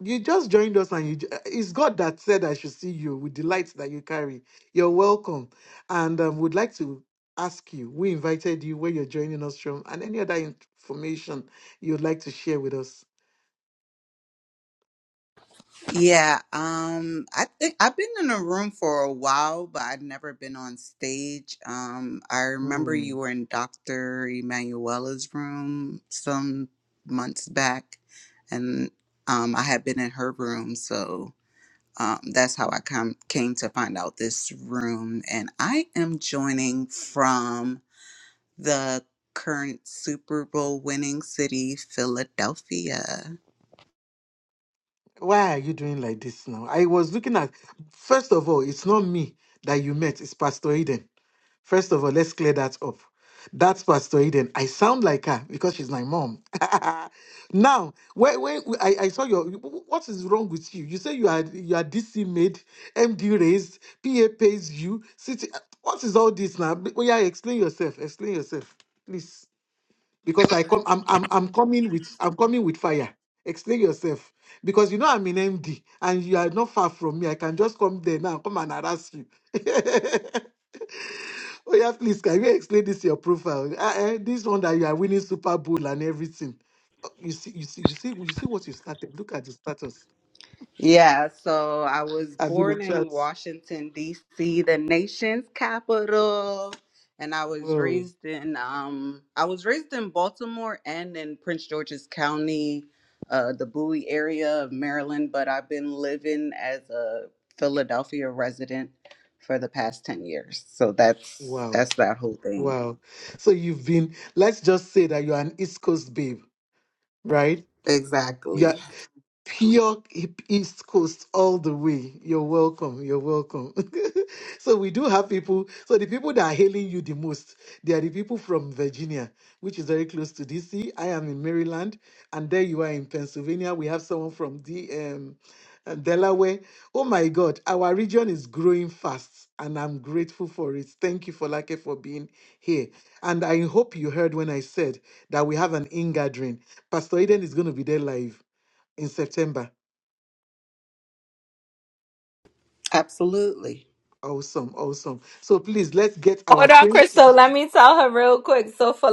S1: You just joined us, and you, j- eh, it's God that said, I should see you with the light that you carry. You're welcome. And um, would like to ask you, we invited you where you're joining us from, and any other information you'd like to share with us.
S10: Yeah, um I think I've been in a room for a while, but I've never been on stage. Um I remember
S1: Hmm.
S10: you were in Dr. Emanuela's room some months back and um I had been in her room, so um that's how I come came to find out this room and I am joining from the current Super Bowl winning city Philadelphia.
S1: why are you doing like this now? I was looking at, first of all, it's not me that you met, it's Pastor Eden. First of all, let's clear that up. That's Pastor Eden. I sound like her because she's my mom. now, when, when I, I saw your, what is wrong with you? You say you are you are DC made, MD raised, PA pays you. City, what is all this now? Well, yeah, explain yourself. Explain yourself, please because I come I'm I'm I'm coming with I'm coming with fire. Explain yourself. Because you know I'm in MD and you are not far from me. I can just come there now, come and harass you. oh yeah, please can you explain this your profile? Ah, eh, this one that you are winning Super Bowl and everything. Oh, You see, you see, you see, you see what you started. Look at the status.
S10: Yeah, so I was
S1: I've been on
S10: born
S1: chat.
S10: in Washington, D.C., the nation's capital. And I was
S1: Wow,
S10: raised in um I was raised in Baltimore and in Prince George's County, uh the Bowie area of Maryland, but I've been living as a Philadelphia resident for the past 10 years. So that's
S1: wow,
S10: that's that whole thing.
S1: wow. So you've been, let's just say that you're an East Coast babe, right?
S10: Exactly.
S1: pure East Coast all the way. You're welcome. You're welcome. so we do have people. So the people that are hailing you the most, they are the people from Virginia, which is very close to DC. I am in Maryland, and there you are in Pennsylvania. We have someone from the um, uh, Delaware. Oh my God, our region is growing fast, and I'm grateful for it. Thank you, Folake, for being here. And I hope you heard when I said that we have an in gathering. Pastor Eden is going to be there live in September.
S10: Absolutely.
S1: Awesome, awesome. So please let's get our
S7: Hold on,
S1: train. to-
S7: Crystal. Let me tell her real quick. So Falake,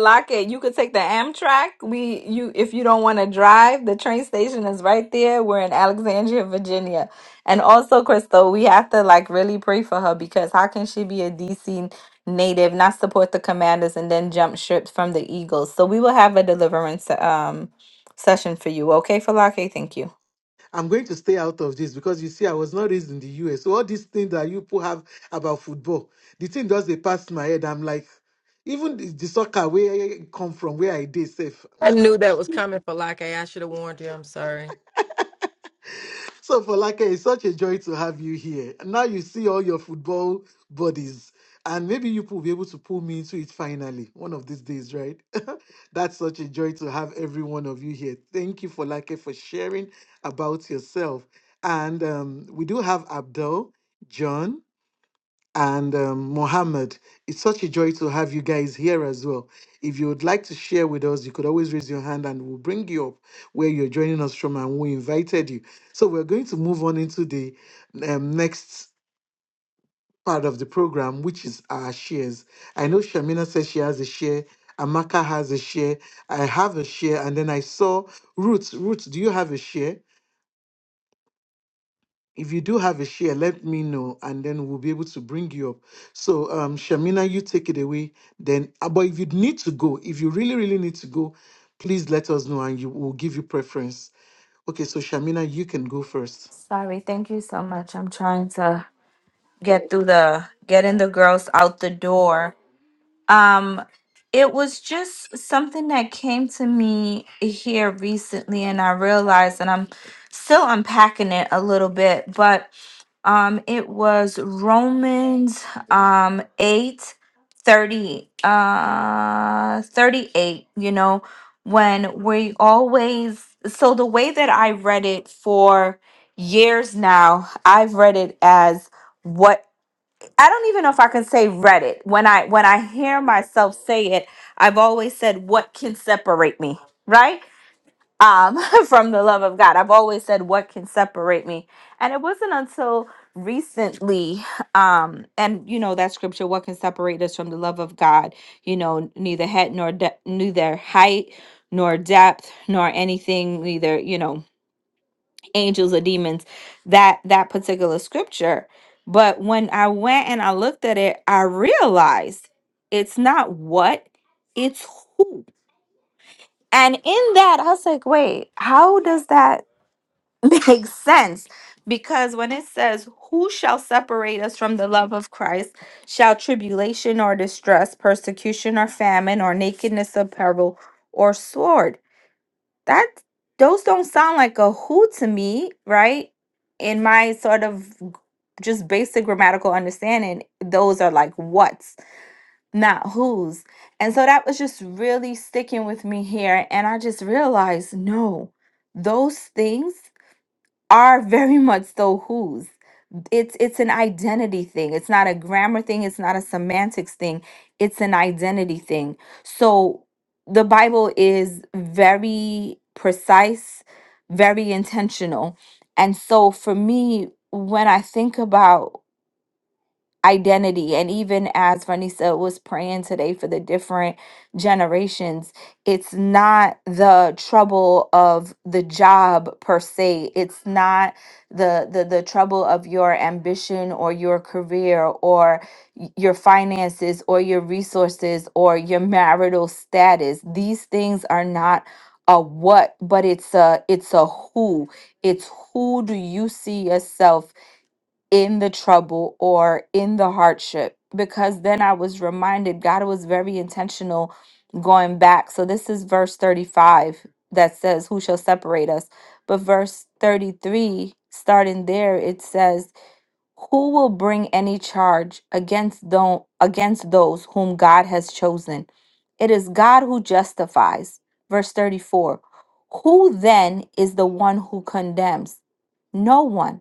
S7: you could take the Amtrak. We you if you don't want to drive, the train station is right there. We're in Alexandria, Virginia. And also, Crystal, we have to like really pray for her because how can she be a DC native, not support the commanders, and then jump ship from the Eagles? So we will have a deliverance um session for you. Okay, Falake? thank you.
S1: I'm going to stay out of this because you see, I was not raised in the US. So all these things that you people have about football, the thing does they pass my head. I'm like, even the, the soccer where I come from, where I did
S2: I knew that was coming for like I should have warned you. I'm sorry.
S1: So, Folake, it's such a joy to have you here. Now you see all your football buddies, and maybe you will be able to pull me into it finally, one of these days, right? That's such a joy to have every one of you here. Thank you, Folake, for sharing about yourself. And um, we do have Abdul, John and um, Mohammed. It's such a joy to have you guys here as well. If you would like to share with us, you could always raise your hand and we'll bring you up where you're joining us from and we invited you. So we're going to move on into the um, next part of the program, which is our shares. I know Shamina says she has a share. Amaka has a share. I have a share. And then I saw Ruth. Ruth, do you have a share? if you do have a share, let me know, and then we'll be able to bring you up. So, um, Shamina, you take it away. Then, uh, but if you need to go, if you really, really need to go, please let us know, and you will give you preference. Okay, so Shamina, you can go first.
S7: Sorry, thank you so much. I'm trying to get through the getting the girls out the door. Um, it was just something that came to me here recently, and I realized and I'm still unpacking it a little bit, but um, it was Romans um, 8 thirty, uh, 38, you know, when we always, so the way that I read it for years now, I've read it as. I don't even know if I can say Reddit. When I when I hear myself say it, I've always said what can separate me, right? Um from the love of God. I've always said what can separate me. And it wasn't until recently um and you know that scripture what can separate us from the love of God, you know, neither head nor de- neither height nor depth nor anything neither, you know, angels or demons that that particular scripture but when i went and i looked at it i realized it's not what it's who and in that i was like wait how does that make sense because when it says who shall separate us from the love of christ shall tribulation or distress persecution or famine or nakedness of peril or sword that those don't sound like a who to me, right? In my sort of g- just basic grammatical understanding, those are like what's, not who's. And so that was just really sticking with me here. And I just realized no, those things are very much so who's it's it's an identity thing it's not a grammar thing it's not a semantics thing it's an identity thing so the bible is very precise very intentional and so for me when i think about identity. And even as Vanessa was praying today for the different generations, it's not the trouble of the job per se. It's not the the, the trouble of your ambition or your career or y- your finances or your resources or your marital status. These things are not a what, but it's a it's a who. It's who do you see yourself in the trouble or in the hardship because then I was reminded God was very intentional going back. So this is verse 35 that says, Who shall separate us? But verse 33, starting there, it says, Who will bring any charge against those against those whom God has chosen? It is God who justifies. Verse 34. Who then is the one who condemns? No one.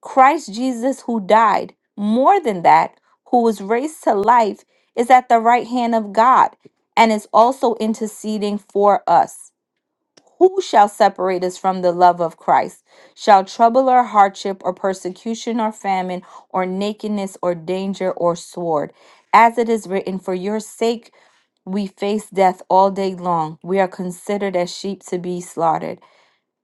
S7: Christ Jesus, who died, more than that, who was raised to life, is at the right hand of God and is also interceding for us. Who shall separate us from the love of Christ? Shall trouble or hardship or persecution or famine or nakedness or danger or sword? As it is written, For your sake we face death all day long. We are considered as sheep to be slaughtered.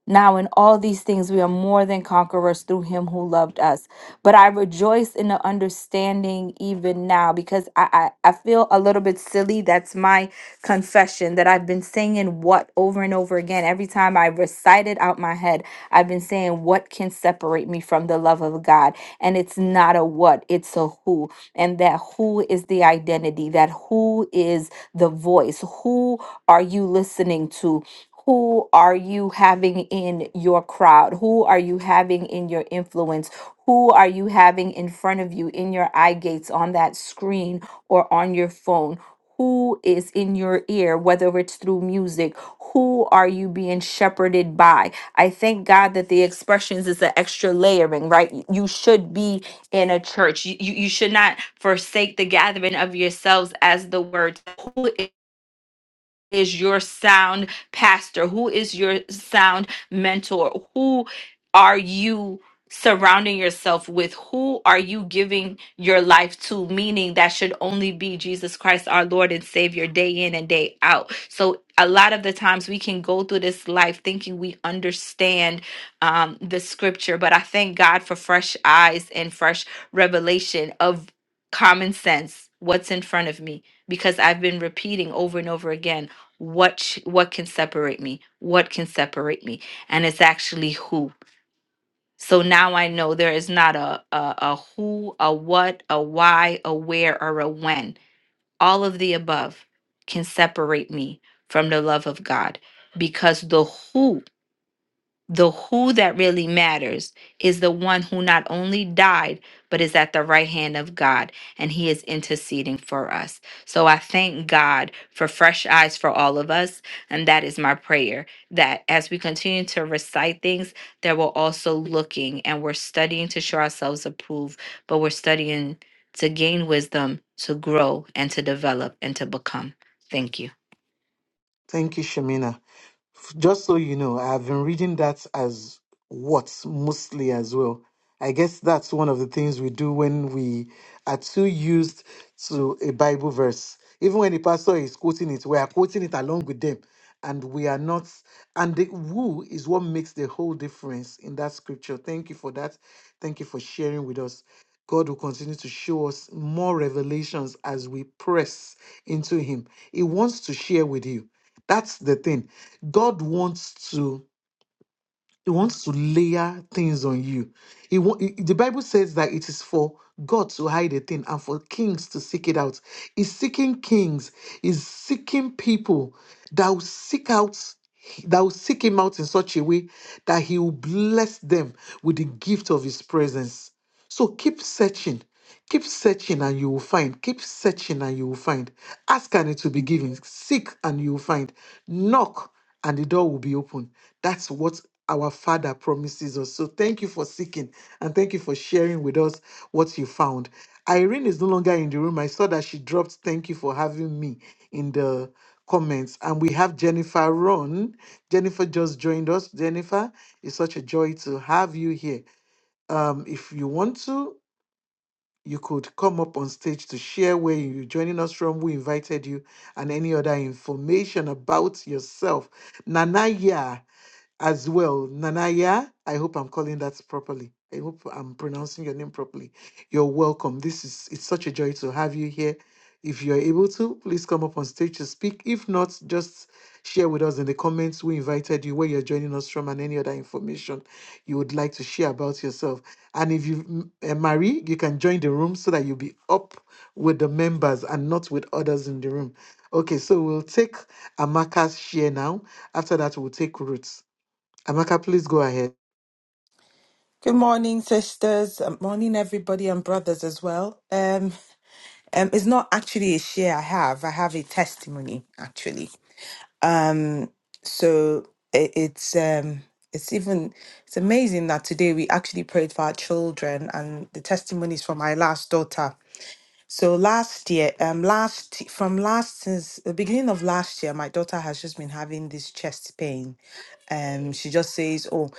S7: Now, in all these things, we are more than conquerors through him who loved us. But I rejoice in the understanding even now because I, I, I feel a little bit silly. That's my confession that I've been saying what over and over again. Every time I recite it out my head, I've been saying, What can separate me from the love of God? And it's not a what, it's a who. And that who is the identity, that who is the voice, who are you listening to? Who are you having in your crowd? Who are you having in your influence? Who are you having in front of you in your eye gates on that screen or on your phone? Who is in your ear, whether it's through music? Who are you being shepherded by? I thank God that the expressions is the extra layering, right? Y- You should be in a church. You, you, you should not forsake the gathering of yourselves as the word is your sound pastor? Who is your sound mentor? Who are you surrounding yourself with? Who are you giving your life to? Meaning that should only be Jesus Christ, our Lord and Savior, day in and day out. So, a lot of the times we can go through this life thinking we understand um, the scripture, but I thank God for fresh eyes and fresh revelation of common sense. What's in front of me? Because I've been repeating over and over again what sh- what can separate me what can separate me and it's actually who so now i know there is not a a, a who a what a why a where or a when all of the above can separate me from the love of god because the who the who that really matters is the one who not only died, but is at the right hand of God, and he is interceding for us. So I thank God for fresh eyes for all of us. And that is my prayer that as we continue to recite things, that we're also looking and we're studying to show ourselves approved, but we're studying to gain wisdom, to grow, and to develop and to become. Thank you.
S1: Thank you, Shamina. F- Just so you know, I've been reading that as what mostly as well. I guess that's one of the things we do when we are too used to a Bible verse. Even when the pastor is quoting it, we are quoting it along with them, and we are not. And the who is what makes the whole difference in that scripture. Thank you for that. Thank you for sharing with us. God will continue to show us more revelations as we press into Him. He wants to share with you. That's the thing. God wants to. He wants to layer things on you. He wa- he- the Bible says that it is for God to hide a thing and for kings to seek it out. He's seeking kings. He's seeking people that will seek out that will seek him out in such a way that he will bless them with the gift of his presence. So keep searching. Keep searching and you will find. Keep searching and you will find. Ask and it will be given. Seek and you will find. Knock and the door will be open. That's what our Father promises us. So thank you for seeking and thank you for sharing with us what you found. Irene is no longer in the room. I saw that she dropped thank you for having me in the comments. And we have Jennifer Ron. Jennifer just joined us. Jennifer, it's such a joy to have you here. Um, if you want to, you could come up on stage to share where you're joining us from, who invited you, and any other information about yourself. Nanaya as well. Nanaya, I hope I'm calling that properly. I hope I'm pronouncing your name properly. You're welcome. This is it's such a joy to have you here. If you're able to, please come up on stage to speak. If not, just share with us in the comments who invited you, where you're joining us from, and any other information you would like to share about yourself. And if you uh, marry, you can join the room so that you'll be up with the members and not with others in the room. Okay, so we'll take Amaka's share now. After that, we'll take Ruth's. Amaka, please go ahead.
S11: Good morning, sisters. Um, Morning, everybody, and brothers as well. Um, um, it's not actually a share I have. I have a testimony actually. Um, so it, it's um, it's even it's amazing that today we actually prayed for our children, and the testimonies from my last daughter. So last year, um, last from last since the beginning of last year, my daughter has just been having this chest pain. Um, she just says, "Oh,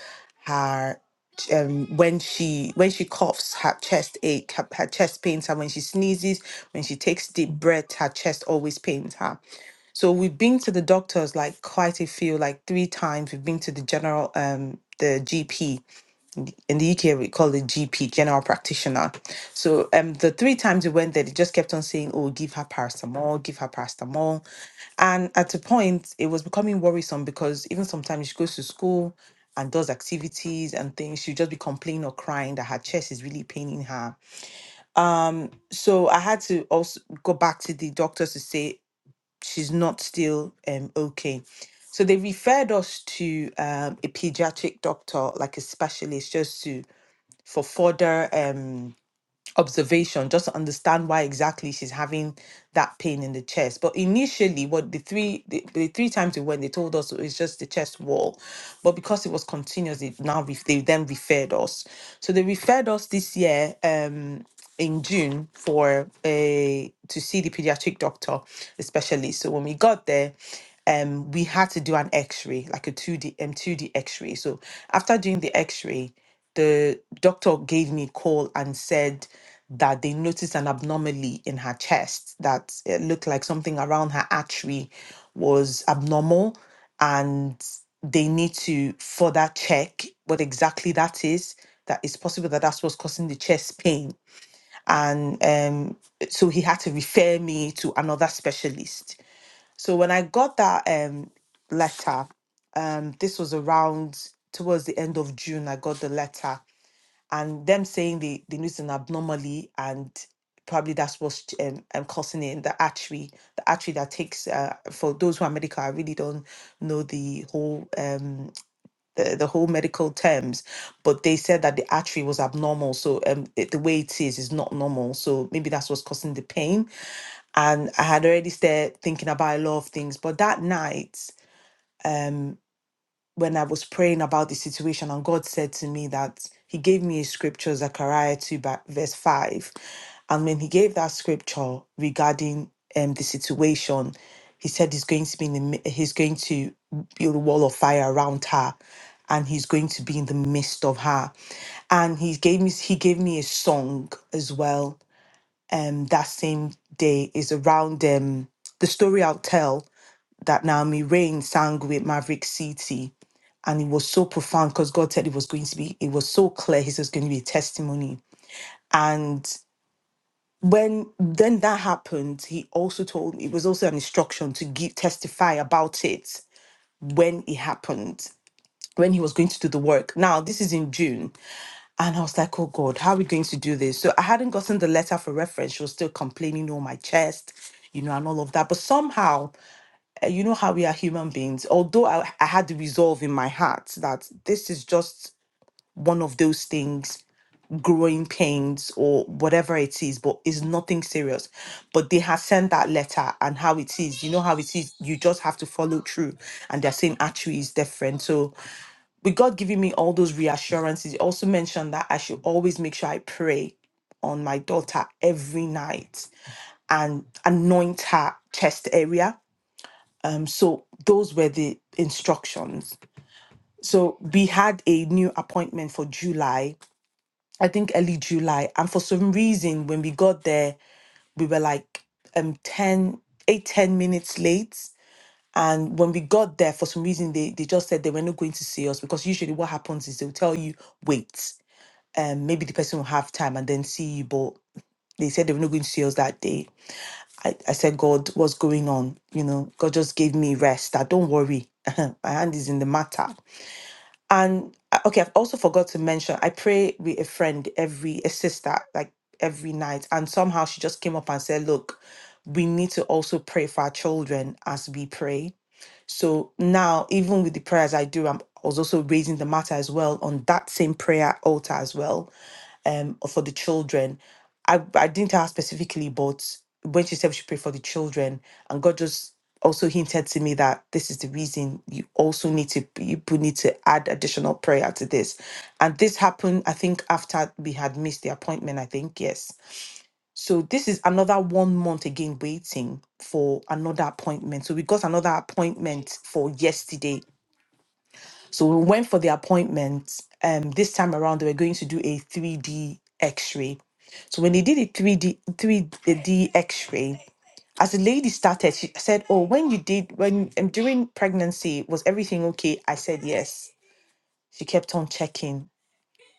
S11: her ch- um when she when she coughs, her chest ache, her, her chest pains her. When she sneezes, when she takes deep breath, her chest always pains her." So we've been to the doctors like quite a few, like three times. We've been to the general, um, the GP in the UK we call it GP, general practitioner. So um the three times we went there, they just kept on saying, Oh, give her paracetamol, give her paracetamol. And at a point it was becoming worrisome because even sometimes she goes to school and does activities and things, she'll just be complaining or crying that her chest is really paining her. So I had to also go back to the doctors to say she's not still um okay. So they referred us to um, a pediatric doctor, like a specialist, just to for further um observation just to understand why exactly she's having that pain in the chest but initially what the three the, the three times we went they told us it's just the chest wall but because it was continuous it now ref- they then referred us so they referred us this year um in June for a to see the pediatric doctor, especially. So when we got there, um, we had to do an X-ray, like a two D um, two D X-ray. So after doing the X-ray, the doctor gave me a call and said that they noticed an abnormality in her chest that it looked like something around her artery was abnormal and they need to further check what exactly that is that it's possible that that's what's causing the chest pain and um, so he had to refer me to another specialist. So when I got that um, letter, um, this was around towards the end of June. I got the letter, and them saying they they noticed an abnormally, and probably that's what's um, um, causing it. The artery, the artery that takes uh, for those who are medical, I really don't know the whole. Um, the, the whole medical terms, but they said that the artery was abnormal. So um, it, the way it is is not normal. So maybe that's what's causing the pain. And I had already started thinking about a lot of things. But that night, um, when I was praying about the situation, and God said to me that He gave me a scripture, Zechariah 2, ba- verse 5. And when He gave that scripture regarding um, the situation, He said He's going to be in the, mi- He's going to build a wall of fire around her, and He's going to be in the midst of her. And He gave me He gave me a song as well. Um, that same day is around um the story I'll tell that Naomi Rain sang with Maverick City and it was so profound because God said it was going to be, it was so clear. He says it's going to be a testimony. And when then that happened, he also told me it was also an instruction to give testify about it when it happened, when he was going to do the work. Now, this is in June. And I was like, oh God, how are we going to do this? So I hadn't gotten the letter for reference. She was still complaining on my chest you know, and all of that. But somehow, uh, you know how we are human beings. Although I, I had the resolve in my heart that this is just one of those things, growing pains or whatever it is, but it's nothing serious. But they have sent that letter and how it is, you know how it is, you just have to follow through. And they're saying actually is different. So with God giving me all those reassurances, he also mentioned that I should always make sure I pray on my daughter every night and anoint her chest area. Um, so those were the instructions. So we had a new appointment for July I think early July. And for some reason, when we got there, we were like um 10 8 10 minutes late. And when we got there, for some reason, they, they just said they were not going to see us because usually what happens is they'll tell you, wait, um, maybe the person will have time and then see you. But they said they were not going to see us that day. I, I said, God, what's going on? You know, God just gave me rest. That don't worry. My hand is in the matter. And uh, okay, I've also forgot to mention, I pray with a friend every, a sister, like every night. And somehow she just came up and said, look, we need to also pray for our children as we pray. So now, even with the prayers I do, I'm, I was also raising the matter as well on that same prayer altar as well um for the children. I I didn't ask specifically, but when she said we should pray for the children, and God just also hinted to me that this is the reason you also need to you put- need to add additional prayer to this. And this happened, I think, after we had missed the appointment, I think, yes. So this is another one month again waiting for another appointment. So we got another appointment for yesterday so we went for the appointment. Um, this time around, they were going to do a 3D X-ray. So when they did a 3D 3D X-ray, as the lady started, she said, "Oh, when you did when um, during pregnancy, was everything okay?" I said, "Yes." She kept on checking.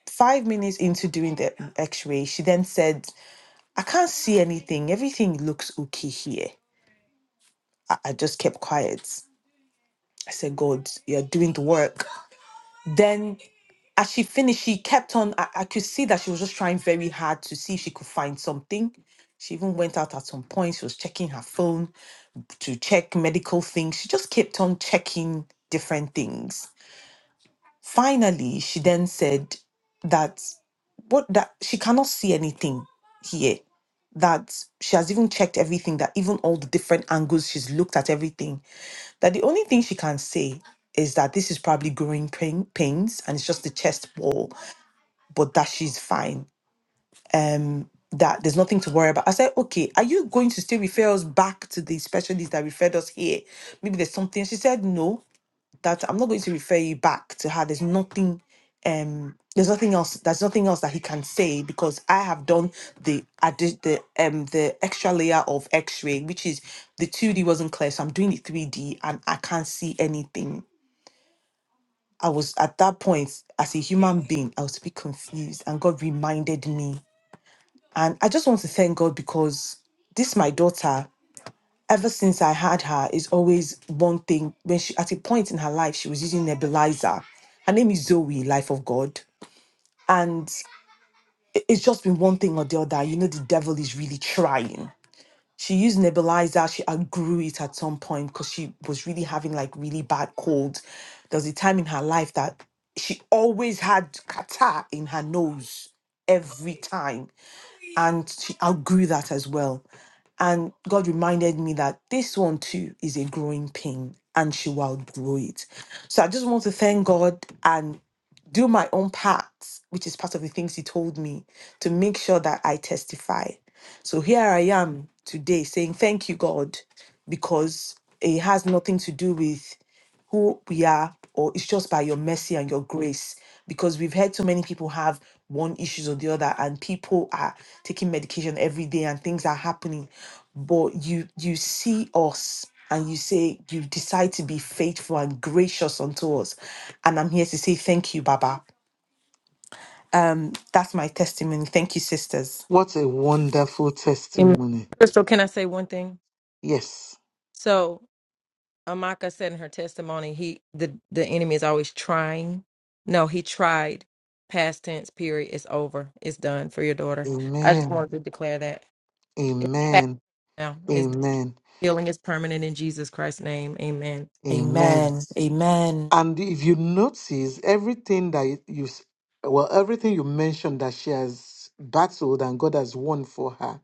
S11: Five minutes into doing the X-ray, she then said, "I can't see anything. Everything looks okay here." I, I just kept quiet. I said, "God, you're doing the work." Then as she finished, she kept on. I, I could see that she was just trying very hard to see if she could find something. She even went out at some point. She was checking her phone to check medical things. She just kept on checking different things. Finally, she then said that what that she cannot see anything here. That she has even checked everything, that even all the different angles, she's looked at everything. That the only thing she can say is that this is probably growing pain, pains and it's just the chest wall, but that she's fine um that there's nothing to worry about. I said, okay, are you going to still refer us back to the specialist that referred us here? Maybe there's something. She said, no, that I'm not going to refer you back to her. There's nothing, um, there's nothing else. There's nothing else that he can say because I have done the addi- the um the extra layer of X-ray, which is the 2D wasn't clear, so I'm doing the 3D and I can't see anything. I was at that point as a human being, I was a bit confused, and God reminded me and I just want to thank God because this my daughter, ever since I had her, is always one thing. When she at a point in her life, she was using nebulizer. Her name is Zoe, Life of God. And it- it's just been one thing or the other. You know, the devil is really trying. She used nebulizer, she outgrew it at some point because she was really having like really bad cold. There was a time in her life that she always had catarrh in her nose every time and she outgrew that as well. And God reminded me that this one too is a growing pain and she will outgrow it. So I just want to thank God and do my own part, which is part of the things He told me to make sure that I testify. So here I am today saying, Thank you, God, because it has nothing to do with who we are, or it's just by your mercy and your grace. Because we've heard so many people have one issues or the other, and people are taking medication every day, and things are happening. But you you see us, and you say you decide to be faithful and gracious unto us. And I'm here to say thank you, Baba. That's my testimony. Thank you, sisters.
S1: What a wonderful
S2: Amen.
S1: testimony.
S2: Crystal, can I say one thing?
S1: Yes.
S2: So Amaka said in her testimony, he the the enemy is always trying. No, he tried. Past tense. Period. It's over. It's done for your daughter. I just
S1: Amen.
S2: wanted to declare that. It's past
S1: Amen.
S2: now. It's done.
S1: Amen.
S2: healing is permanent in Jesus Christ's name. Amen.
S1: Amen.
S11: Amen. Amen.
S1: And if you notice, everything that you, s- well, everything you mentioned that she has battled and God has won for her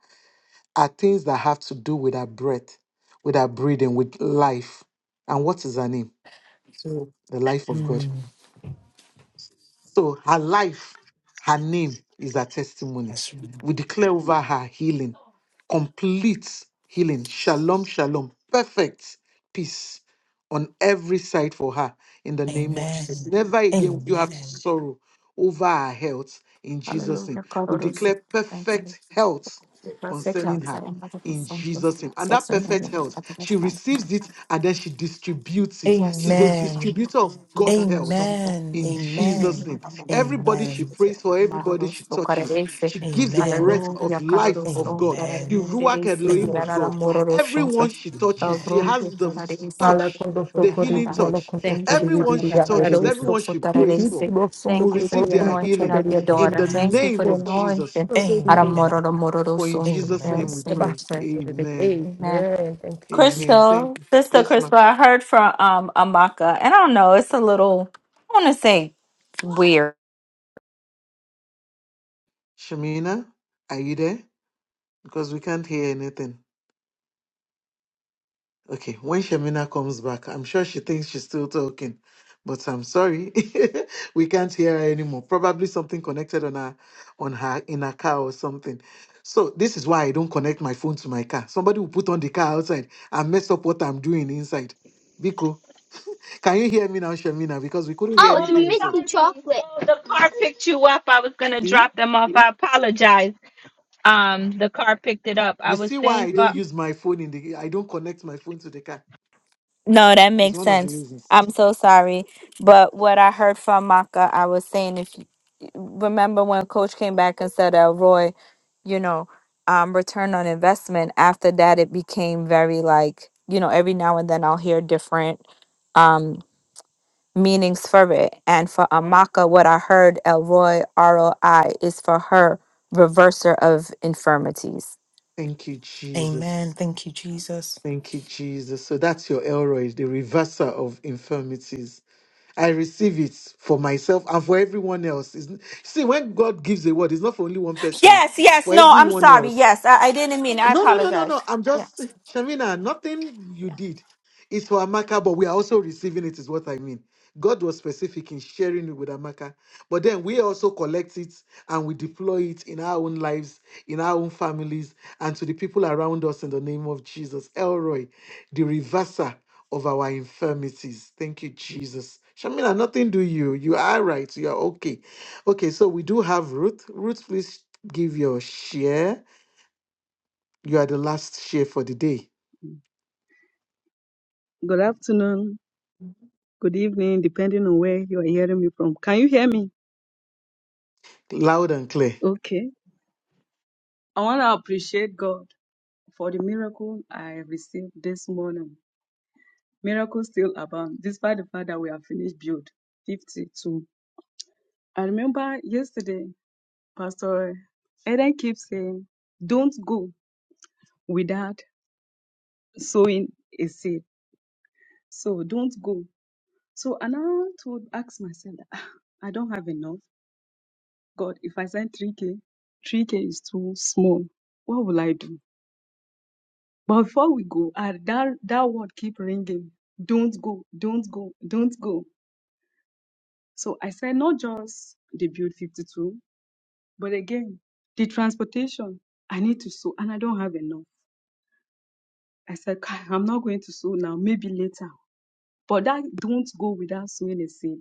S1: are things that have to do with her breath, with her breathing, with life. And what is her name?
S11: So,
S1: The life of God.
S11: mm,
S1: So her life, her name is her testimony.
S11: that's-
S1: We declare over her healing, complete healing, shalom, shalom, perfect peace on every side for her in the name of Jesus.
S11: amen.
S1: Never again will you have to
S11: Amen.
S1: sorrow over her health in Jesus'
S7: Hallelujah.
S1: name. We
S7: Kororoso.
S1: declare
S7: Thanks.
S1: perfect health
S7: Perfect
S1: concerning
S7: health. I
S1: her
S7: am not a
S1: in
S7: person who is
S1: Jesus' name. And that perfect
S7: suffering
S1: health, she
S7: from
S1: receives it and then she distributes it.
S7: Yes,
S1: She's a
S7: Lord.
S11: Amen.
S1: distributor of God's health
S7: Maradosongo.
S11: Amen.
S1: in Jesus'
S11: Amen.
S1: name. Everybody she
S11: Amen.
S1: prays for, everybody she touches,
S7: Maradosokarese.
S1: she gives the
S11: Amen. Amen.
S1: breath of
S7: Hallelujah.
S1: life of
S7: Karadosong.
S1: God, the
S11: Amen.
S1: Ruach
S7: Karademerese.
S1: Elohim of
S11: Amen.
S7: Kirarara
S1: God.
S7: mororosonso.
S1: Everyone she touches, she
S7: Obroge
S1: has the
S7: zararese.
S1: touch,
S2: Alakondo
S1: the
S2: sokori
S1: healing
S2: di
S7: Kirarara.
S2: bolo
S1: touch.
S2: kondo
S7: Thank you,
S2: shedi di di
S1: Everyone
S7: Father.
S2: di
S1: she
S2: ya meri
S1: touches,
S2: di di.
S1: everyone she
S2: Iti
S1: prays for
S2: di
S7: Karadosokotararese.
S2: bolo sondo
S1: will
S7: Thank you
S2: kuri
S7: for
S2: bolo
S1: receive
S7: the
S1: their
S2: kondo
S7: anointing
S1: healing
S2: shedi
S7: of
S2: di
S7: your
S2: di
S1: in
S7: daughter.
S1: the
S7: Thank you
S11: Amen.
S1: name
S7: for
S2: ya.
S7: the
S1: of Jesus.
S7: anointing.
S2: Shedi di di di
S11: Amen.
S7: Aramororo
S1: For in
S7: mororosongo.
S1: Jesus'
S2: ya
S1: name
S11: Amen.
S2: di
S1: we
S7: Yes,
S2: di
S7: in your
S1: pray.
S2: basta
S7: prayer.
S2: di di.
S1: Amen.
S7: Amen.
S2: Amen. Thank you, Jesus.
S1: Amen. Thank
S7: Crystal,
S1: you.
S7: Sister
S1: Yes, ma'am.
S7: Crystal, I heard from um Amako I say weird.
S1: Shamina, are you there? Because we can't hear anything. Okay, when Shemina comes back, I'm sure she thinks she's still talking, but I'm sorry, we can't hear her anymore. Probably something connected on her, on her in her car or something. So this is why I don't connect my phone to my car. Somebody will put on the car outside and mess up what I'm doing inside. Biko, can you hear me now, Shemina? Because we couldn't hear
S7: Oh, it's Oh,
S1: anything you
S7: Mickey
S1: said.
S7: Chocolate. So the car picked you up. I was gonna
S1: See,
S7: drop them off. I apologize. Um, the car picked it up. I
S1: you
S7: was
S1: see why
S7: staying
S1: I
S7: for.
S1: don't use my phone in the. I don't connect my phone to the car.
S7: No, that
S1: It's
S7: makes
S1: one
S7: sense.
S1: of the reasons.
S7: Um, am boy, you know. Um, reverse.
S1: Thank you, Jesus.
S11: Amen. Thank you, Jesus.
S1: Thank you, Jesus. So that's your Elroy, the reverser of infirmities. I receive it for myself and for everyone else. It's- see, when God gives a word, it's not for only one person, oh, for everyone else. No, no, no, no, no. I'm
S7: yeah,
S1: just Shamina, nothing you
S7: yeah.
S1: did is for Amaka, but we are also receiving it, is what I mean. God was specific in sharing it with Amaka, but then we also collect it and we deploy it in our own lives, in our own families, and to the people around us in the name of Jesus. Elroy, the reverser of our infirmities. Thank you, Jesus. Shamina, nothing do you. You are right. You are okay. Okay, so we do have Ruth. Ruth, please give your share. You are the last share for the day.
S12: Good afternoon, good evening, depending on where you are hearing me from. Can you hear me?
S1: Loud and clear.
S12: Okay. I want to appreciate God for the miracle I received this morning. Miracles still abound, despite the fact that we have finished build 52. I remember yesterday, Pastor Eden keeps saying, Don't go without sowing a seed. So don't go. So and I now to ask myself, that, "Ah, I don't have enough. God, if I send 3K, 3K is too small. What will I do? But before we go, I, that, that word keep ringing. Don't go, don't go, don't go. So I said, not just the build 52, but again, the transportation. I need to sew and I don't have enough. I said, "Kai, I'm not going to sew now, maybe later. But that don't go without sewing a seed.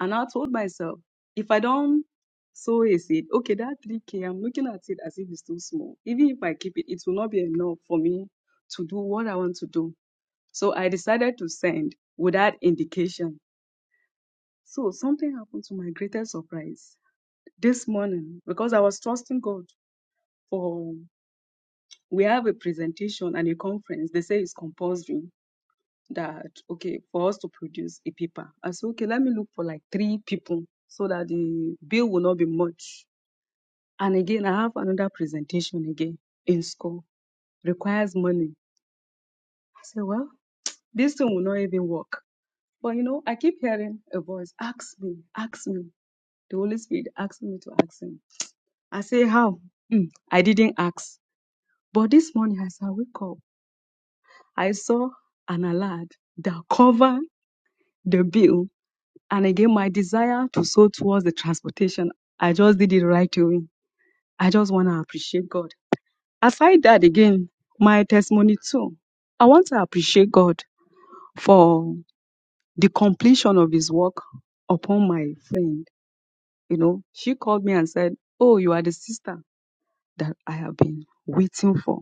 S12: And I told myself, if I don't sow a seed, okay, that 3K, I'm looking at it as if it's too small. Even if I keep it, it will not be enough for me to do what I want to do. So I decided to send without indication. So something happened to my greatest surprise this morning because I was trusting God for we have a presentation and a conference. They say it's compulsory that okay for us to produce a paper. I said okay, let me look for like three people so that the bill will not be much And again, I have another presentation again in school. Requires money. I say, well, this thing will not even work. But you know, I keep hearing a voice, ask me, ask me. The Holy Spirit asked me to ask him. I say, how? Hmm, I didn't ask. But this morning as I wake up, I saw an alert that covered the bill. And again, my desire to sow towards the transportation, I just did it right away. I just want to appreciate God aside that again, my testimony too, I want to appreciate God for the completion of his work upon my friend. You know, she called me and said, Oh, you are the sister that I have been waiting for.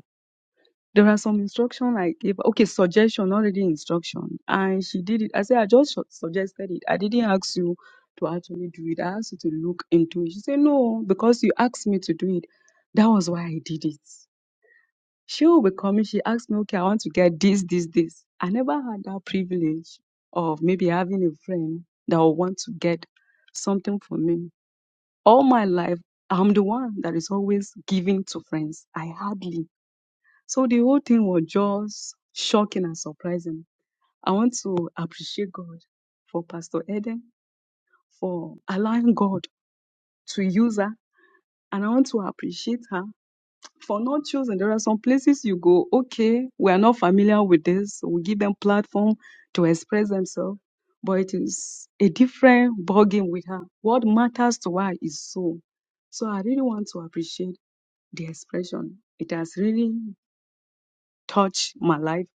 S12: There are some instruction I gave, okay, suggestion, already instruction. And she did it. I said, I just su- suggested it. I didn't ask you to actually do it. I asked you to look into it. She said, No, because you asked me to do it. That was why I did it. She will be coming. She asked me, okay, I want to get this, this, this. I never had that privilege of maybe having a friend that will want to get something for me. All my life, I'm the one that is always giving to friends. I hardly. So the whole thing was just shocking and surprising. I want to appreciate God for Pastor Eden for allowing God to use her. And I want to appreciate her for not chosen, there are some places you go, okay, we are not familiar with this. We give them platform to express themselves, but it is a different ballgame with her. What matters to her is soul. So I really want to appreciate the expression. It has really touched my life.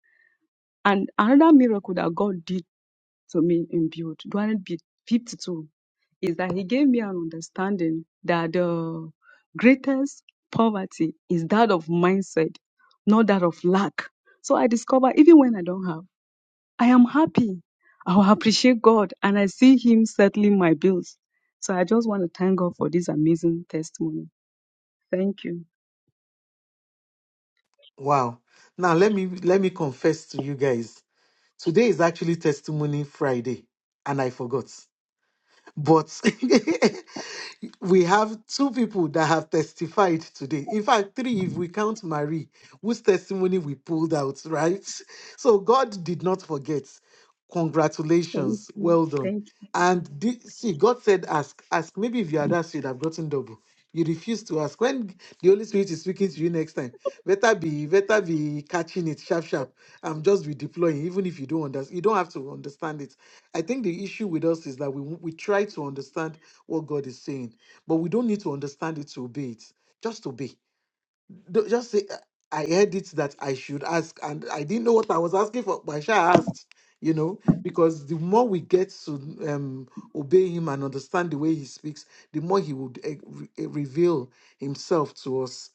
S12: And another miracle that God did to me in Build, during Build 52, is that he gave me an understanding that the greatest poverty is that of mindset, not that of lack. So I discover even when I don't have, I am happy. I will appreciate God and I see Him settling my bills. So I just want to thank God for this amazing testimony. Thank you.
S1: Wow. Now let me let me confess to you guys. Today is actually testimony Friday and I forgot. But we have two people that have testified today. In fact, three, if we count Marie, whose testimony we pulled out, right? So God did not forget.
S12: Thank
S1: Congratulations.
S12: you.
S1: Well done.
S12: Thank you.
S1: And the, see, God said, ask, ask. Maybe if you had asked, you'd have gotten double. You refuse to ask. When the Holy Spirit is speaking to you next time, better be better be catching it sharp, sharp. I'm just be deploying. even if you don't understand. You don't have to understand it. I think the issue with us is that we we try to understand what God is saying, but we don't need to understand it to obey it. Just obey. Do- Just say, "I heard it that I should ask, and I didn't know what I was asking for, but I sure asked." You know, because the more we get to um, obey Him and understand the way He speaks, the more He would eh, re- eh, reveal Himself to us.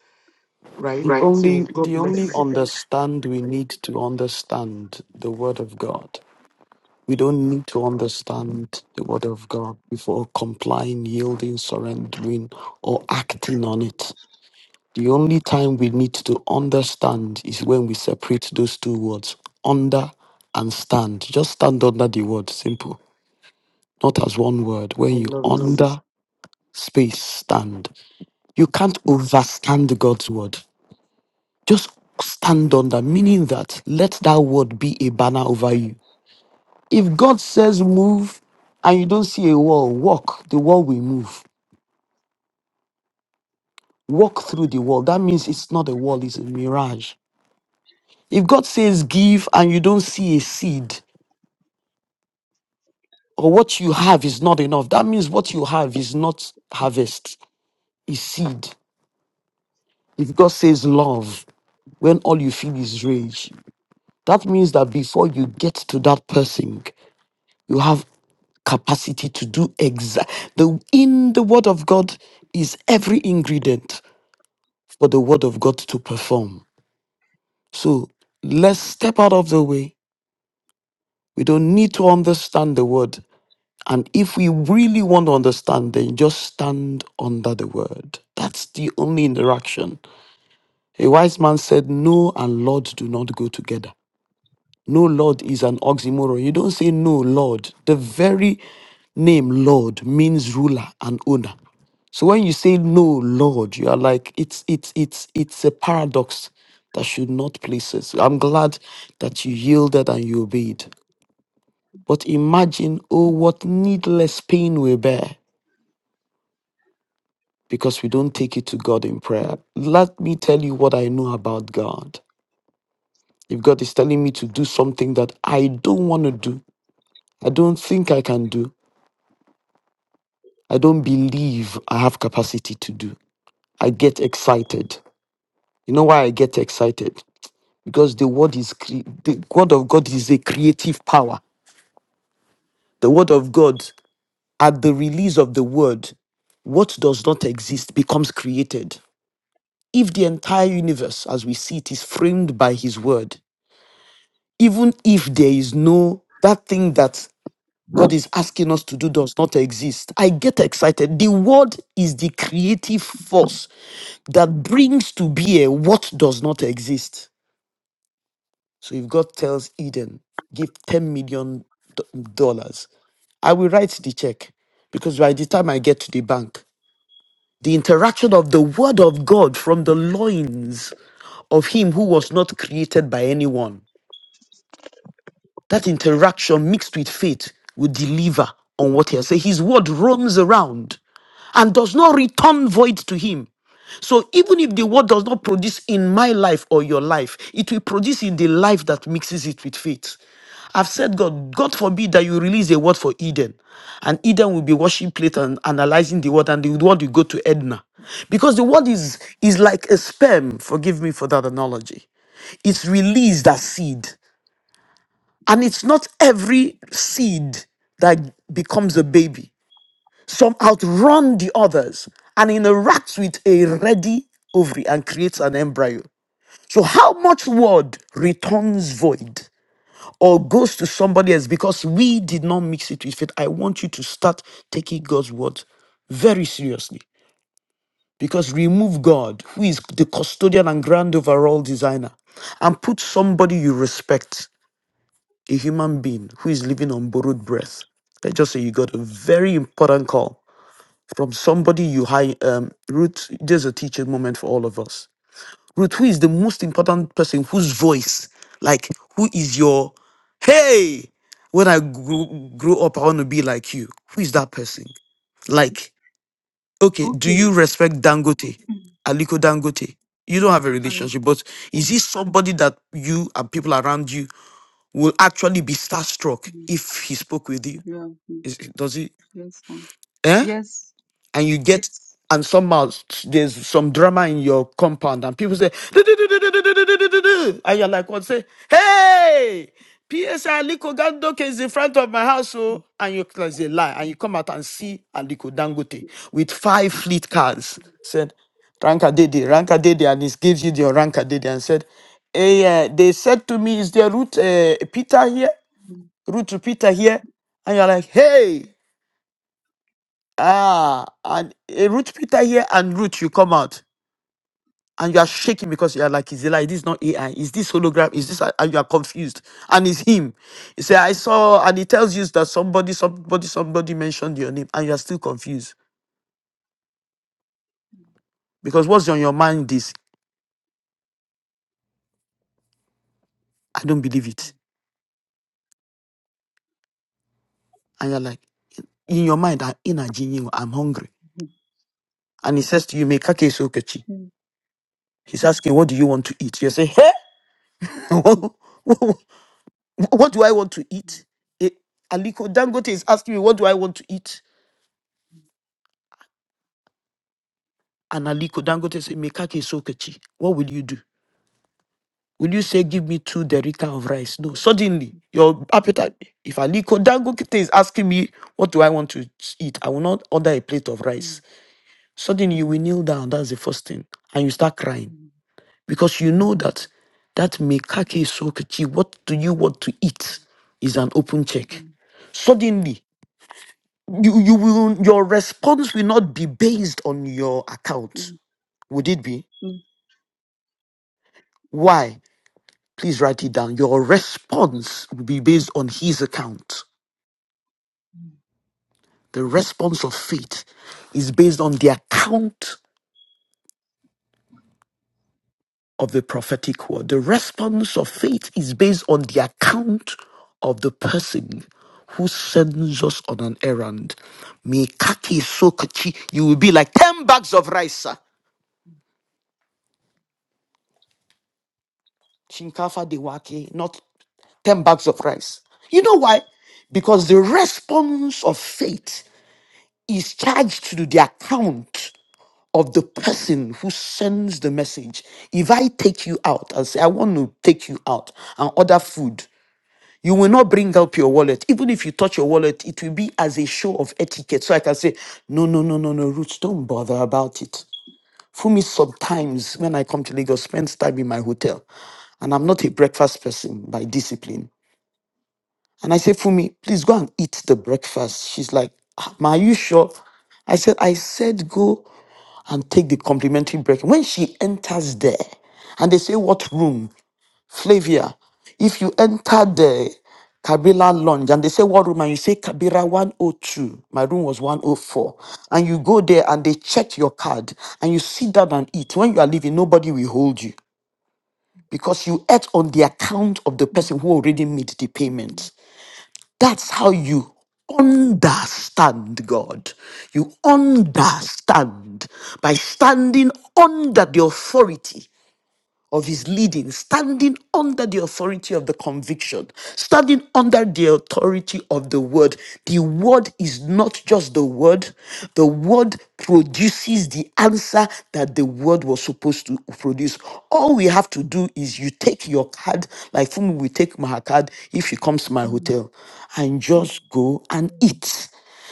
S5: The
S1: Right.
S5: Right.
S1: So
S5: only
S1: God
S5: the
S12: Thank
S5: only
S1: bless.
S12: you, guys.
S5: understand we need to understand the word of God. We don't need to understand the word of God before complying, yielding, surrendering, or acting on it. The only time we need to understand is when we separate those two words, under and stand. Just stand under the word, simple. Not as one word. When
S1: I
S5: you
S1: love it.
S5: under space stand, you can't overstand God's word. Just stand on that, meaning that let that word be a banner over you. If God says move and you don't see a wall, walk, the wall will move. Walk through the wall. That means it's not a wall, it's a mirage. If God says give and you don't see a seed or what you have is not enough, that means what you have is not harvest, is seed. If God says love when all you feel is rage, that means that before you get to that person, You have capacity to do exact the in the word of god is every ingredient for the word of god to perform so let's step out of the way we don't need to understand the word and if we really want to understand then just stand under the word that's the only interaction a wise man said no and lord do not go together No, Lord is an oxymoron. You don't say no, Lord. The very name Lord means ruler and owner. So when you say no, Lord, you are like it's it's it's it's a paradox that should not place us. I'm glad that you yielded and you obeyed. But imagine, oh, what needless pain we bear because we don't take it to God in prayer. Let me tell you what I know about God. If God is telling me to do something that I don't want to do, I don't think I can do, I don't believe I have capacity to do. I get excited. You know why I get excited? Because the word is cre- the word of God is a creative power. The word of God at the release of the word, what does not exist becomes created. If the entire universe as we see it is framed by his word, even if there is no that thing that God is asking us to do does not exist. I get excited. The word is the creative force that brings to bear what does not exist. So if God tells Eden, give 10 million dollars, I will write the check because by the time I get to the bank, the interaction of the word of God from the loins of him who was not created by anyone, that interaction mixed with faith will deliver on what he has said. His word roams around and does not return void to him. So even if the word does not produce in my life or your life, it will produce in the life that mixes it with faith. I've said, God, God forbid that you release a word for Eden, and Eden will be washing plate and analyzing the word, and the word will go to Edna, because the word is is like a sperm. Forgive me for that analogy. It's released as seed, and it's not every seed that becomes a baby. Some outrun the others and interacts with a ready ovary and creates an embryo. So, how much word returns void or goes to somebody else because we did not mix it with faith? I want you to start taking God's word very seriously because remove God, who is the custodian and grand overall designer, and put somebody you respect, a human being who is living on borrowed breath. Let's just say you got a very important call from somebody you hire. Um, Ruth, there's a teaching moment for all of us. Ruth, who is the most important person whose voice, like, who is your, hey, when I grew, grow up, I want to be like you. Who is that person? Like, okay, do
S12: Okay.
S5: you respect Dangote,
S12: Mm.
S5: Aliko Dangote? You
S12: Yeah,
S5: don't have a
S12: I,
S5: relationship, but is he somebody that you and people around you will actually be starstruck
S12: mm,
S5: if he spoke with you?
S12: yeah, mm,
S5: Is, does he?
S12: yes, ma'am.
S5: Eh?
S12: yes.
S5: and you get and somehow s- there's some drama in your compound and people say "Du-du-du-du-du-du-du-du-du-du-du." and you're like what say hey PSI Aliko Dangote is in front of my house oh and you like a lie and you come out and see Aliko Dangote with five fleet cars said Ranka Dede Ranka Dede and he gives you your Ranka Dede and said hey uh, they said to me is there root uh, Peter here root to Peter here and you're like hey Ah, and a root Peter here and root you come out and you are shaking because you are like, is it like this not AI? Is this hologram? Is this and you are confused? And it's him. You say, I saw, and he tells you that somebody, somebody, somebody mentioned your name, and you are still confused. Because what's on your mind is, I don't believe it. And you're like, in your mind, I'm in a genie, I'm hungry.
S12: Mm,
S5: And he says to you, make a case, Okechi.
S12: mm,
S5: He's asking, what do you want to eat? You say, hey, What do I want to eat? Eh, Aliko Dangote is asking me, What do I want to eat? And Aliko Dangote said, Mekake Sokechi, what will you do? Will you say, Give me two derika of rice? No,
S12: mm,
S5: suddenly your appetite. If Aliko Dangote is asking me, What do I want to eat? I will not order a plate of
S12: mm,
S5: rice. Suddenly you will kneel down. That's the first thing. And you start crying
S12: mm,
S5: because you know that that Mekake Sokechi, what do you want to eat? is an open
S12: mm.
S5: check. Suddenly, you you will your response will not be based on your account
S12: Mm,
S5: would it be
S12: mm,
S5: why please write it down your response will be based on his account the response of faith is based on the account of the prophetic word the response of faith is based on the account of the person who sends us on an errand Mikaki sokachi you will be like 10 bags of rice sir. Chinkafa Dewake, not 10 bags of rice. You know why? Because the response of faith is charged to the account of the person who sends the message. If I take you out and say, I want to take you out and order food, you will not bring up your wallet. Even if you touch your wallet, it will be as a show of etiquette. So I can say, No, no, no, no, no, Roots, don't bother about it. Fumi sometimes, when I come to Lagos, spends time in my hotel. And I'm not a breakfast person by discipline. And I say, Fumi, please go and eat the breakfast. She's like, "Ah, Ma, are you sure? I said, I said, go and take the complimentary break. When she enters there, and they say, What room? Flavia, if you enter the Kabila lounge and they say what room and you say Kabira 102, my room was 104, and you go there and they check your card and you sit down and eat, when you are leaving, nobody will hold you because you ate on the account of the person
S12: mm,
S5: who already made the
S12: mm,
S5: payment. That's how you understand God. You understand by standing under the authority of his leading, standing under the authority of the conviction, standing under the authority of the word. The word is not just the word, the word produces the answer that the word was supposed to produce. All we have to do is you take your card, like Fumi will take my card if she comes to my
S12: mm,
S5: hotel, and just go and eat.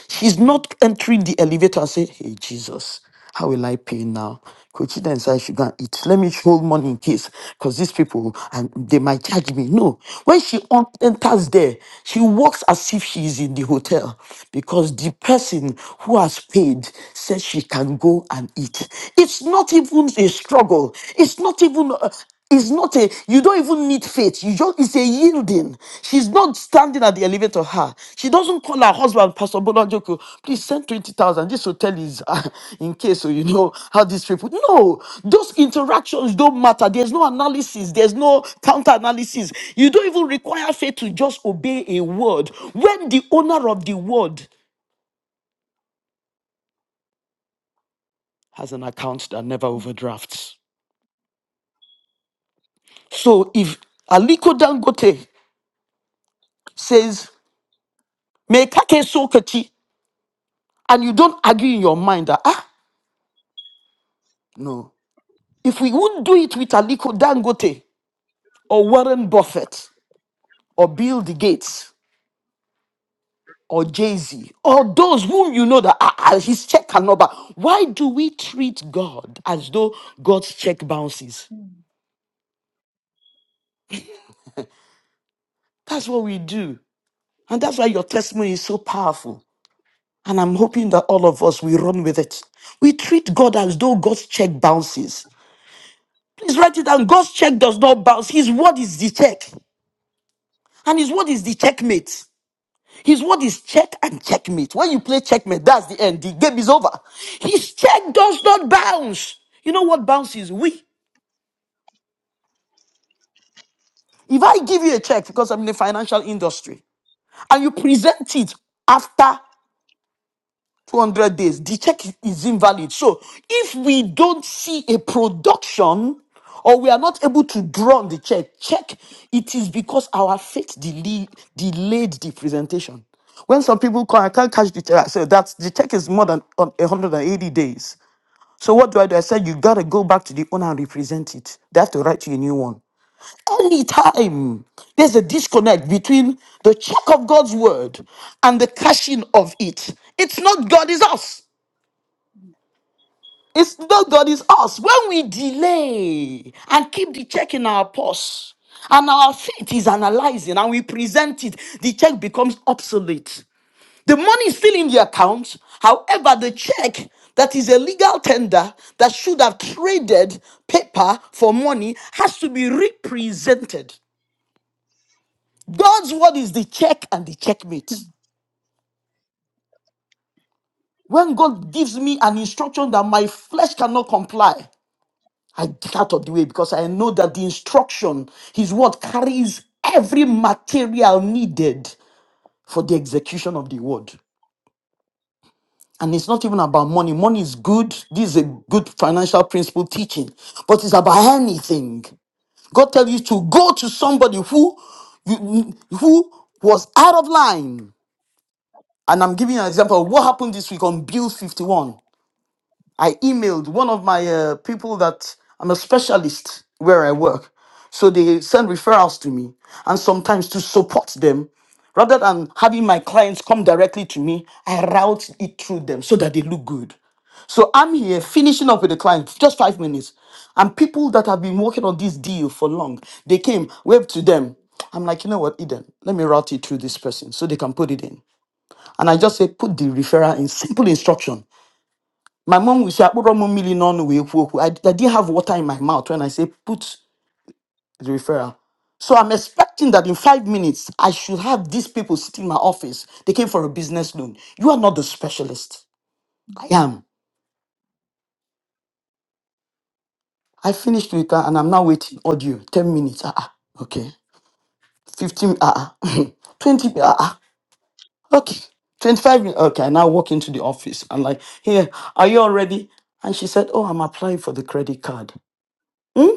S5: She's not entering the elevator and say, Hey Jesus, how will I pay now? Coach then said I should go and eat. Let me hold money in case, because these people and they might charge me. No. When she un- enters there, she walks as if she is in the hotel because the person who has paid says she can go and eat. It's not even a struggle. It's not even. It's not a you don't even need faith. You just it's a yielding. She's not standing at the elevator. Her she doesn't call her husband, Pastor Bolanjoko. Please send twenty thousand. This hotel is uh, in case so you know how this trip. would-" No, those interactions don't matter. There's no analysis. There's no counter analysis. You don't even require faith to just obey a word when the owner of the word has an account that never
S12: mm.
S5: overdrafts. So if Aliko Dangote says, Make a and you don't argue in your mind that ah no if we would do it with aliko dangote or warren buffett or bill the gates or jay-z or those whom you know that ah, ah, his check can number why do we treat god as though god's check bounces that's what we do and that's why your testimony is so powerful and i'm hoping that all of us we run with it we treat god as though god's check bounces please write it down god's check does not bounce his word is the check and his word is the checkmate His word is check and checkmate. When you play checkmate, that's the end. The game is over. His check does not bounce. You know what bounce is? We. If I give you a check because I'm in the financial industry and you present it after 200 days, the check is invalid. So if we don't see a production or we are not able to draw on the check, check, it is because our faith delayed, delayed the presentation. When some people call, I can't catch the check. I said, that's, the check is more than on 180 days. So what do I do? I said, you got to go back to the owner and represent it. They have to write you a new one anytime there's a disconnect between the check of God's word and the cashing of it, it's not God, it's us. It's not God, it's us. When we delay and keep the check in our purse, and our faith is analyzing and we present it, the check becomes obsolete. The money is still in the account. However, the check that is a legal tender that should have traded paper for money has to be represented. God's word is the check and the checkmate. When God gives me an instruction that my flesh cannot comply, I get out of the way because I know that the instruction, his word carries every material needed for the execution of the word. And it's not even about money. Money is good. This is a good financial principle teaching, but it's about anything. God tells you to go to somebody who, you- who was out of line. And I'm giving you an example of what happened this week on Bill 51. I emailed one of my uh, people that I'm a specialist where I work. So they send referrals to me. And sometimes to support them, rather than having my clients come directly to me, I route it through them so that they look good. So I'm here finishing up with the client, just five minutes. And people that have been working on this deal for long, they came, waved to them. I'm like, you know what, Eden, let me route it through this person so they can put it in. And I just say, put the referral in simple instruction my mom will say, I put one million on we I I didn't have water in my mouth when I say put the referral. So I'm expecting that in five minutes I should have these people sitting in my office. They came for a business loan. You are not the specialist. I am. I finished with her and I'm now waiting audio. 10 minutes. Ah, ah. okay. 15 ah, ah. 20 ah, ah. okay. 25 minutes. Okay, I now walk into the office. I'm like, here, are you all ready? And she said, Oh, I'm applying for the credit card. Hmm?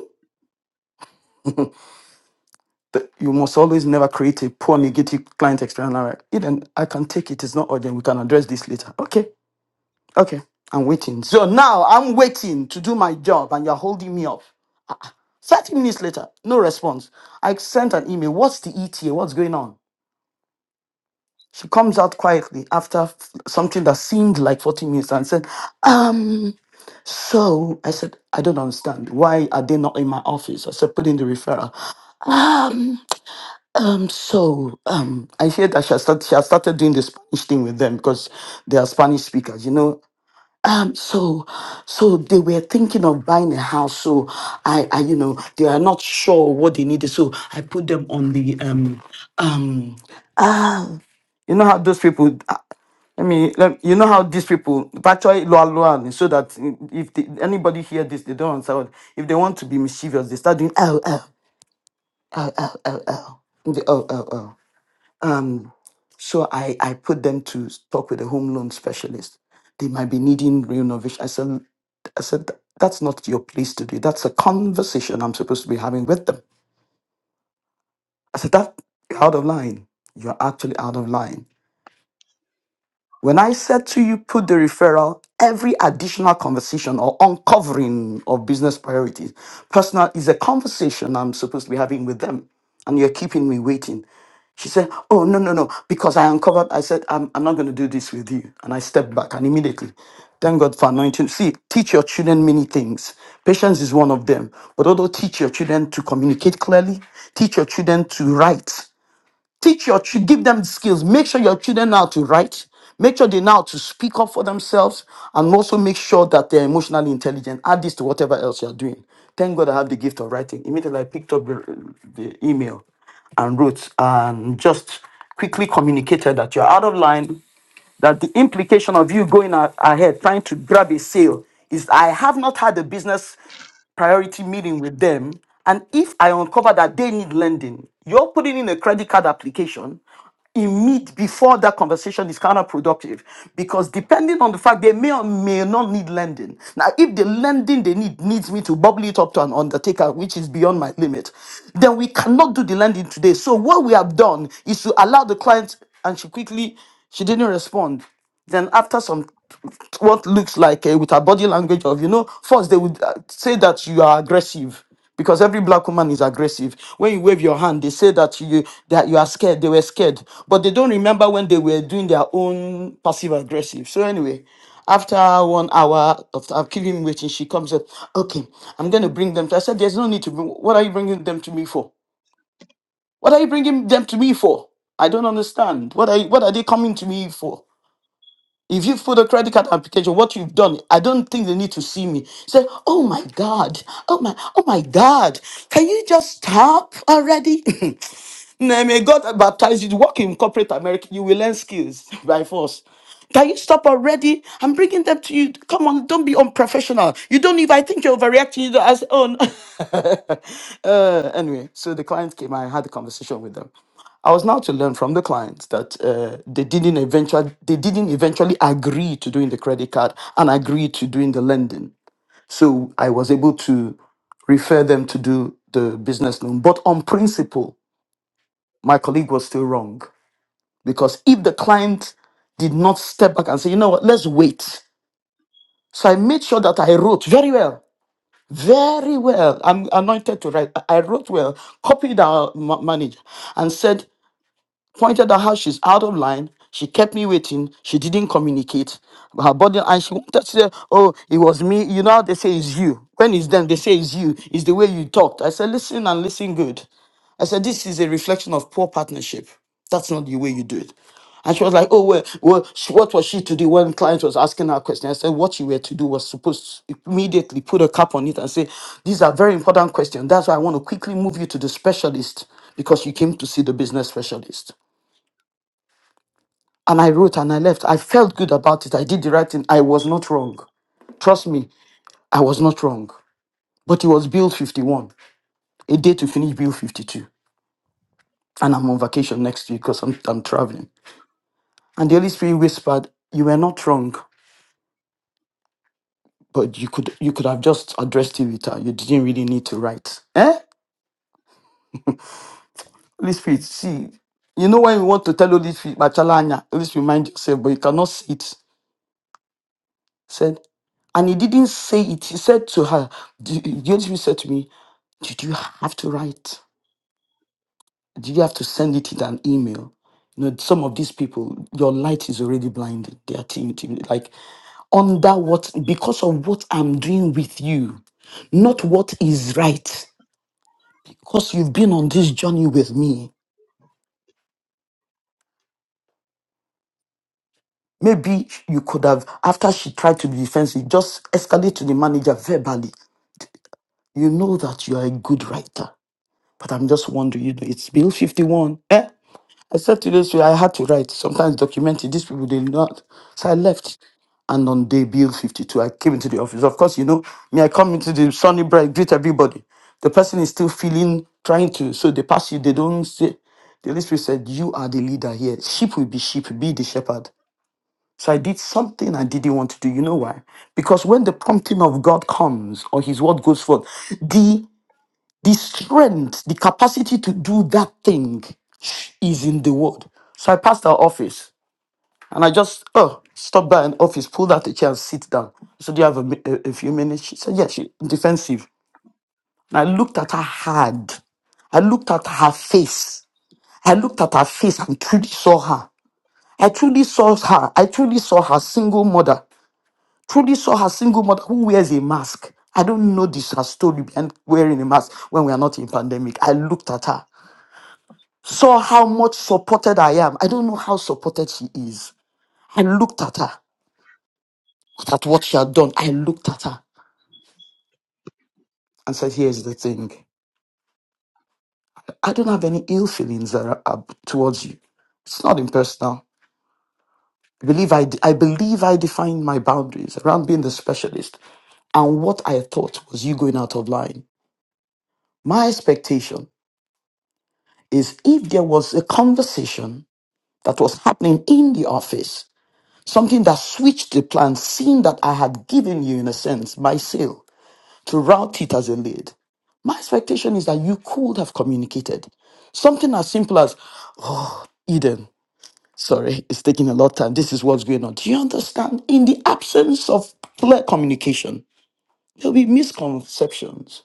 S5: that you must always never create a poor negative client experience. I'm like, Eden, I can take it. It's not urgent. We can address this later. Okay, okay. I'm waiting. So now I'm waiting to do my job and you're holding me up. 30 minutes later, no response. I sent an email. What's the ETA? What's going on? She comes out quietly after f- something that seemed like 40 minutes and said, Um, so I said, I don't understand. Why are they not in my office? I said, put in the referral. Um, So um, I hear that she has, start, she has started doing the Spanish thing with them because they are Spanish speakers, you know. Um, so, so they were thinking of buying a house. So I, I, you know, they are not sure what they needed. So I put them on the um, um, you know how those people. uh, I mean, let- you know how these people actually loa loa so that if they, anybody hear this, they don't answer. If they want to be mischievous, they start doing oh oh oh oh oh oh oh oh oh. Um, so I, I put them to talk with a home loan specialist. They might be needing renovation. I said, I said, that's not your place to do. That's a conversation I'm supposed to be having with them. I said, that you're out of line. You're actually out of line. When I said to you, put the referral, every additional conversation or uncovering of business priorities, personal is a conversation I'm supposed to be having with them, and you're keeping me waiting. She said, Oh, no, no, no, because I uncovered, I said, I'm, I'm not going to do this with you. And I stepped back, and immediately, thank God for anointing. See, teach your children many things. Patience is one of them. But also teach your children to communicate clearly, teach your children to write teach your children, give them skills. Make sure your children know how to write. Make sure they know how to speak up for themselves, and also make sure that they're emotionally intelligent. Add this to whatever else you're doing. Thank God I have the gift of writing. Immediately I picked up the, the email and wrote and just quickly communicated that you're out of line that the implication of you going a- ahead trying to grab a sale is I have not had a business priority meeting with them. And if I uncover that they need lending, you're putting in a credit card application immediate before that conversation is counterproductive because depending on the fact they may or may not need lending. Now, if the lending they need needs me to bubble it up to an undertaker, which is beyond my limit, then we cannot do the lending today. So what we have done is to allow the client and she quickly she didn't respond. Then after some what looks like uh, with her body language of you know first they would uh, say that you are aggressive because every black woman is aggressive when you wave your hand they say that you that you are scared they were scared but they don't remember when they were doing their own passive aggressive so anyway after one hour of, of keeping him waiting she comes up okay i'm going to bring them to i said there's no need to bring what are you bringing them to me for what are you bringing them to me for i don't understand what are you, what are they coming to me for if you fill the credit card application, what you've done, I don't think they need to see me. Say, oh my God, oh my, oh my God, can you just stop already? Nah, May God baptize you. Work in corporate America, you will learn skills by force. Can you stop already? I'm bringing them to you. Come on, don't be unprofessional. You don't even. I think you're overreacting. You don't ask. Oh, no. Uh, anyway, so the client came. I had a conversation with them. I was now to learn from the clients that uh, they didn't eventually they didn't eventually agree to doing the credit card and agree to doing the lending. So I was able to refer them to do the business loan. But on principle, my colleague was still wrong because if the client did not step back and say, you know what, let's wait. So I made sure that I wrote very well very well. I'm anointed to write. I I wrote well, copied our ma- manager, and said, pointed out how she's out of line. She kept me waiting. She didn't communicate. Her body, and she wanted to say, Oh, it was me. You know how they say it's you. When it's them, they say it's you. It's the way you talked. I said, Listen and listen good. I said, This is a reflection of poor partnership. That's not the way you do it. And she was like, Oh, well, well sh- what was she to do when client was asking her question? I said, What you were to do was supposed to immediately put a cap on it and say, These are very important questions. That's why I want to quickly move you to the specialist because you came to see the business specialist and I wrote and I left. I felt good about it. I did the right thing. I was not wrong. Trust me, I was not wrong. But it was Bill 51, a day to finish Bill 52. And I'm on vacation next week because I'm, I'm traveling. And the Holy Spirit whispered, You were not wrong, but you could you could have just addressed it with her. You didn't really need to write. Eh? Holy Spirit, see, you know when you want to tell Holy Spirit, Machalanya, Holy Spirit, mind yourself, but you cannot see it. Said, and he didn't say it. He said to her, the the Holy Spirit said to me, Did you have to write? Did you have to send it in an email? You know, some of these people, your light is already blinded. They are team, team, like under what, because of what I'm doing with you, not what is right. Because you've been on this journey with me. Maybe you could have, after she tried to be defensive, just escalate to the manager verbally. You know that you are a good writer. But I'm just wondering, you know, it's Bill 51. eh? Except today's way, I had to write, sometimes document it. These people, they not. So I left. And on day bill 52, I came into the office. Of course, you know, me, I come into the sunny bright, greet everybody. The person is still feeling, trying to, so they pass you, they don't say. The Holy Spirit said, You are the leader here. Sheep will be sheep, be the shepherd. So I did something I didn't want to do. You know why? Because when the prompting of God comes or his word goes forth, the the strength, the capacity to do that thing is in the word. So I passed our office and I just, oh, stopped by an office, pulled out a chair and sit down. I said, Do you have a, mi- a, a few minutes? She said, Yes, she, defensive. And I looked at her hard. I looked at her face. I looked at her face and truly saw her. I truly saw her. I truly saw her single mother. Truly saw her single mother who wears a mask. I don't know this her story behind wearing a mask when we are not in pandemic. I looked at her. saw how much supported I am. I don't know how supported she is. I looked at her, at what she had done. I looked at her and said, Here's the thing. I don't have any ill feelings uh, ab- towards you. It's not impersonal. I believe I, d- I believe I defined my boundaries around being the specialist and what I thought was you going out of line. My expectation is if there was a conversation that was happening in the office Something that switched the plan, seeing that I had given you, in a sense, my sale to route it as a lead. My expectation is that you could have communicated something as simple as Eden. Sorry, it's taking a lot of time. This is what's going on. Do you understand? In the absence of clear communication, there'll be misconceptions.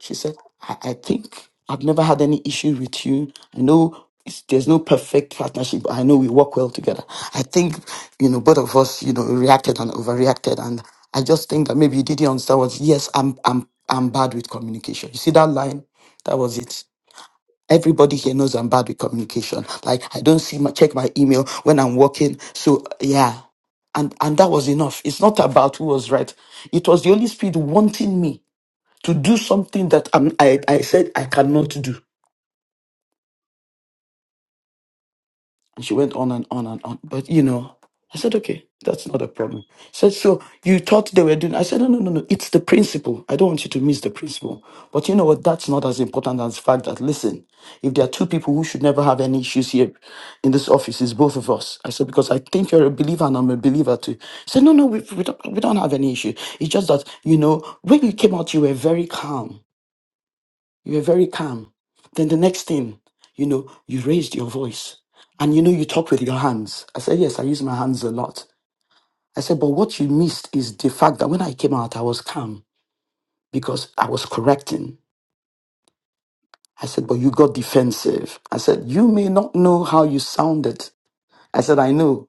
S5: She said, I, I think I've never had any issue with you. I know it's, there's no perfect partnership, but I know we work well together. I think, you know, both of us, you know, reacted and overreacted. And I just think that maybe you didn't understand was, yes, I'm, I'm, I'm bad with communication. You see that line? That was it. Everybody here knows I'm bad with communication. Like I don't see my check my email when I'm working. So yeah, and and that was enough. It's not about who was right. It was the Holy Spirit wanting me to do something that i I, I said I cannot do. And she went on and on and on. But, you know, I said, okay, that's not a problem. She said, so you thought they were doing, I said, no, no, no, no, it's the principle. I don't want you to miss the principle. But you know what? That's not as important as the fact that, listen, if there are two people who should never have any issues here in this office, it's both of us. I said, because I think you're a believer and I'm a believer too. She said, no, no, we, we, don't, we don't have any issue. It's just that, you know, when you came out, you were very calm You were very calm. Then the next thing, you know, you raised your voice and you know, you talk with your hands. I said, Yes, I use my hands a lot. I said, But what you missed is the fact that when I came out, I was calm because I was correcting. I said, But you got defensive. I said, You may not know how you sounded. I said, I know.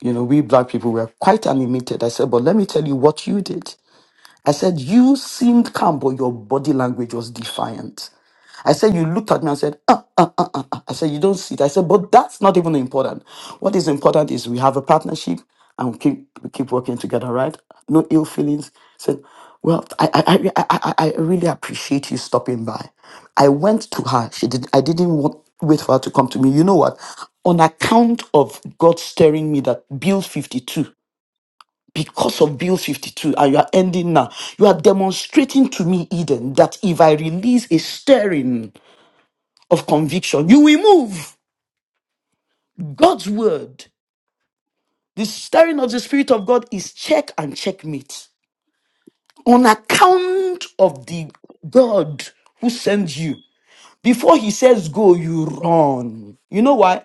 S5: You know, we black people were quite animated. I said, But let me tell you what you did. I said, You seemed calm, but your body language was defiant. I said, You looked at me and said, Ah. I said, You don't see it. I said, But that's not even important. What is important is we have a partnership and we keep, we keep working together, right? No ill feelings. said, Well, I, I, I, I, I I really appreciate you stopping by. I went to her. She did, I didn't want, wait for her to come to me. You know what? On account of God stirring me that Bill 52, because of Bill 52, and you are ending now, you are demonstrating to me, Eden, that if I release a stirring of conviction, you will move. God's word, the stirring of the Spirit of God is check and checkmate on account of the God who sends you. Before he says go, you run. You know why?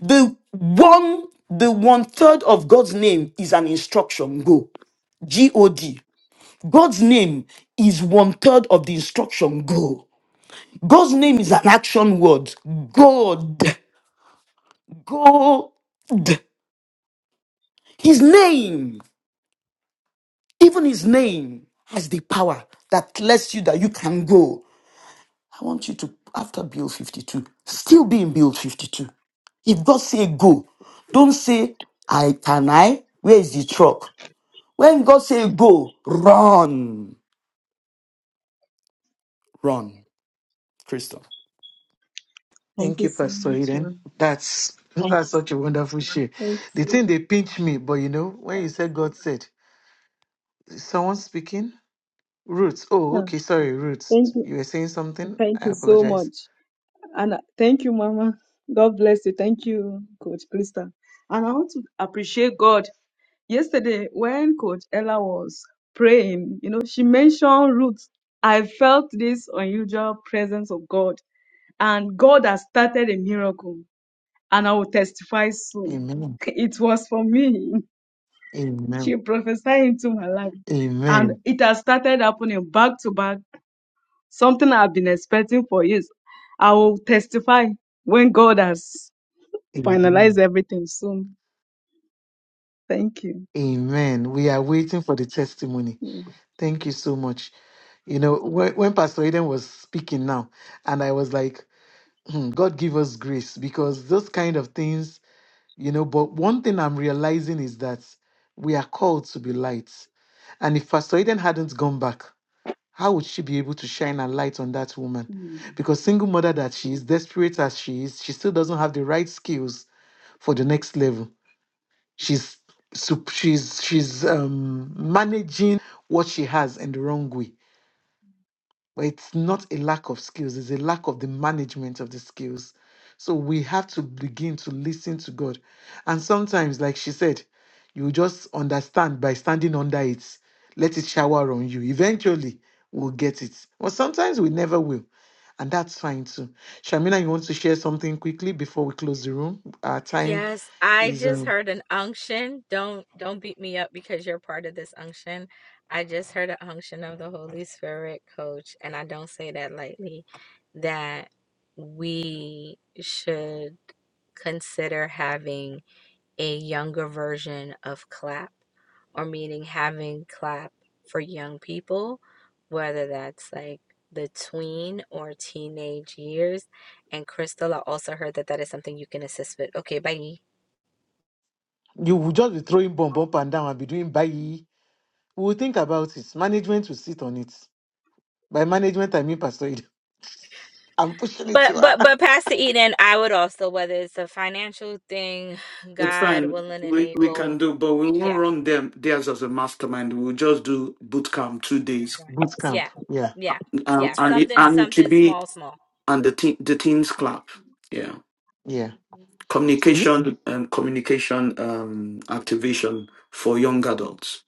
S5: The one, the one third of God's name is an instruction go. G O D. God's name is one third of the instruction go. God's name is an action word. God. God. His name. Even his name has the power that lets you that you can go. I want you to, after build 52, still be in build 52. If God say go, don't say, I can I? Where is the truck? When God say go, run, run. Crystal.
S12: Thank
S1: Thank
S12: you
S1: you,
S12: so
S1: Pastor
S12: much,
S1: Eden.
S12: Lord.
S1: That's that's such a wonderful share.
S12: Thank you.
S1: The
S12: so
S1: thing
S12: much.
S1: they pinch me, but you know, when you said God said, is someone speaking? Roots. Oh,
S12: Yeah,
S1: okay, sorry, Roots.
S12: Thank you.
S1: You were saying something?
S12: Thank
S1: I
S12: you so
S1: apologize.
S12: much. And uh, thank you, Mama. God bless you. Thank you, Coach Krista. And I want to appreciate God. Yesterday, when Coach Ella was praying, you know, she mentioned roots. I felt this unusual presence of God. And God has started a miracle. And I will testify soon.
S1: Amen.
S12: It was for me. She
S1: Amen.
S12: prophesied into my life. And
S1: Amen.
S12: it has started happening back to back, something I've been expecting for years. I will testify when God has finalized
S1: Amen.
S12: everything soon. Thank you.
S1: Amen. We are waiting for the testimony. Thank you so much. You know, when, when Pastor Eden was speaking now, and I was like, hmm, God give us grace because those kind of things you know but one thing i'm realizing is that we are called to be lights and if pastor eden hadn't gone back how would she be able to shine a light on that woman
S12: Mm.
S1: because single mother that she is desperate as she is she still doesn't have the right skills for the next level she's sup- she's she's um managing what she has in the wrong way but it's not a lack of skills, it's a lack of the management of the skills. So we have to begin to listen to God. And sometimes, like she said, you just understand by standing under it, let it shower on you. Eventually, we'll get it. But sometimes we never will. And that's fine too. Shamina, you want to share something quickly before we close the room? Our time
S7: Yes, I
S1: is
S7: just
S1: um,
S7: heard an unction. Don't don't beat me up because you're part of this unction. I just heard an unction of the Holy Spirit, coach, and I don't say that lightly, that we should consider having a younger version of clap or meaning having clap for young people whether that's like the tween or teenage years and crystal i also heard that that is something you can assist with okay bye
S1: you will just be throwing bomb up and down and be doing bye. We will think about it. Management will sit on it. By management, I mean Pastor Eden. I'm pushing it to
S7: but
S1: her.
S7: but but pastor eden i would also whether it's a financial thing
S5: It's
S7: god
S5: fine.
S7: willing and
S5: We, we can
S7: able
S5: do, but we won't
S7: yeah
S5: run them theirs as a mastermind. We'll just do boot camp two days.
S7: right.
S1: Boot
S7: yeah
S1: camp. Yeah.
S7: yeah
S5: Um,
S7: yeah
S5: and it,
S7: something
S5: and it
S7: something
S5: should be
S7: small small
S5: and the, te- the teams clap. Yeah.
S1: Yeah. See?
S5: communication and communication um, activation for young adults.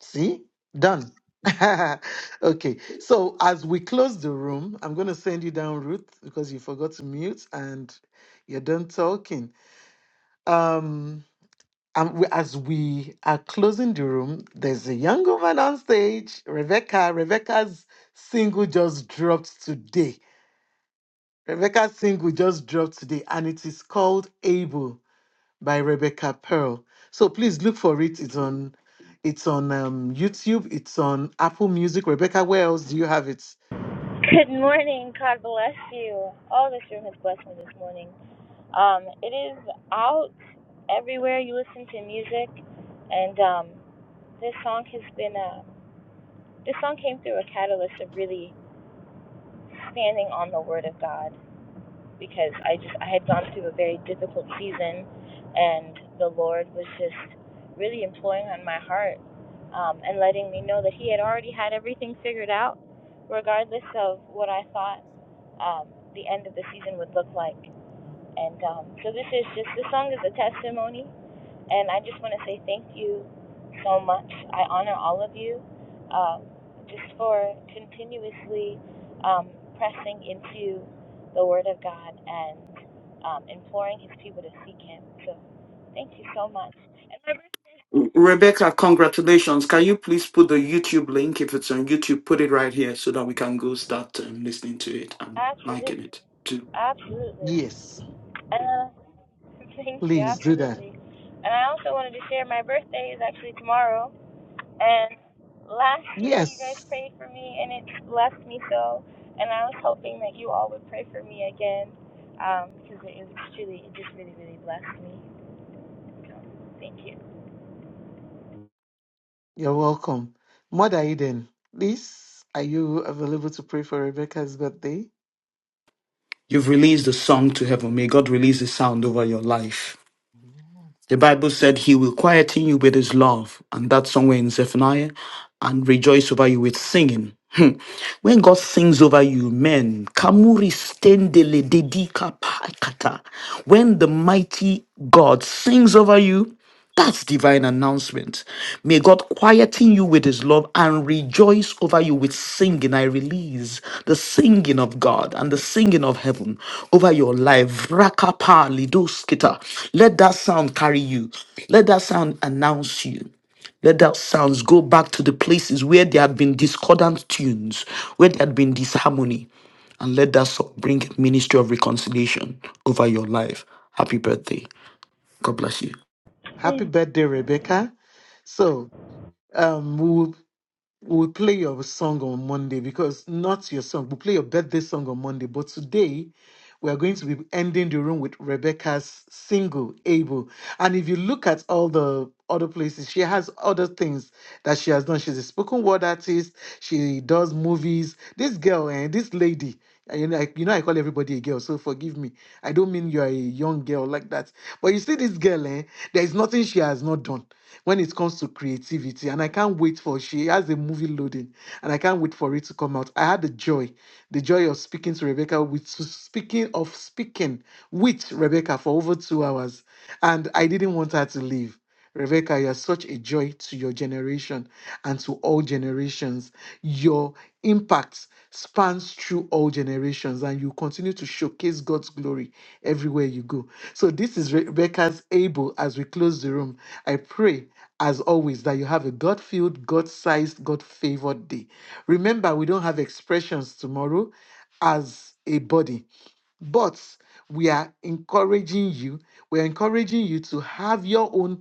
S1: See? Done. okay. So as we close the room, I'm gonna send you down, Ruth, because you forgot to mute and you're done talking. Um and we, as we are closing the room, there's a young woman on stage, Rebecca. Rebecca's single just dropped today. Rebecca's single just dropped today, and it is called Able. by Rebecca Pearl. So please look for it. It's on it's on um, YouTube, it's on Apple Music. Rebecca, where else do you have it?
S13: Good morning. God bless you. Oh, this room has blessed me this morning. Um, it is out everywhere you listen to music, and um, this song has been a this song came through a catalyst of really standing on the Word of God because I just I had gone through a very difficult season, and the Lord was just really imploring on my heart um, and letting me know that He had already had everything figured out, regardless of what I thought um, the end of the season would look like. And um, so this is just this song is a testimony, and I just want to say thank you so much. I honor all of you um, just for continuously um, pressing into the Word of God and um, imploring His people to seek Him. So thank you so much. And my birthday,
S5: Re- Rebecca,
S13: is-
S5: congratulations. Can you please put the YouTube link? If it's on YouTube, put it right here so that we can go start um, listening to it and
S13: absolutely,
S5: liking it too.
S13: absolutely.
S1: Yes.
S13: Uh, Thank you,
S1: Please do that.
S13: absolutely. And I also wanted to share my birthday is actually tomorrow. And last year you guys
S1: Yes.
S13: prayed for me and it blessed me so. And I was hoping that you all would pray for me again um, because it, it was truly, it just really, really blessed me. So, thank you.
S1: You're welcome. Mother Eden, please, are you available to pray for Rebecca's birthday?
S5: You've released the song to heaven. May God release the sound over your life.
S1: Amen.
S5: The Bible said he will quieten you with his love, and that's somewhere in Zephaniah, and rejoice over you with singing. Hmm. When God sings over you, men, kamuri stendele dedika paikata. When the mighty God sings over you, that's divine announcement. May God quieten you with his love and rejoice over you with singing. I release the singing of God and the singing of heaven over your life. Rakapa lidoskita. Let that sound carry you. Let that sound announce you. Let that sounds go back to the places where there had been discordant tunes, where there had been disharmony. And let that song bring ministry of reconciliation over your life. Happy birthday. God bless you.
S13: Amen.
S1: Happy birthday, Rebecca. So um, we will We'll play your song on Monday because not your song. We'll play your birthday song on Monday. But today, we are going to be ending the room with Rebecca's single, Able. And if you look at all the other places, she has other things that she has done. She's a spoken word artist. She does movies. This girl and this lady, uh, you know, I, you know, I call everybody a girl, so forgive me. I don't mean you are a young girl like that. But you see, this girl, eh, there is nothing she has not done when it comes to creativity, and I can't wait for she has a movie loading, and I can't wait for it to come out. I had the joy, the joy of speaking to Rebecca with speaking of speaking with Rebecca for over two hours and I didn't want her to leave. Rebecca, you're such a joy to your generation and to all generations. Your impact spans through all generations, and you continue to showcase God's glory everywhere you go. So, this is Rebecca's able as we close the room. I pray, as always, that you have a God filled, God sized, God favored day. Remember, we don't have expressions tomorrow as a body but we are encouraging you, we're encouraging you to have your own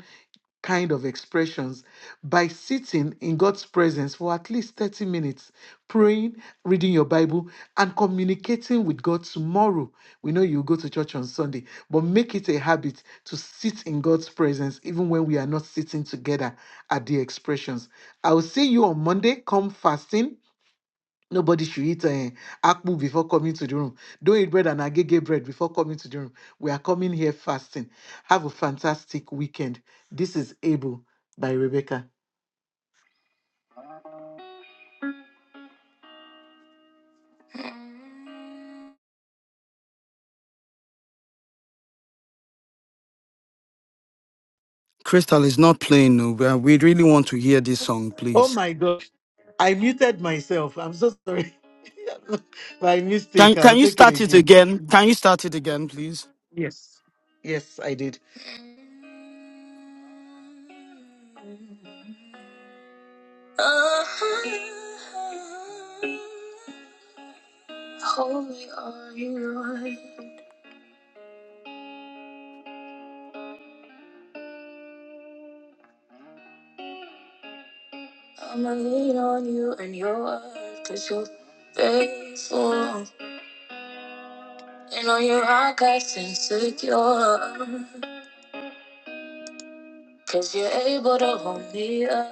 S1: kind of expressions by sitting in God's presence for at least 30 minutes, praying, reading your Bible, and communicating with God tomorrow. We know you go to church on Sunday, but make it a habit to sit in God's presence even when we are not sitting together at the expressions. I will see you on Monday. Come fasting. Nobody should eat uh, akpu before coming to the room. Don't eat bread and agege bread before coming to the room. We are coming here fasting. Have a fantastic weekend. This is Able by Rebecca.
S5: Crystal is not playing. No, we we really want to hear this song, please.
S1: Oh my gosh, I muted myself. I'm so sorry. By mistake, I'll take it again. Yes. Yes, I did. I'ma lean on you and your word, cause you're faithful. And on your rock I stand secure. Cause you're able to hold me up.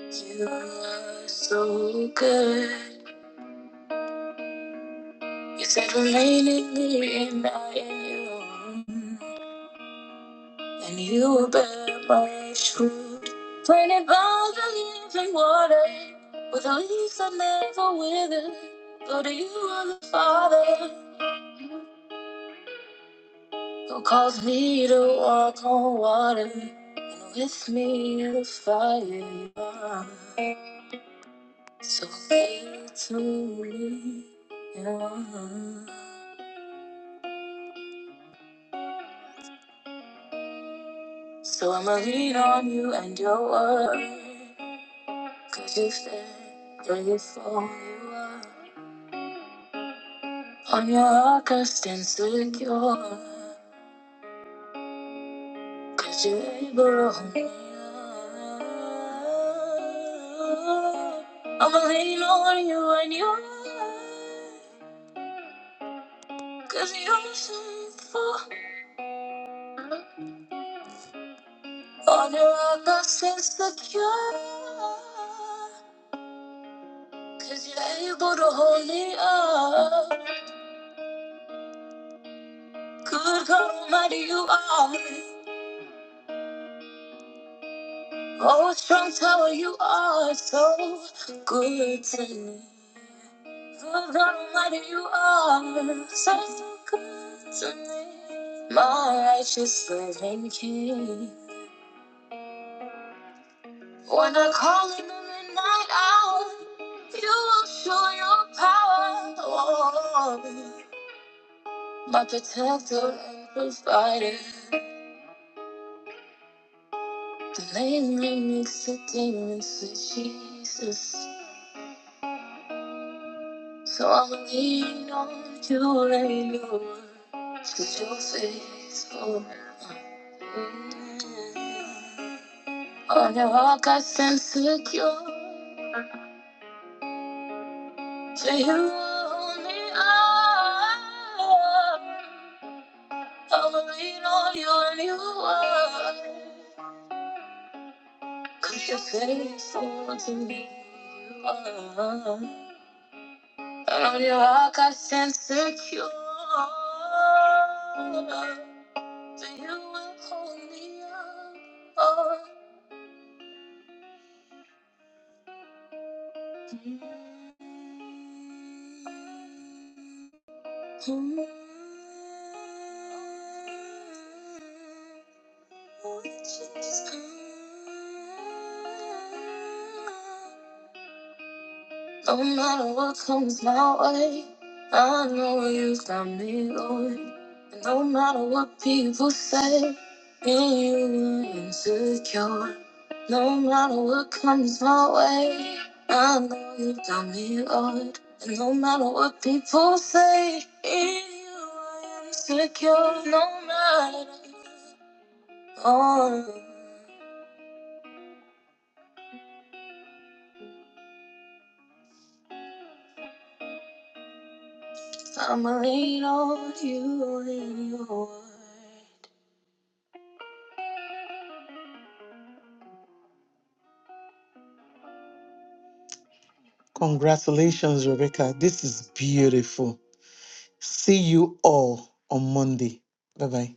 S1: You are so good. You said remain in me and I in you. And you will bear much fruit. Planted by the living water. With the leaves that never wither. Go to you are the Father. Who calls me to walk on water. And with me in the fire you are. So faithful to me. yeah. So I'ma lean on you and your wordbecause you said faithful you are. On your ark I stand securebecause you you're able to hold me up. I'ma lean on you and your wordbecause you you're faithful. On your ark I stand secure. Cause you're able to hold me up. Good God Almighty, you are. Oh, strong tower, you are so good to me. Good God Almighty, you are so, so good to me. My righteous living King. When I call in the midnight hour, you will show your power. Oh, my protector and provider. The Lately makes the demons with Jesus. So I'ma lean on you and your word. you you're faithful. Mm. On your walk I stand secure. For you only are. I'ma lean on you and your word. you you're faithful to me. You are. On your rock I stand secure. So you will hold me up. Oh. Mm. Mm. No matter what comes my way, I know you got me going. And no matter what people say, me and you are insecure. No matter what comes my way, I know you got me good. And no matter what people say, in you are insecure. No matter what, I'ma lean on you and your word. Congratulations, Rebecca. This is beautiful. See you all on Monday. Bye bye.